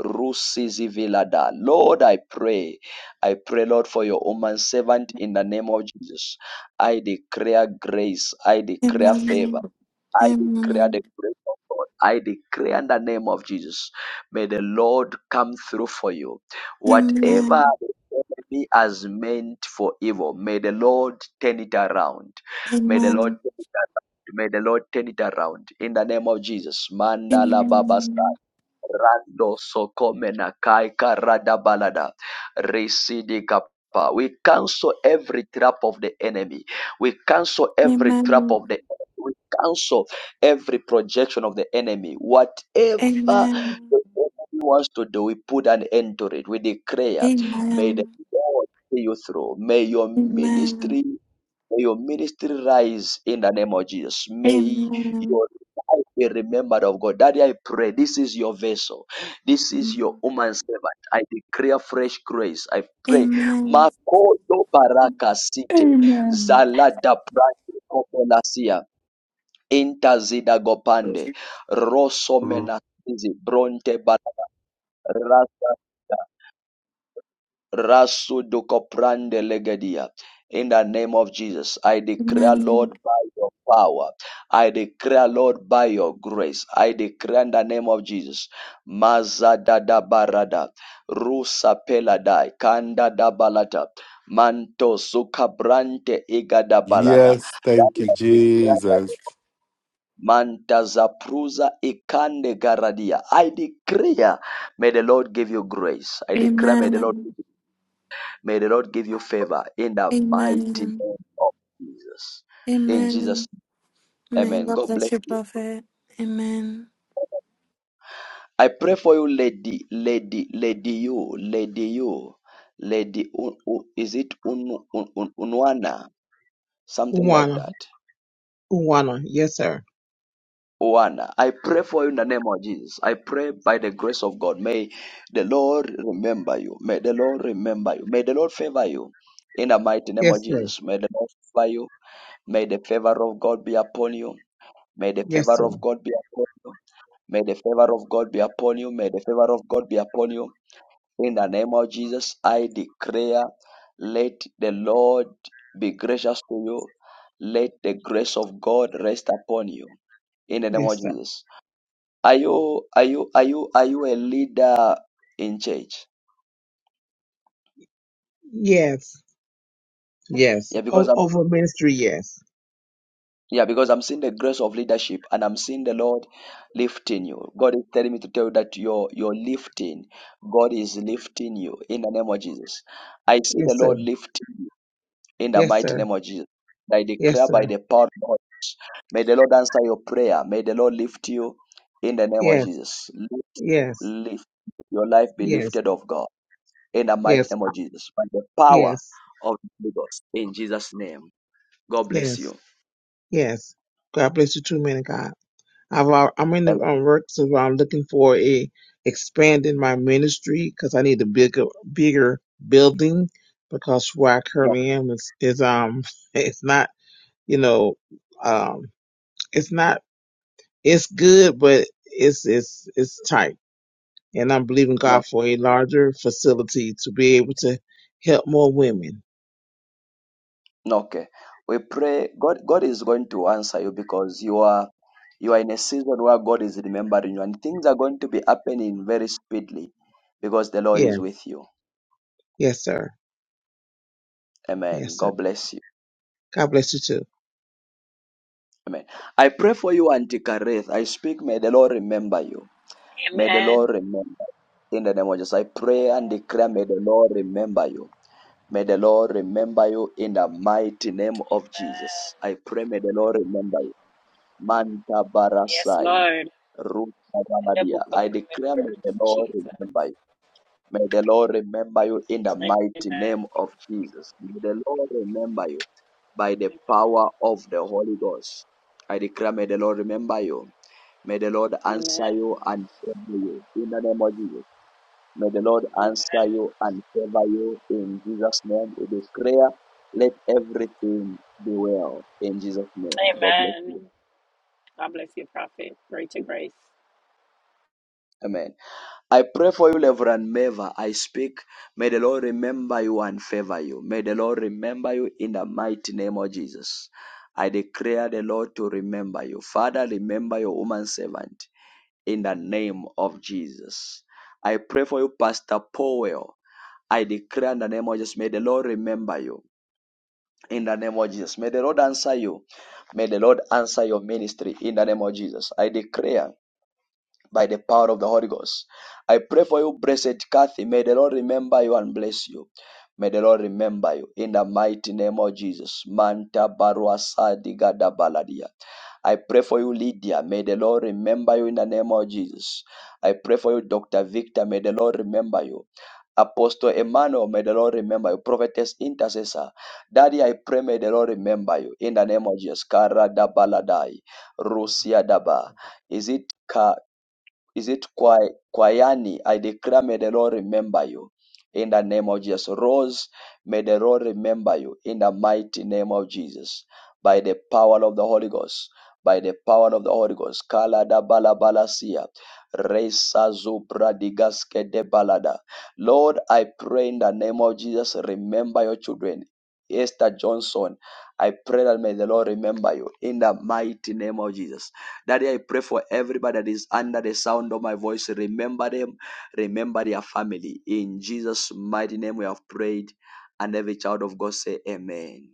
S1: rusi zivilada. Lord, I pray. I pray, Lord, for your woman servant in the name of Jesus. I declare grace. I declare
S26: Amen.
S1: favor.
S26: Amen.
S1: I declare the grace of God. I declare in the name of Jesus. May the Lord come through for you.
S26: Amen. Amen.
S1: Whatever the enemy has meant for evil, may the Lord turn it around. May the Lord turn it around. May the Lord turn it around. In the name of Jesus. Mandala Baba
S26: Amen.
S1: Rando sokomena kai karada balada. Residi kapa. We cancel every trap of the enemy. We cancel
S26: Amen.
S1: every trap
S26: Amen.
S1: of the enemy. We cancel every projection of the enemy. Whatever the
S26: Amen.
S1: enemy wants to do, we put an end to it. We declare,
S26: Amen.
S1: may the
S26: Amen.
S1: Lord see you through. May your
S26: Amen.
S1: ministry May your ministry rise in the name of Jesus. May
S26: Amen.
S1: your life be remembered of God. Daddy, I pray. This is your vessel. This is
S26: Amen.
S1: your woman servant. I declare fresh grace. I pray. Makoto baraka site.
S27: Amen.
S1: Zalada prande kopolasia. Intazida gopande. Rosso menasizi. Bronte baraka. Rasa. Rasudukoprande legedia. In the name of Jesus, I declare, Lord, by your power, I declare, Lord, by your grace, I declare in the name of Jesus, Mazadada barada, Rusa peladai, Kanda da balata, Manto sukabrante igada balada.
S27: Yes, thank you, Jesus.
S1: Manta zapruza ikande garadia. I declare, may the Lord give you grace. I declare, may the Lord. May the Lord give you favor in the mighty
S26: Amen.
S1: name of Jesus. In Jesus,
S26: Amen.
S1: name,
S26: May
S1: amen.
S26: God
S1: God
S26: bless
S1: bless
S26: you,
S1: you.
S26: Prophet. Amen.
S1: I pray for you, lady, lady, lady, you, lady, you, lady. Un, Un- is it un, un, un, Unwana? Something like
S28: Uwana,
S1: that.
S28: Uwana, yes, sir.
S1: Oana. I pray for you in the name of Jesus. I pray by the grace of God. May the Lord remember you. May the Lord remember you. May the Lord favor you. In the mighty name of
S28: Yes, sir.
S1: Jesus. May the Lord favor you. May the favor of God be upon you. May the
S28: Yes,
S1: favor
S28: sir.
S1: of God be upon you. May the favor of God be upon you. May the favor of God be upon you. In the name of Jesus, I declare, let the Lord be gracious to you. Let the grace of God rest upon you. In the name of
S28: Yes, sir.
S1: Jesus. Are you are you are you are you a leader in church?
S28: Yes, yes.
S1: Yeah, because
S28: O- over ministry, yes.
S1: Yeah, because I'm seeing the grace of leadership and I'm seeing the Lord lifting you. God is telling me to tell you that you're, you're lifting. God is lifting you in the name of Jesus. I see the
S28: Yes, sir.
S1: Lord lifting you in the
S28: Yes,
S1: mighty
S28: sir.
S1: name of Jesus. I
S28: Yes,
S1: declare by
S28: sir.
S1: the power of God. May the Lord answer your prayer. May the Lord lift you in the name of
S28: Yes,
S1: Jesus. Lift,
S28: yes,
S1: lift. Your life be
S28: yes,
S1: lifted of God in the mighty
S28: yes,
S1: name
S28: uh,
S1: of Jesus. By the power
S28: yes,
S1: of the Holy Ghost. In Jesus' name. God bless
S28: yes,
S1: you.
S28: yes. God bless you, true man of God. I've, al- I'm in
S1: Amen.
S28: the um, work, so I'm looking for a expanding my ministry because I need a bigger, bigger building because where I
S1: No,
S28: currently am is, is um, it's not, you know, um. It's not. It's good, but it's it's it's tight. And I'm believing
S1: no.
S28: God for a larger facility to be able to help more women.
S1: Okay. We pray God God is going to answer you because you are you are in a season where God is remembering you and things are going to be happening very speedily because the Lord
S28: Yeah.
S1: is with you.
S28: Yes, sir.
S1: Amen.
S28: Yes, sir.
S1: God bless you.
S28: God bless you too.
S1: Amen. I pray for you, Auntie Kareth. I speak, may the Lord remember you. May the
S29: Amen.
S1: Lord remember you. in the name of Jesus. I pray and
S29: Amen.
S1: declare, may the Lord remember you. May the Lord remember you in the mighty name of Jesus. I
S29: Amen.
S1: pray, may the Lord remember you. Manta
S29: Yes,
S1: Barasai.
S29: Lord. In the
S1: Rutabaladia.
S29: book of
S1: I declare, may
S29: remembrance,
S1: the Lord
S29: Jesus.
S1: remember you. May the Lord remember you in the
S29: Amen. Amen.
S1: mighty name of Jesus. May the Lord remember you by the power of the Holy Ghost. I declare, may the Lord remember you. May the Lord
S29: Amen.
S1: answer you and favor you in the name of Jesus. May the Lord
S29: Amen.
S1: answer you and favor you in Jesus' name. We declare, let everything be well in Jesus' name. God bless you.
S29: Amen. God bless you, prophet. Greater grace.
S1: Amen. I pray for you, Reverend Meva. I speak. May the Lord remember you and favor you. May the Lord remember you in the mighty name of Jesus. I declare the Lord to remember you. Father, remember your woman servant in the name of Jesus. I pray for you, Pastor Powell. I declare in the name of Jesus, may the Lord remember you in the name of Jesus. May the Lord answer you. May the Lord answer your ministry in the name of Jesus. I declare by the power of the Holy Ghost. I pray for you, blessed Kathy. May the Lord remember you and bless you. May the Lord remember you in the mighty name of Jesus. Manta barua sadiga da baladia. I pray for you, Lydia. May the Lord remember you in the name of Jesus. I pray for you, Dr. Victor. May the Lord remember you. Apostle Emmanuel, may the Lord remember you. Prophetess Intercessor. Daddy, I pray, may the Lord remember you in the name of Jesus. Kara da baladai. Rusia daba. Is it? is it Kwai- Kwayani? I declare, may the Lord remember you. In the name of Jesus. Rose, may the Lord remember you. In the mighty name of Jesus. By the power of the Holy Ghost. By the power of the Holy Ghost. Kala da bala bala sia. Resa zubra digaske de balada. Lord, I pray in the name of Jesus, remember your children. Esther Johnson, I pray that may the Lord remember you in the mighty name of Jesus. Daddy, I pray for everybody that is under the sound of my voice. Remember them, remember their family. In Jesus' mighty name, we have prayed, and every child of God say, Amen.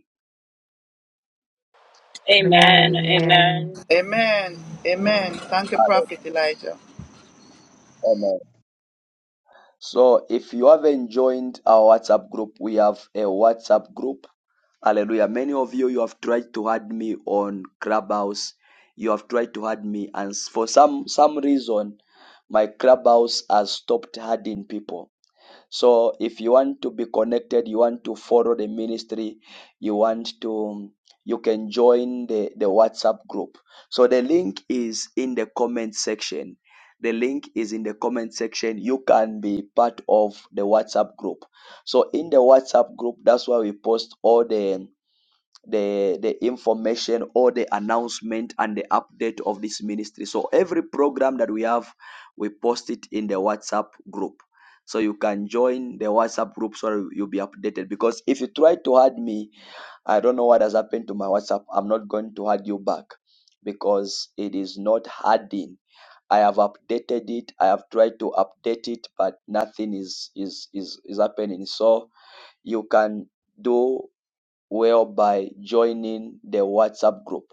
S29: Amen.
S25: Amen.
S29: Amen.
S11: Amen. Amen. Thank you,
S30: Mhm.
S11: Prophet Elijah.
S1: Amen. So if you haven't joined our WhatsApp group, we have a WhatsApp group. Hallelujah. Many of you, you have tried to add me on Clubhouse. You have tried to add me, and for some some reason, my Clubhouse has stopped adding people. So if you want to be connected, you want to follow the ministry, you want to you can join the, the WhatsApp group. So the link is in the comment section. The link is in the comment section. You can be part of the WhatsApp group. So in the WhatsApp group, that's why we post all the the the information or the announcement and the update of this ministry so every program that we have we post it in the whatsapp group so you can join the whatsapp group so you'll be updated because if you try to add me i don't know what has happened to my whatsapp i'm not going to add you back because it is not adding i have updated it i have tried to update it but nothing is is is, is happening so you can do well by joining the WhatsApp group.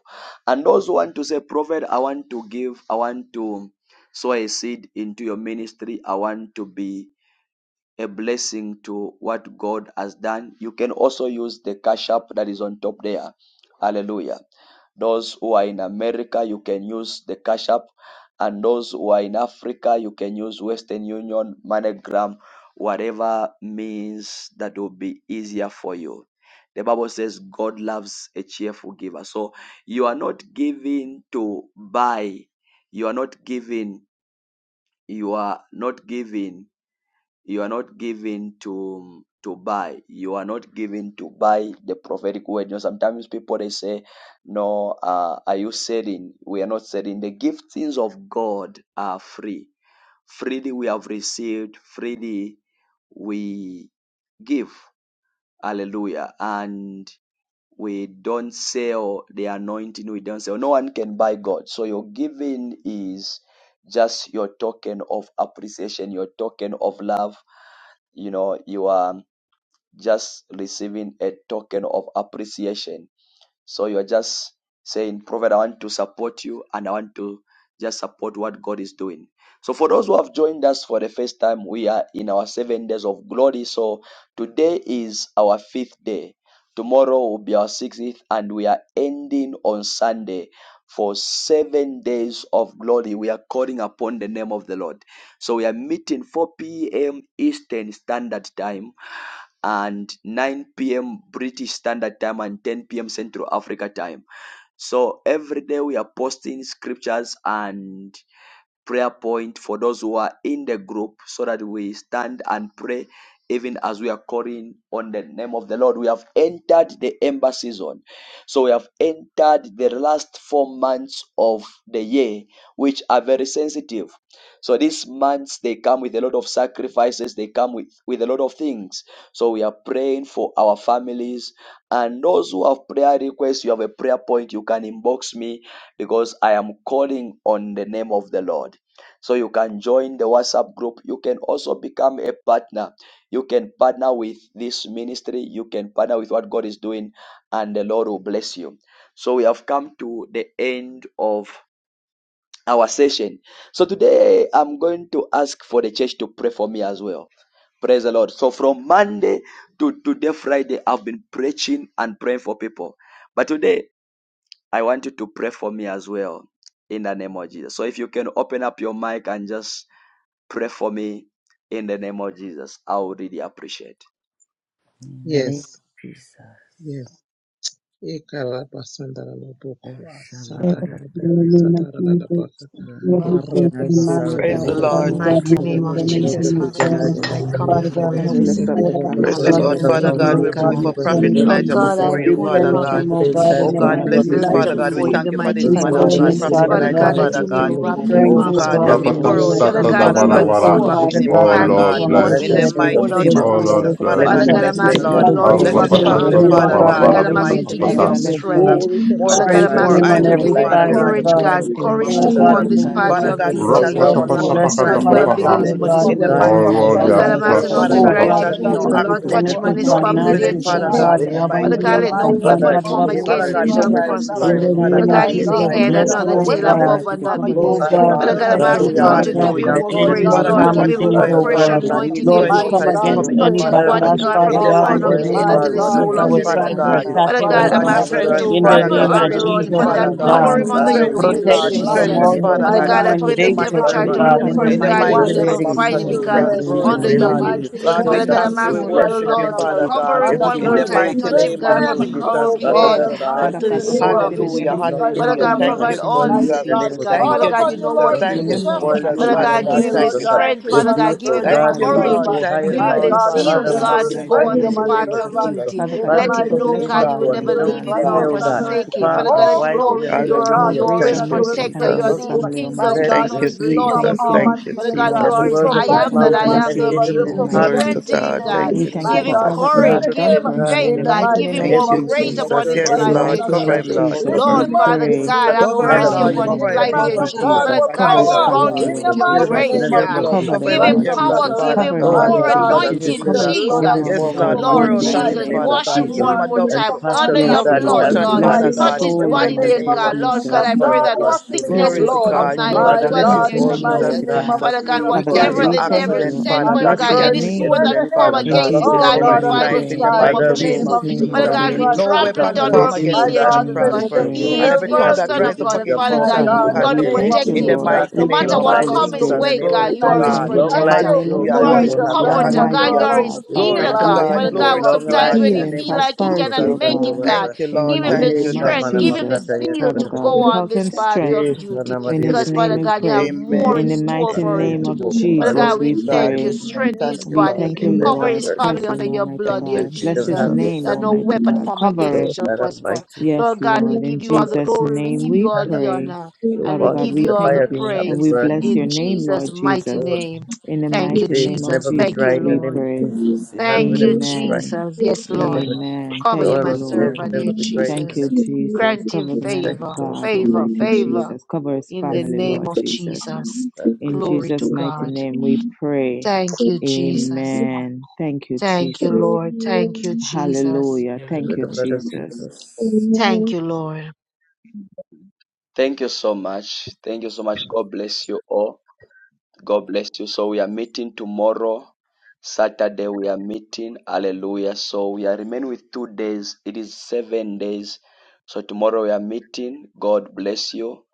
S1: And those who want to say, Prophet, I want to give, I want to sow a seed into your ministry, I want to be a blessing to what God has done. You can also use the cash app that is on top there. Hallelujah. Those who are in America, you can use the Cash App. And those who are in Africa, you can use Western Union, MoneyGram, whatever means that will be easier for you. The Bible says God loves a cheerful giver. So you are not giving to buy. You are not giving. You are not giving you are not given to to buy. You are not given to buy the prophetic word. You know, sometimes people they say, "No, uh, are you selling?" We are not selling. The giftings of God are free. Freely we have received. Freely we give. Hallelujah. And we don't sell the anointing. We don't sell. No one can buy God. So your giving is just your token of appreciation, your token of love you know you are just receiving a token of appreciation so you're just saying, Prophet, I want to support you and I want to just support what God is doing. So for those who have joined us for the first time, we are in our seven days of glory. So today is our fifth day. Tomorrow will be our sixth, and we are ending on Sunday for seven days of glory. We are calling upon the name of the Lord. So we are meeting 4 p.m. Eastern Standard Time and 9 p.m. British Standard Time and 10 p.m. Central Africa Time. So every day we are posting scriptures and prayer point for those who are in the group so that we stand and pray even as we are calling on the name of the Lord. We have entered the ember season. So we have entered the last four months of the year, which are very sensitive. So these months, they come with a lot of sacrifices, they come with, with a lot of things. So we are praying for our families and those who have prayer requests, you have a prayer point, you can inbox me because I am calling on the name of the Lord. So you can join the WhatsApp group. You can also become a partner. You can partner with this ministry. You can partner with what God is doing, and the Lord will bless you. So we have come to the end of our session. So today I'm going to ask for the church to pray for me as well. Praise the Lord. So from Monday to today, Friday, I've been preaching and praying for people. But today I want you to pray for me as well in the name of Jesus. So if you can open up your mic and just pray for me in the name of Jesus, I would really appreciate.
S19: In the name
S28: Yes.
S19: of Jesus.
S28: Yes. Ikalabasandarabokoa,
S31: Father, in
S28: sandaraboko,
S31: the name of Jesus,
S28: sandaraboko.
S19: We
S31: Lord, we
S19: make
S31: have
S19: it
S31: you
S19: rich
S31: pray
S19: and
S31: for
S19: add
S31: the
S19: no
S31: man
S19: sorrow
S31: of
S24: To
S19: in the
S24: God
S11: Praise the
S31: God.
S24: be
S19: name
S24: the
S19: of
S14: In
S11: Lord.
S31: Father
S14: the
S19: Jesus.
S24: glory.
S31: God,
S14: mighty name
S31: redeem the
S14: of
S19: We
S24: Hallelujah.
S19: make
S14: Jesus,
S24: Thank
S19: it
S31: nation of
S24: you,
S19: rich
S14: Father
S19: and
S14: God,
S31: God.
S19: add
S14: as
S19: no
S14: I
S24: Jesus.
S19: sorrow
S14: come
S19: in the
S31: Father God,
S19: name
S14: before
S19: of
S14: you
S24: As
S31: help
S24: we
S31: me
S14: this
S19: Jesus.
S24: lift up
S31: pour
S24: the
S31: out,
S19: His
S31: oh
S24: prophet
S11: Praise the
S24: to
S19: word
S31: God,
S24: you in
S31: to
S11: Lord.
S24: the
S31: the
S14: afternoon, dear
S11: Father
S24: mighty
S19: surround
S31: people,
S11: God,
S24: name
S31: oh
S24: of
S14: Lord
S11: we
S19: you
S31: God,
S11: lift
S14: God.
S11: up
S24: Jesus,
S19: in
S24: we
S19: the
S11: Prophet
S31: replenish
S19: name
S24: pray.
S19: of
S14: Lord
S31: him.
S11: Elijah
S14: God,
S24: Father
S19: Jesus.
S14: I
S11: before
S24: God,
S11: you,
S24: we
S14: put
S24: lift
S19: The
S24: up
S11: Father
S24: the
S31: Replenish
S19: Lord
S11: God.
S19: will
S14: Prophet
S31: him,
S24: prophet
S31: oh
S24: in the
S19: face
S31: God,
S19: shine
S11: Oh
S31: in
S24: mighty
S31: the
S24: name
S19: upon
S11: God,
S31: mighty
S24: of
S19: you and
S11: bless
S19: be
S11: him,
S31: name of
S14: Elijah
S24: Jesus.
S11: Father
S19: gracious
S11: God.
S19: to
S11: We
S14: before
S19: you.
S14: you
S31: Jesus.
S14: in
S11: thank
S14: the
S11: you for
S14: mighty
S11: this
S19: The
S14: name
S24: Father
S11: man
S14: of
S11: of
S19: Lord
S24: God,
S31: Restore
S11: God,
S31: him,
S19: lift
S24: bless
S19: you
S14: Jesus.
S24: him
S11: Prophet
S24: in
S31: Father
S19: up
S14: Father
S11: Elijah,
S31: God,
S24: everything
S14: God,
S24: that
S19: higher
S31: his
S14: that
S11: Father
S14: you
S24: he's
S19: in the
S14: may
S11: God.
S24: doing,
S19: name of
S14: wrap
S24: Almighty
S14: your
S31: Praying
S24: God.
S19: Jesus.
S11: Oh
S24: Bless
S31: to
S14: arms
S24: his
S11: God,
S31: God
S11: as
S14: around
S24: family,
S11: he
S31: in
S14: him.
S31: the
S19: The
S27: Rapata
S11: pour
S31: name
S11: out
S31: of
S19: Lord
S24: Almighty
S11: in
S14: Father
S11: us,
S27: sata da
S14: God,
S24: Jesus.
S11: Father
S31: Jesus,
S14: you
S27: bara
S14: may
S11: God,
S19: flourish
S11: pour
S27: bara.
S11: out
S31: touching
S19: you
S14: pour
S24: Cover
S11: back
S19: in
S28: Thank
S11: in
S19: the
S31: Father
S24: his
S11: him,
S19: name
S31: God
S19: of
S24: family
S27: Oh
S24: in
S11: Father
S24: the
S31: from
S14: back
S31: the
S19: Jesus.
S24: mighty
S11: God.
S27: Lord
S14: in
S31: crown of
S24: name
S14: what
S24: of
S31: his
S19: Like
S14: he
S11: In
S19: the
S27: bless.
S11: the
S14: has
S31: head
S19: seed
S24: Jesus.
S14: poured
S19: of
S11: mighty
S31: to
S14: out
S31: the
S11: name
S14: to
S19: cedar
S11: of
S27: Oh
S31: sole
S14: us.
S31: of
S24: We
S27: Lord
S11: Jesus,
S31: his
S24: put
S11: Father
S24: power
S31: feet.
S14: Father
S27: bless.
S11: God,
S24: and
S31: I
S14: God,
S19: Lebanon
S14: I'm
S24: grace
S19: in
S11: bless
S31: plead
S19: the
S11: him,
S32: to
S31: the
S24: over
S14: asking
S24: him
S19: name
S14: the
S31: blood
S11: Lord.
S19: of
S24: and
S32: God,
S31: of
S24: his
S32: we
S14: Lord
S27: Ah,
S19: Jesus.
S14: to
S32: lift
S11: Bless
S24: family
S31: Jesus
S24: in
S14: wrap
S32: it
S11: his
S24: the
S32: up
S14: your
S27: Rapata
S31: over
S24: mighty
S19: May
S11: family,
S32: before
S14: arms
S24: name
S31: him,
S32: you
S27: sata
S24: of
S31: O
S19: the
S14: around
S11: Father
S32: know,
S14: him.
S27: para
S31: God,
S14: Father
S11: God,
S31: in
S24: Jesus.
S31: the
S14: God,
S11: in
S32: Lord
S27: bara
S11: the
S14: I'm
S19: water,
S31: name
S27: kata
S14: asking
S31: of
S14: you
S11: mighty
S32: Jesus.
S14: to
S19: oh
S14: give
S24: Father
S11: name
S31: Jesus,
S14: him
S27: kapata.
S11: of
S24: God, let
S31: Lord
S24: it
S19: God
S11: Jesus.
S31: God.
S14: strength.
S24: be
S32: Glory to
S11: More
S14: Father
S32: God,
S14: God,
S32: we
S11: grace,
S14: I'm
S19: by
S31: Strengthen
S32: pray
S11: more
S14: asking
S32: that
S31: him
S14: the
S2: Strengthening
S11: oil
S32: you
S14: Lord
S24: richly
S31: on
S14: to
S11: on
S19: in
S32: will
S2: back.
S19: the
S11: him,
S14: give
S31: every
S24: blessed in
S32: touch
S19: life
S14: him
S11: Father
S19: and
S31: side,
S19: name
S31: O
S24: everything
S32: him.
S11: God,
S24: that
S11: in
S19: of
S24: he
S14: courage,
S11: the
S24: do,
S31: God.
S14: God,
S19: Jesus.
S11: mighty
S24: everything that
S11: name
S24: he
S11: of
S14: courage
S31: O
S14: to
S24: touch,
S14: go
S19: Father,
S31: God,
S11: Jesus.
S14: on
S19: Lord
S31: in
S24: Almighty
S14: this
S31: the
S19: God
S24: God.
S31: name
S14: pathway
S11: Father
S24: Richly
S18: Amen.
S31: of
S14: of
S11: God,
S24: bless
S19: Almighty,
S24: him
S11: there
S24: in
S31: Jesus,
S11: shall
S24: his
S14: duty.
S11: be
S31: bless
S27: Rapata
S11: no
S18: Thank
S19: surround
S24: finance,
S11: lack
S31: him,
S19: him,
S11: in
S14: For
S2: And
S24: Almighty
S31: bless
S11: his
S14: it's
S31: his
S32: speak
S24: God.
S11: life,
S14: not
S19: his
S27: pasapakata
S2: Cooper
S32: in
S14: well
S11: Father
S32: the
S2: managed
S27: kupaha.
S31: household,
S11: God.
S14: beginning,
S31: oh
S24: Richly
S32: mighty name
S14: but
S2: family
S19: faithfulness,
S14: it's
S31: God,
S24: bless
S32: of
S11: In
S19: oh
S24: him
S31: in
S2: and
S11: the
S24: in
S14: well
S31: the
S19: God.
S24: his
S2: God
S11: mighty
S28: you.
S27: Oh
S14: done.
S2: let
S31: name
S24: home,
S32: Jesus
S31: of
S11: name
S2: there
S19: Yes,
S27: Lord,
S14: Father
S2: be
S27: you
S32: Christ
S11: of
S24: Almighty
S27: are
S2: no
S14: God,
S19: Father,
S32: of
S31: Jesus.
S14: I'm
S24: Jesus.
S11: Jesus,
S14: asking the
S19: Lord,
S32: Nazareth.
S24: Father
S14: Lord
S11: Father
S14: to
S2: backlash.
S31: O
S11: God,
S24: God,
S27: precious.
S11: there
S19: surround
S14: grant
S31: God,
S14: him
S11: shall
S19: him,
S32: Father
S11: be
S19: oh
S32: God,
S11: no
S32: we
S14: favor.
S31: Jesus,
S19: God.
S2: Let
S32: pray
S14: Lord,
S32: for
S2: there
S11: accident,
S14: touch
S2: be
S19: And
S31: replenish
S32: more
S14: him
S19: let
S24: we
S14: and
S31: his
S2: no
S14: his
S19: no
S11: no
S24: thank you for
S32: anointing
S24: the
S14: family,
S24: man
S32: upon
S14: dear
S19: wickedness
S24: of
S11: incident,
S32: his
S31: finances, O
S24: God,
S19: walk
S11: Father
S32: life
S11: God,
S14: Jesus.
S2: rejection.
S31: God,
S24: Almighty
S19: before
S11: in the
S19: him in
S24: God.
S19: the
S14: Father
S11: mighty
S19: name
S24: Father
S19: of
S32: in the
S24: God,
S14: God,
S11: name
S31: Rabandio,
S19: Jesus.
S14: let
S11: of
S2: Cooper
S14: no
S32: mighty
S2: and
S24: uplift
S19: Father,
S24: him.
S19: I
S14: weapon
S32: name
S2: him,
S31: Sakanda,
S11: Jesus.
S32: of
S19: cover
S14: form
S19: him
S2: Jesus,
S31: Rabo,
S11: Father
S32: Jesus
S14: against
S2: I
S14: him
S11: God,
S19: underneath the
S14: shall
S2: beg
S32: Christ
S2: of
S32: of
S19: precious
S24: Bless
S11: providing
S24: his
S19: blood.
S11: for
S14: prosper.
S2: you,
S31: in
S11: him,
S32: Nazareth.
S31: the
S24: soul,
S2: God.
S11: Father
S19: Yes,
S14: Father
S31: name
S24: Almighty
S31: of
S14: God,
S32: My
S11: God, in
S14: he's
S11: the
S24: Jesus.
S14: the
S19: wickedness
S31: Jesus,
S32: God, we
S19: will
S11: mighty
S14: head
S24: Cover
S32: pray
S14: and
S24: him.
S19: fall
S31: bless
S32: that
S14: not
S11: name
S32: no
S31: him,
S14: the
S24: Cover
S11: of
S19: upon
S24: him
S31: O
S2: Just
S24: in
S2: for
S14: tail,
S19: you in
S32: weapon
S19: the
S31: God.
S24: everything
S32: that
S14: above
S24: that
S11: Jesus.
S32: is
S19: name
S24: he
S2: the
S19: of
S14: and
S24: do.
S32: formed
S14: not
S24: Cover him
S19: Jesus.
S24: in
S31: Oh
S24: his
S11: Glory
S14: beneath.
S32: against him
S11: to
S19: Father,
S32: and
S24: traveling,
S31: God,
S19: Lord
S14: Father
S11: God.
S14: God,
S24: Almighty
S14: I'm
S32: servant
S31: protect
S24: God.
S19: God,
S2: grace
S32: shall
S31: him,
S14: asking,
S24: Cover
S19: every
S11: Hallelujah.
S24: him in
S14: Lord,
S24: his
S31: Father
S19: need
S14: to
S19: will
S32: prosper.
S14: give
S31: God,
S2: of
S19: be
S14: him
S11: Hallelujah.
S31: from
S19: met
S14: more
S19: in
S24: which
S19: the
S32: Lord
S31: any
S24: is
S19: name
S14: grace.
S19: of
S32: God,
S31: hurt,
S11: Father
S32: we
S24: renowned know
S14: Lord,
S24: that
S11: God,
S32: pray
S19: Jesus.
S31: harm,
S14: give
S32: that
S24: he's
S31: and
S11: watch
S14: him
S32: you will
S11: over
S14: more
S24: having
S31: danger,
S24: in
S19: Father
S11: him,
S31: oh
S24: the
S14: fresh
S19: God,
S32: strengthen
S24: mighty
S31: God.
S11: Father
S19: every
S24: name
S11: God,
S24: of
S32: him.
S11: in
S19: need
S14: anointing,
S11: his
S14: dear
S31: Lord,
S11: going
S24: Jesus.
S31: we
S19: will
S11: out
S19: be
S32: Mighty
S31: come
S2: God.
S11: and
S14: Jesus.
S19: met
S24: Uplift
S11: his
S19: in the
S32: God,
S24: him,
S32: we
S31: against
S19: name of
S11: coming in,
S32: pray
S14: Touch
S31: any
S19: Jesus.
S24: Almighty
S14: his
S32: that
S11: Father
S32: you
S19: Father,
S24: God.
S32: will
S24: We
S11: God.
S14: body,
S31: backlash,
S32: give him
S24: thank
S14: God,
S19: continue
S24: you,
S14: from
S19: to
S11: In
S31: Father
S14: the
S24: Holy
S11: the
S19: let
S31: God,
S19: the
S32: power.
S31: in
S14: crown
S24: Spirit.
S14: of
S11: mighty
S31: the
S24: We
S19: oil
S14: his
S11: name
S31: name
S14: head
S19: of
S24: thank
S2: Jesus.
S32: My
S11: of
S31: of
S19: God
S24: you,
S14: until the
S24: Lord.
S19: run on
S24: We
S32: God,
S31: Jesus
S14: sole
S19: his
S32: in
S31: that
S14: of
S32: the
S24: thank
S11: Jesus,
S24: you
S31: would
S19: head
S24: for
S14: his
S32: name
S19: in
S24: the
S11: Father
S31: try
S19: the
S32: of
S24: man
S14: feet.
S31: to
S24: of
S19: name of
S11: God.
S19: Jesus.
S24: God,
S32: Jesus
S31: attack
S14: Father
S31: him,
S11: Oh
S19: And
S31: oh
S32: Christ
S14: God,
S19: it
S24: Almighty
S32: of
S14: I'm
S19: will
S11: God,
S31: God,
S19: never
S14: asking
S24: Jesus.
S14: you
S11: strengthen
S32: Nazareth.
S14: to
S11: him,
S19: run
S31: in the
S14: wrap
S19: dry
S11: Father
S24: We
S18: you.
S14: your
S32: Spirit
S11: God,
S31: name
S19: as
S24: thank
S32: of
S19: the
S11: where
S24: you,
S14: arms
S32: the
S31: of
S11: he's
S24: Lord
S14: around
S11: weak,
S14: him.
S19: ocean
S32: living
S18: Thank
S19: in
S31: Jesus,
S14: Father
S19: the
S24: Jesus.
S32: God,
S19: name
S24: We
S14: God,
S32: we
S11: Father
S31: oh
S19: of
S32: pray
S24: thank
S19: Jesus.
S11: God.
S24: you
S32: that
S14: cover
S31: God.
S24: for
S32: you
S14: him
S32: will
S14: under
S32: have
S24: everything
S19: Father,
S14: your
S19: we
S24: that
S11: Strengthen
S32: your
S24: you
S32: way
S14: wings,
S11: him,
S24: have
S32: in
S19: lift
S14: dear
S32: his
S31: Protect
S24: done
S11: Lord.
S24: for
S19: them
S31: him
S19: up
S24: him,
S31: from
S19: in
S32: life.
S11: Strengthen
S14: Jesus.
S19: the
S32: Uh,
S11: him,
S31: all
S19: name
S24: Almighty
S19: of
S11: Father
S31: hurt,
S32: My
S14: Father
S11: God.
S24: Jesus,
S14: God,
S31: harm,
S19: Jesus.
S32: God,
S14: that
S19: We
S24: Father
S11: Strengthen
S31: and
S32: touch
S14: when
S19: lift
S11: your
S14: the
S19: up
S32: his
S24: God.
S19: his
S11: man
S31: danger,
S14: devil
S31: oh
S14: tried
S19: family
S24: We,
S32: family,
S14: to
S19: in
S11: servant.
S19: the
S31: God,
S14: look
S19: name
S31: in
S24: Father
S19: of
S14: for
S31: the
S24: God,
S32: touch
S14: him,
S19: Jesus.
S11: In
S32: his
S11: the
S31: mighty
S14: God,
S19: We
S24: continue
S14: he
S24: to
S14: will
S11: mighty
S19: lift
S32: wife,
S31: name
S24: bless
S31: of
S14: never
S32: touch
S11: name
S19: everything
S32: his
S11: of
S19: you
S24: his
S14: find him
S24: soul,
S19: touch
S31: Jesus.
S19: in
S24: oh
S19: the
S31: we
S14: because
S19: name
S11: Jesus,
S19: of
S24: God.
S32: children.
S14: he's
S31: pray.
S24: Father
S11: glory
S19: Jesus.
S24: God,
S14: under
S11: to
S32: In the
S14: your
S24: thank,
S11: God.
S31: Amen.
S19: Everything
S14: wings.
S19: you
S32: mighty
S19: touch,
S32: name
S11: Lord,
S19: oh
S32: of
S11: we
S14: Father
S24: continue
S19: God,
S14: God,
S24: to
S11: thank
S14: I'm
S2: Jesus.
S11: you,
S19: is
S32: Jesus
S11: we
S14: asking
S24: pour
S32: Christ
S14: the
S19: blessed in
S24: into
S11: worship
S19: the
S32: of
S11: you,
S19: name
S14: Lord
S24: him,
S19: of
S14: to
S11: Father
S32: Nazareth,
S19: Jesus.
S24: Almighty
S14: cover
S11: God.
S24: God,
S14: him
S24: so he
S14: one
S19: Everything
S11: In
S24: can
S14: more
S19: you
S11: the
S32: undergird
S24: pour
S19: say
S32: and
S14: time.
S19: is
S24: back
S11: mighty
S24: out
S14: Touch
S19: blessed
S14: him,
S19: in
S11: name
S24: into
S32: strengthen
S19: the
S11: of
S14: God,
S19: name
S24: us,
S14: from
S32: them.
S14: the
S19: of Jesus.
S24: Almighty
S14: crown of
S11: Jesus,
S32: Oh
S14: his
S24: Jesus.
S19: Father
S11: glory
S32: God
S14: head
S19: God,
S11: to
S19: I'm mighty.
S11: God.
S24: Father
S32: Almighty,
S14: until
S32: in
S14: the
S24: God,
S32: the
S19: You
S32: name
S19: know
S14: sole
S24: uplift
S19: how.
S14: of
S32: of
S24: him in
S14: his
S11: Hallelujah,
S32: Jesus
S14: feet.
S24: everything that
S32: Christ
S24: he
S19: Nothing
S14: Father
S32: of
S19: will
S11: hallelujah.
S24: do
S14: God,
S24: in the
S19: come
S11: Thank
S19: and
S32: Nazareth,
S14: provide
S11: you,
S24: mighty
S14: all
S24: name
S19: spoil
S24: of
S19: you
S14: his
S19: in
S32: mighty
S11: Jesus.
S19: the
S32: God,
S14: needs,
S19: name
S32: we
S24: Jesus,
S19: of
S14: God.
S11: Thank
S32: call
S14: Father
S24: Almighty
S11: you,
S19: Jesus.
S14: God,
S24: God.
S32: upon
S14: you
S32: you,
S14: know
S11: Jesus.
S14: what
S32: Lord
S14: his
S19: Nothing
S11: Thank
S19: will
S11: you,
S32: Jesus,
S14: needs.
S24: Remember, O
S2: Thank
S19: spoil
S2: you,
S11: Jesus,
S19: you
S24: Prophet
S14: Father
S19: in the
S32: and
S11: Father
S32: we
S19: name
S14: God,
S19: of
S14: give
S24: Almighty
S11: God.
S32: pray,
S14: him
S2: Jesus.
S14: the
S11: Thank
S32: Lord
S19: Jesus.
S11: you,
S24: Jesus.
S32: God,
S19: But
S32: that
S11: thank
S14: strength.
S32: you
S11: you.
S32: will
S19: the
S14: Father God, give
S19: beautiful
S14: him
S32: undergird your
S14: the
S24: Father
S11: Thank
S19: God,
S32: man
S24: God,
S11: you,
S19: you
S24: thank you
S19: just
S14: courage.
S11: Lord.
S24: for
S32: servant.
S19: go
S11: Thank
S19: higher
S24: thank
S11: you,
S14: Give
S19: and
S24: you
S14: him
S32: My
S24: for
S19: higher.
S14: the
S11: Lord,
S24: your
S32: God, we
S11: Father
S24: son,
S14: zeal,
S32: pray
S19: Father,
S32: that
S24: Prophet
S11: God.
S32: you
S14: God,
S32: will
S11: In
S14: to
S11: the
S2: Jesus.
S24: Elijah
S14: go
S19: magnify
S14: on
S32: strengthen
S11: mighty
S32: your
S19: him
S14: this
S19: in
S24: Almighty
S19: the
S11: name
S32: man
S11: of
S19: name
S14: pathway
S19: of
S24: Jesus.
S14: of
S32: servant.
S11: Jesus.
S19: Jesus.
S14: duty.
S24: Father
S32: In
S24: God,
S32: the
S19: Father,
S24: thank
S14: Let
S24: you
S14: him
S24: for
S19: send
S32: mighty
S11: Glory
S14: know,
S11: to
S32: name
S24: blessing
S14: God,
S19: angels
S32: of
S18: you.
S24: him,
S14: you
S11: God.
S14: will
S19: to
S14: never
S24: Almighty
S32: Jesus
S11: Glory
S14: leave
S24: God,
S11: to
S19: announce
S24: and
S14: him
S32: Christ
S19: him,
S11: God.
S14: nor
S24: heal
S32: of
S19: oh
S24: him,
S19: God,
S32: Nazareth.
S24: Almighty
S14: forsake him.
S24: God.
S19: far
S14: Father God,
S19: and
S32: Oh,
S14: let him
S19: wide
S14: know
S19: in
S32: glory
S11: Hallelujah.
S19: the
S32: be
S19: name
S32: to
S19: of
S14: you're,
S24: More
S32: God. We
S11: Hallelujah.
S19: Jesus.
S14: you're
S24: grace
S32: pray
S14: his
S24: and
S11: Thank
S32: that you
S11: you,
S24: mercy
S32: will
S24: upon
S14: protector.
S24: him
S32: strengthen
S24: and
S14: You're
S11: Jesus.
S19: Of
S24: his
S32: him.
S14: his
S24: family,
S14: kings
S19: Jesus,
S32: My
S14: of
S24: Almighty
S19: let
S14: kings.
S32: God,
S11: Thank
S19: the
S14: You're
S11: you,
S24: Jesus.
S14: his
S32: keep him
S24: We
S14: lords
S32: from
S14: of
S24: thank
S11: Jesus.
S14: lords.
S32: harm
S24: you,
S11: Thank
S32: and
S11: you,
S14: Father God,
S32: danger.
S14: you
S24: Lord.
S19: let the
S14: are
S24: We
S11: Jesus.
S14: his
S19: words
S14: I
S19: of
S24: thank you
S19: his
S32: Provide
S14: am
S24: and
S32: for
S14: that
S24: we
S19: mouth
S32: your
S14: I
S19: and the
S32: man
S24: bless
S14: am
S24: your
S14: there,
S32: servant
S19: meditation
S24: name,
S19: of
S32: your
S19: his
S14: Jesus.
S19: heart
S24: Almighty
S11: Glory
S19: be
S32: provision
S11: to
S32: is
S14: Strengthen
S24: Jesus.
S14: him,
S11: God.
S19: acceptable to
S14: God.
S32: needed.
S11: Thank
S24: We
S11: you,
S19: you,
S24: thank
S19: Lord
S24: you
S14: Give
S32: My
S24: for
S14: him
S19: God.
S32: God,
S24: all that you
S11: Jesus.
S24: have
S14: courage.
S32: strengthen
S19: Father,
S14: Give
S24: done
S32: him
S19: Lord
S14: him
S24: for him.
S19: God,
S24: In
S14: faith,
S32: in
S24: the
S19: the,
S32: the
S14: God.
S24: mighty
S14: Give
S32: mighty
S24: name
S14: him
S24: of
S32: name
S14: more
S11: Thank you,
S32: of
S19: every
S14: grace
S24: Jesus,
S32: Jesus
S14: upon
S11: Jesus.
S19: function,
S14: his
S24: in
S11: Yes,
S19: every
S24: the
S32: Christ
S14: life,
S32: of
S14: there,
S11: Lord.
S24: mighty
S19: option
S24: name
S11: Cover
S19: that
S24: of
S32: Nazareth.
S11: him,
S14: Jesus.
S19: came
S11: Lord.
S19: out of
S24: Jesus,
S32: Lift
S11: Cover
S14: Lord,
S24: we
S19: him
S32: him
S19: in
S11: him.
S19: the
S32: up
S14: Father
S19: name
S32: this
S19: of
S24: pray.
S14: God,
S32: evening,
S14: have
S19: Jesus,
S32: oh
S11: Cover him,
S19: Father,
S32: God.
S14: mercy
S11: Lord.
S19: fill
S14: upon
S19: him up
S14: his
S11: Cover
S32: Give
S19: in
S24: Amen.
S19: the
S32: the
S11: him.
S14: life,
S19: name
S14: there,
S32: man
S24: Thank
S11: Cover
S19: of
S24: you,
S11: him,
S32: of
S14: Jesus.
S19: Jesus.
S32: God
S11: Father
S14: Father
S24: Jesus.
S32: more
S11: God.
S14: God,
S24: Cover his
S19: Yes,
S11: Cover
S32: power
S11: him,
S19: Lord
S14: surround
S24: family,
S14: him
S11: Lord.
S32: in
S14: with
S32: the
S19: Jesus,
S24: Lord
S14: your
S19: fill him
S11: Cover
S32: mighty
S11: him
S19: up
S24: Jesus.
S19: in
S11: with
S19: the
S14: grace,
S32: name
S11: your
S32: of
S19: name
S14: God.
S19: of
S11: blood.
S19: Jesus,
S24: Cover
S32: Jesus
S11: Cover
S24: them,
S14: Give
S11: him with
S14: him
S32: Christ
S19: Father.
S24: Lord
S11: your
S32: of
S11: blood,
S14: power.
S24: Jesus.
S14: Give
S32: Nazareth.
S11: Father
S14: him
S24: Cover him
S19: Oh,
S24: in
S32: My
S11: God.
S18: Thank
S14: more
S19: Father,
S18: you.
S24: everything
S32: God,
S24: that
S32: we
S11: Jesus,
S24: you
S19: continue
S24: do.
S32: plead
S14: anointing,
S24: Cover
S32: the
S19: to
S11: Jesus.
S24: his
S32: blood
S19: give
S24: going
S32: of
S19: him
S14: Jesus.
S24: out
S19: more
S11: Yes,
S19: and
S24: and
S32: Jesus
S19: more
S11: Lord.
S24: coming
S32: over
S24: in
S19: zeal
S24: in
S11: Pour
S14: Lord
S32: his
S24: the
S19: to
S11: out on
S19: you in
S24: mighty
S11: him,
S19: the
S32: life.
S14: Jesus,
S24: name
S19: name
S24: of
S11: Father
S19: of
S14: wash
S32: My
S11: God.
S14: him
S11: Give
S19: Jesus.
S24: Jesus.
S11: him
S14: one
S32: God,
S11: a
S32: we
S14: more
S32: pray
S11: double,
S19: And the
S14: time
S32: for more
S19: pastor,
S14: under
S19: oh
S14: your
S24: Yes,
S11: double
S32: anointing
S19: God, he
S32: over
S14: blood,
S19: has,
S32: his
S11: portion,
S24: Lord.
S19: oh
S14: God.
S24: Bless
S19: God,
S11: Father
S19: he
S24: his
S32: life.
S19: rub
S14: Touch
S11: God,
S19: off
S11: in
S14: his
S11: the
S19: on
S32: In
S24: soul,
S32: the
S19: each
S14: body,
S11: mighty
S19: and
S14: dear
S32: name
S24: Almighty
S11: name
S32: of
S19: everyone
S14: God.
S11: of
S14: Lord God,
S19: that
S32: Jesus,
S24: Jesus.
S14: I pray
S19: come
S32: God,
S11: Jesus.
S14: that no
S19: across
S32: wash him
S19: him
S32: in
S19: in
S32: your
S19: the
S24: Bless
S14: sickness
S11: Glory
S19: name
S24: his
S14: will
S11: to
S19: of
S32: blood.
S19: Jesus.
S14: come
S24: hands,
S11: God.
S14: now. his
S24: Almighty
S11: Glory
S32: My
S19: Father,
S24: God.
S11: to
S19: let
S24: Bless
S19: this
S14: dwelling
S11: God.
S24: his
S32: God,
S14: there,
S32: in the
S24: mind,
S19: altar,
S32: mighty
S19: oh
S14: Jesus.
S11: Jesus,
S24: Almighty
S32: name
S19: God,
S24: God.
S32: of
S11: Jesus.
S14: Father God,
S32: Jesus
S19: free
S11: We
S24: Father
S19: from
S24: God,
S32: Christ
S14: whatever
S11: cancel
S32: of
S24: we
S14: the
S19: every
S24: thank
S14: devil
S32: Nazareth,
S11: accident,
S24: you and
S14: sent
S24: we
S11: Father
S14: for him,
S11: God. We
S24: bless
S14: God,
S24: your
S32: undergird
S14: any
S11: cancel
S32: him,
S14: sword
S19: every
S14: that
S24: name.
S32: strengthen
S11: incident,
S19: witch
S14: come
S32: him.
S11: Father
S19: and
S24: In
S11: God,
S14: against
S19: warlock
S14: him,
S19: in the
S24: Jesus'
S32: Oh
S14: God,
S11: over
S14: we
S19: name of
S24: name
S32: God,
S11: his
S24: we
S32: on
S14: bind
S32: every
S19: Jesus.
S11: life
S14: it in
S11: in
S14: the
S11: the
S24: pray.
S32: side,
S14: name
S32: in
S14: of
S11: mighty
S19: Father,
S24: In
S32: the
S19: we
S11: name
S32: name
S19: wish
S11: of
S14: Jesus.
S24: Jesus'
S32: of
S19: you to
S24: name we
S14: Father
S11: Jesus.
S19: come
S32: Jesus
S14: God,
S19: near
S14: we
S24: pray.
S19: him,
S32: Christ
S11: No
S32: of
S14: trample it
S11: weapon
S32: Nazareth.
S14: under
S24: In
S11: formed
S14: our
S19: encapsulate him,
S14: feet
S11: against
S19: oh
S32: My
S11: him
S14: dear
S24: Jesus'
S19: God,
S11: shall
S32: God,
S14: Jesus,
S24: name
S32: send
S24: we
S14: because
S32: him
S19: with your
S11: prosper,
S24: pray.
S32: destiny
S14: he
S19: glory,
S11: and
S14: is
S11: every
S14: your
S11: tongue
S32: helpers.
S11: that
S14: son
S19: encapsulate
S14: of
S11: rise
S19: him
S11: up
S14: God.
S19: with
S14: And
S19: your
S11: against him
S14: Father
S19: power,
S32: My
S11: shall
S14: God,
S24: Father
S11: be
S14: you
S32: God,
S24: God,
S32: in the
S14: gonna
S24: we
S11: condemned
S32: name
S19: encapsulate
S24: thank
S32: of
S24: you,
S14: protect
S19: him,
S11: in the
S19: oh
S14: him.
S32: Jesus.
S24: Lord.
S19: God,
S11: mighty
S14: No
S19: with
S24: We
S11: name
S14: matter
S19: long
S24: thank
S11: of
S24: you,
S14: what
S19: life
S32: Father,
S24: Holy
S14: come
S32: we
S14: his
S32: look
S19: in
S24: Spirit.
S32: to
S11: Jesus.
S19: the
S14: way,
S19: name
S32: you
S19: of
S11: Glory
S14: God, you
S11: to
S32: tonight
S14: are
S24: We
S19: Jesus.
S14: his
S32: and
S18: Thank
S32: we
S11: God.
S24: thank you in the
S19: Long
S32: thank
S19: life,
S24: mighty
S14: protector.
S32: you
S24: name
S19: oh
S18: Thank
S24: of
S11: Hallelujah.
S14: You
S32: for
S19: God, he
S14: are
S18: you.
S32: what
S14: his
S19: will
S32: you
S24: Jesus.
S19: have
S32: have
S19: in
S32: done
S11: Hallelujah.
S24: Long
S19: the
S32: and
S19: name
S14: comforter,
S19: of
S32: what
S24: life,
S14: God.
S32: you're
S24: O
S14: You
S11: Hallelujah.
S14: are
S19: Jesus.
S32: about
S14: his
S32: to
S24: God.
S32: do in
S24: Father
S32: his
S11: Glory
S14: healer,
S24: God,
S11: to
S32: life.
S24: we
S14: God.
S19: Encapsulate
S32: In
S11: God.
S14: Father
S32: the
S24: thank
S19: him with
S11: Glory
S14: God,
S32: name
S24: you.
S32: of
S11: to
S19: long
S14: sometimes
S11: God.
S19: life
S32: Jesus.
S14: when
S19: in
S14: he
S19: the
S24: Healing,
S19: name
S14: feel
S19: of
S11: Jesus,
S14: like he
S19: Jesus.
S14: cannot
S24: prosperity,
S11: Jesus.
S19: Hey,
S24: O
S19: God,
S14: make
S19: so
S14: it,
S24: God.
S14: God,
S11: Thank
S19: whatever.
S11: you,
S24: In the
S11: Lord.
S14: give him
S24: mighty
S14: the
S11: Thank
S19: Yes,
S11: you.
S24: name of
S19: come
S11: Thank
S19: on,
S14: strength,
S11: you,
S19: I'm
S14: give
S19: a
S14: him the
S19: cat,
S24: Jesus,
S19: I
S11: Jesus.
S19: hear the
S14: zeal
S19: bit
S24: Father
S14: to
S19: of
S24: God.
S14: go
S11: Glory
S19: it.
S11: to
S14: on
S24: Health
S14: this
S24: and
S11: God
S14: pathway
S24: strength.
S11: in
S14: of
S19: Yes,
S11: Jesus'
S19: I'm
S14: duty
S19: a little
S24: In
S11: precious
S24: his
S14: because
S19: bit
S11: name.
S24: name
S14: Father
S19: of
S24: we
S14: God, you have
S24: pray.
S19: it.
S14: more in
S24: In
S11: Amen.
S24: the
S14: store
S19: I
S24: mighty
S14: for
S19: see
S14: him
S24: name
S19: the
S14: to
S11: Amen.
S24: of
S14: do.
S19: poor, I
S14: Father
S19: love
S14: God,
S24: Jesus
S11: Glory
S14: we
S24: we
S11: to
S19: you in the
S11: God.
S14: thank
S19: name
S14: you.
S19: of
S24: pray.
S11: Amen.
S14: Strengthen
S19: Jesus.
S11: Thank
S14: his
S11: you,
S24: We
S11: Lord.
S14: body,
S24: thank you,
S19: Let
S14: cover
S11: Amen.
S19: them
S24: Lord.
S14: his
S19: burst
S14: family
S19: with
S14: under
S24: Present,
S14: your
S24: Almighty
S14: blood,
S11: Thank
S14: dear
S11: you,
S24: God.
S19: liberty
S24: Bless
S19: them
S24: his
S14: Jesus,
S19: happy
S24: name,
S11: Jesus.
S14: that
S19: acceptance.
S14: no
S24: Almighty
S14: weapon
S24: God.
S14: formed
S24: Cover
S14: against him
S19: Lord
S24: him.
S14: shall
S19: God
S14: prosper.
S19: Almighty,
S24: Yes,
S14: Lord God, we
S24: Lord. In
S14: give you
S19: the
S14: all the
S19: Lord
S24: Jesus'
S14: glory, we
S19: Jesus,
S24: name
S14: give you
S24: we
S14: all the
S24: pray.
S14: honor,
S19: you
S14: and
S24: Father
S14: we
S19: walk
S24: God,
S14: give
S24: we
S14: you
S19: the
S14: all the
S24: thank
S19: fire and will
S24: you
S19: not be
S24: and we
S14: praise
S19: burned.
S24: bless
S14: in
S24: your name,
S14: Jesus'
S24: Lord
S19: Yes,
S14: mighty
S24: Jesus.
S19: Lord,
S18: Thank
S14: name.
S24: In the
S14: Thank
S19: these
S14: you,
S24: mighty
S19: days
S24: name
S19: will
S24: of
S19: never
S14: Jesus.
S19: be
S14: Thank you,
S19: dry
S24: Jesus
S19: in the
S24: we
S19: name
S14: Lord.
S19: of
S24: pray.
S19: Jesus. The hand will
S14: Thank you,
S19: never be dry
S24: Amen.
S14: Jesus. Yes,
S19: in the name
S14: Lord.
S19: of Jesus.
S24: Amen.
S19: The
S14: Cover your
S24: Thank you,
S19: oil
S14: man
S19: on his head
S24: Lord.
S19: will
S14: servant,
S19: never
S14: dear
S19: be dry in the
S24: Thank
S19: name
S14: Jesus.
S24: you,
S19: of
S24: Jesus.
S14: Grant him
S24: Cover the
S19: Jesus.
S24: man of
S19: Thank you,
S14: favor,
S19: Lord.
S24: God,
S14: favor,
S24: Almighty
S14: favor
S24: Jesus. Cover his
S14: in the
S19: Yes,
S24: family,
S14: name
S24: Lord
S19: Lord.
S14: of
S24: Jesus.
S14: Jesus.
S24: In
S14: Glory
S19: With
S14: to
S24: Jesus' mighty
S14: God.
S24: name we pray.
S14: Thank you, Jesus.
S24: Amen. Thank you,
S14: Thank you,
S24: Jesus.
S14: Lord. Thank you, Jesus.
S24: Hallelujah. Thank you,
S19: the blood of
S24: Jesus.
S19: Jesus.
S14: Thank
S18: you.
S14: you, Lord.
S1: Thank you so much. Thank you so much. God bless you all. God bless you. So we are meeting tomorrow. Saturday we are meeting. Hallelujah. So we are remaining with two days. It is seven days. So tomorrow we are meeting. God bless you.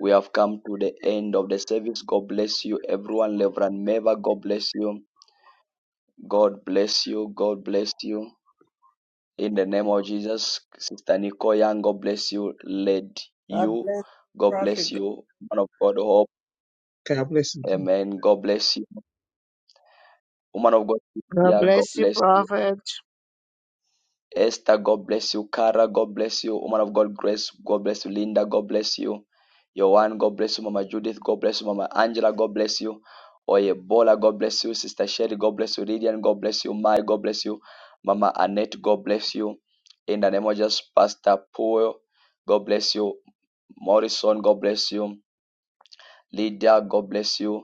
S1: We have come to the end of the service. God bless you, everyone. Reverend Meva, God bless you. God bless you. God bless you. In the name of Jesus, Sister Nicole Young, God bless you. Led
S32: God
S1: you.
S32: bless.
S1: God bless you. Man of God, hope.
S28: God bless you.
S1: Amen. God bless you. Woman of God,
S14: God
S1: yeah, God
S14: bless you,
S1: bless you.
S14: Prophet.
S1: Esther, God bless you. Kara, God bless you. Woman of God, Grace, God bless you. Linda, God bless you. Yohan, God bless you. Mama Judith, God bless you. Mama Angela, God bless you. Oyebola, God bless you. Sister Sherry, God bless you. Lydian, God bless you. Mai, God bless you. Mama Annette, God bless you. In the name of Jesus, Pastor Paul, God bless you. Morrison, God bless you. Lydia, God bless you.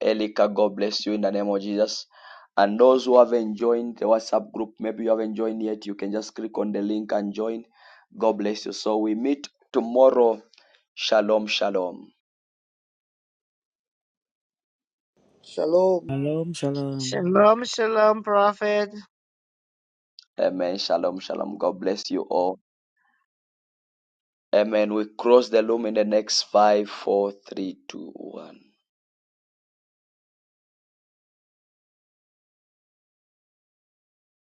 S1: Elika, God bless you in the name of Jesus. And those who haven't joined the WhatsApp group, maybe you haven't joined yet, you can just click on the link and join. God bless you. So we meet tomorrow. Shalom, shalom.
S11: Shalom.
S19: Shalom, shalom.
S14: Shalom, shalom, Prophet.
S1: Amen. Shalom, shalom. God bless you all. Amen. We cross the loom in the next five, four, three, two, one.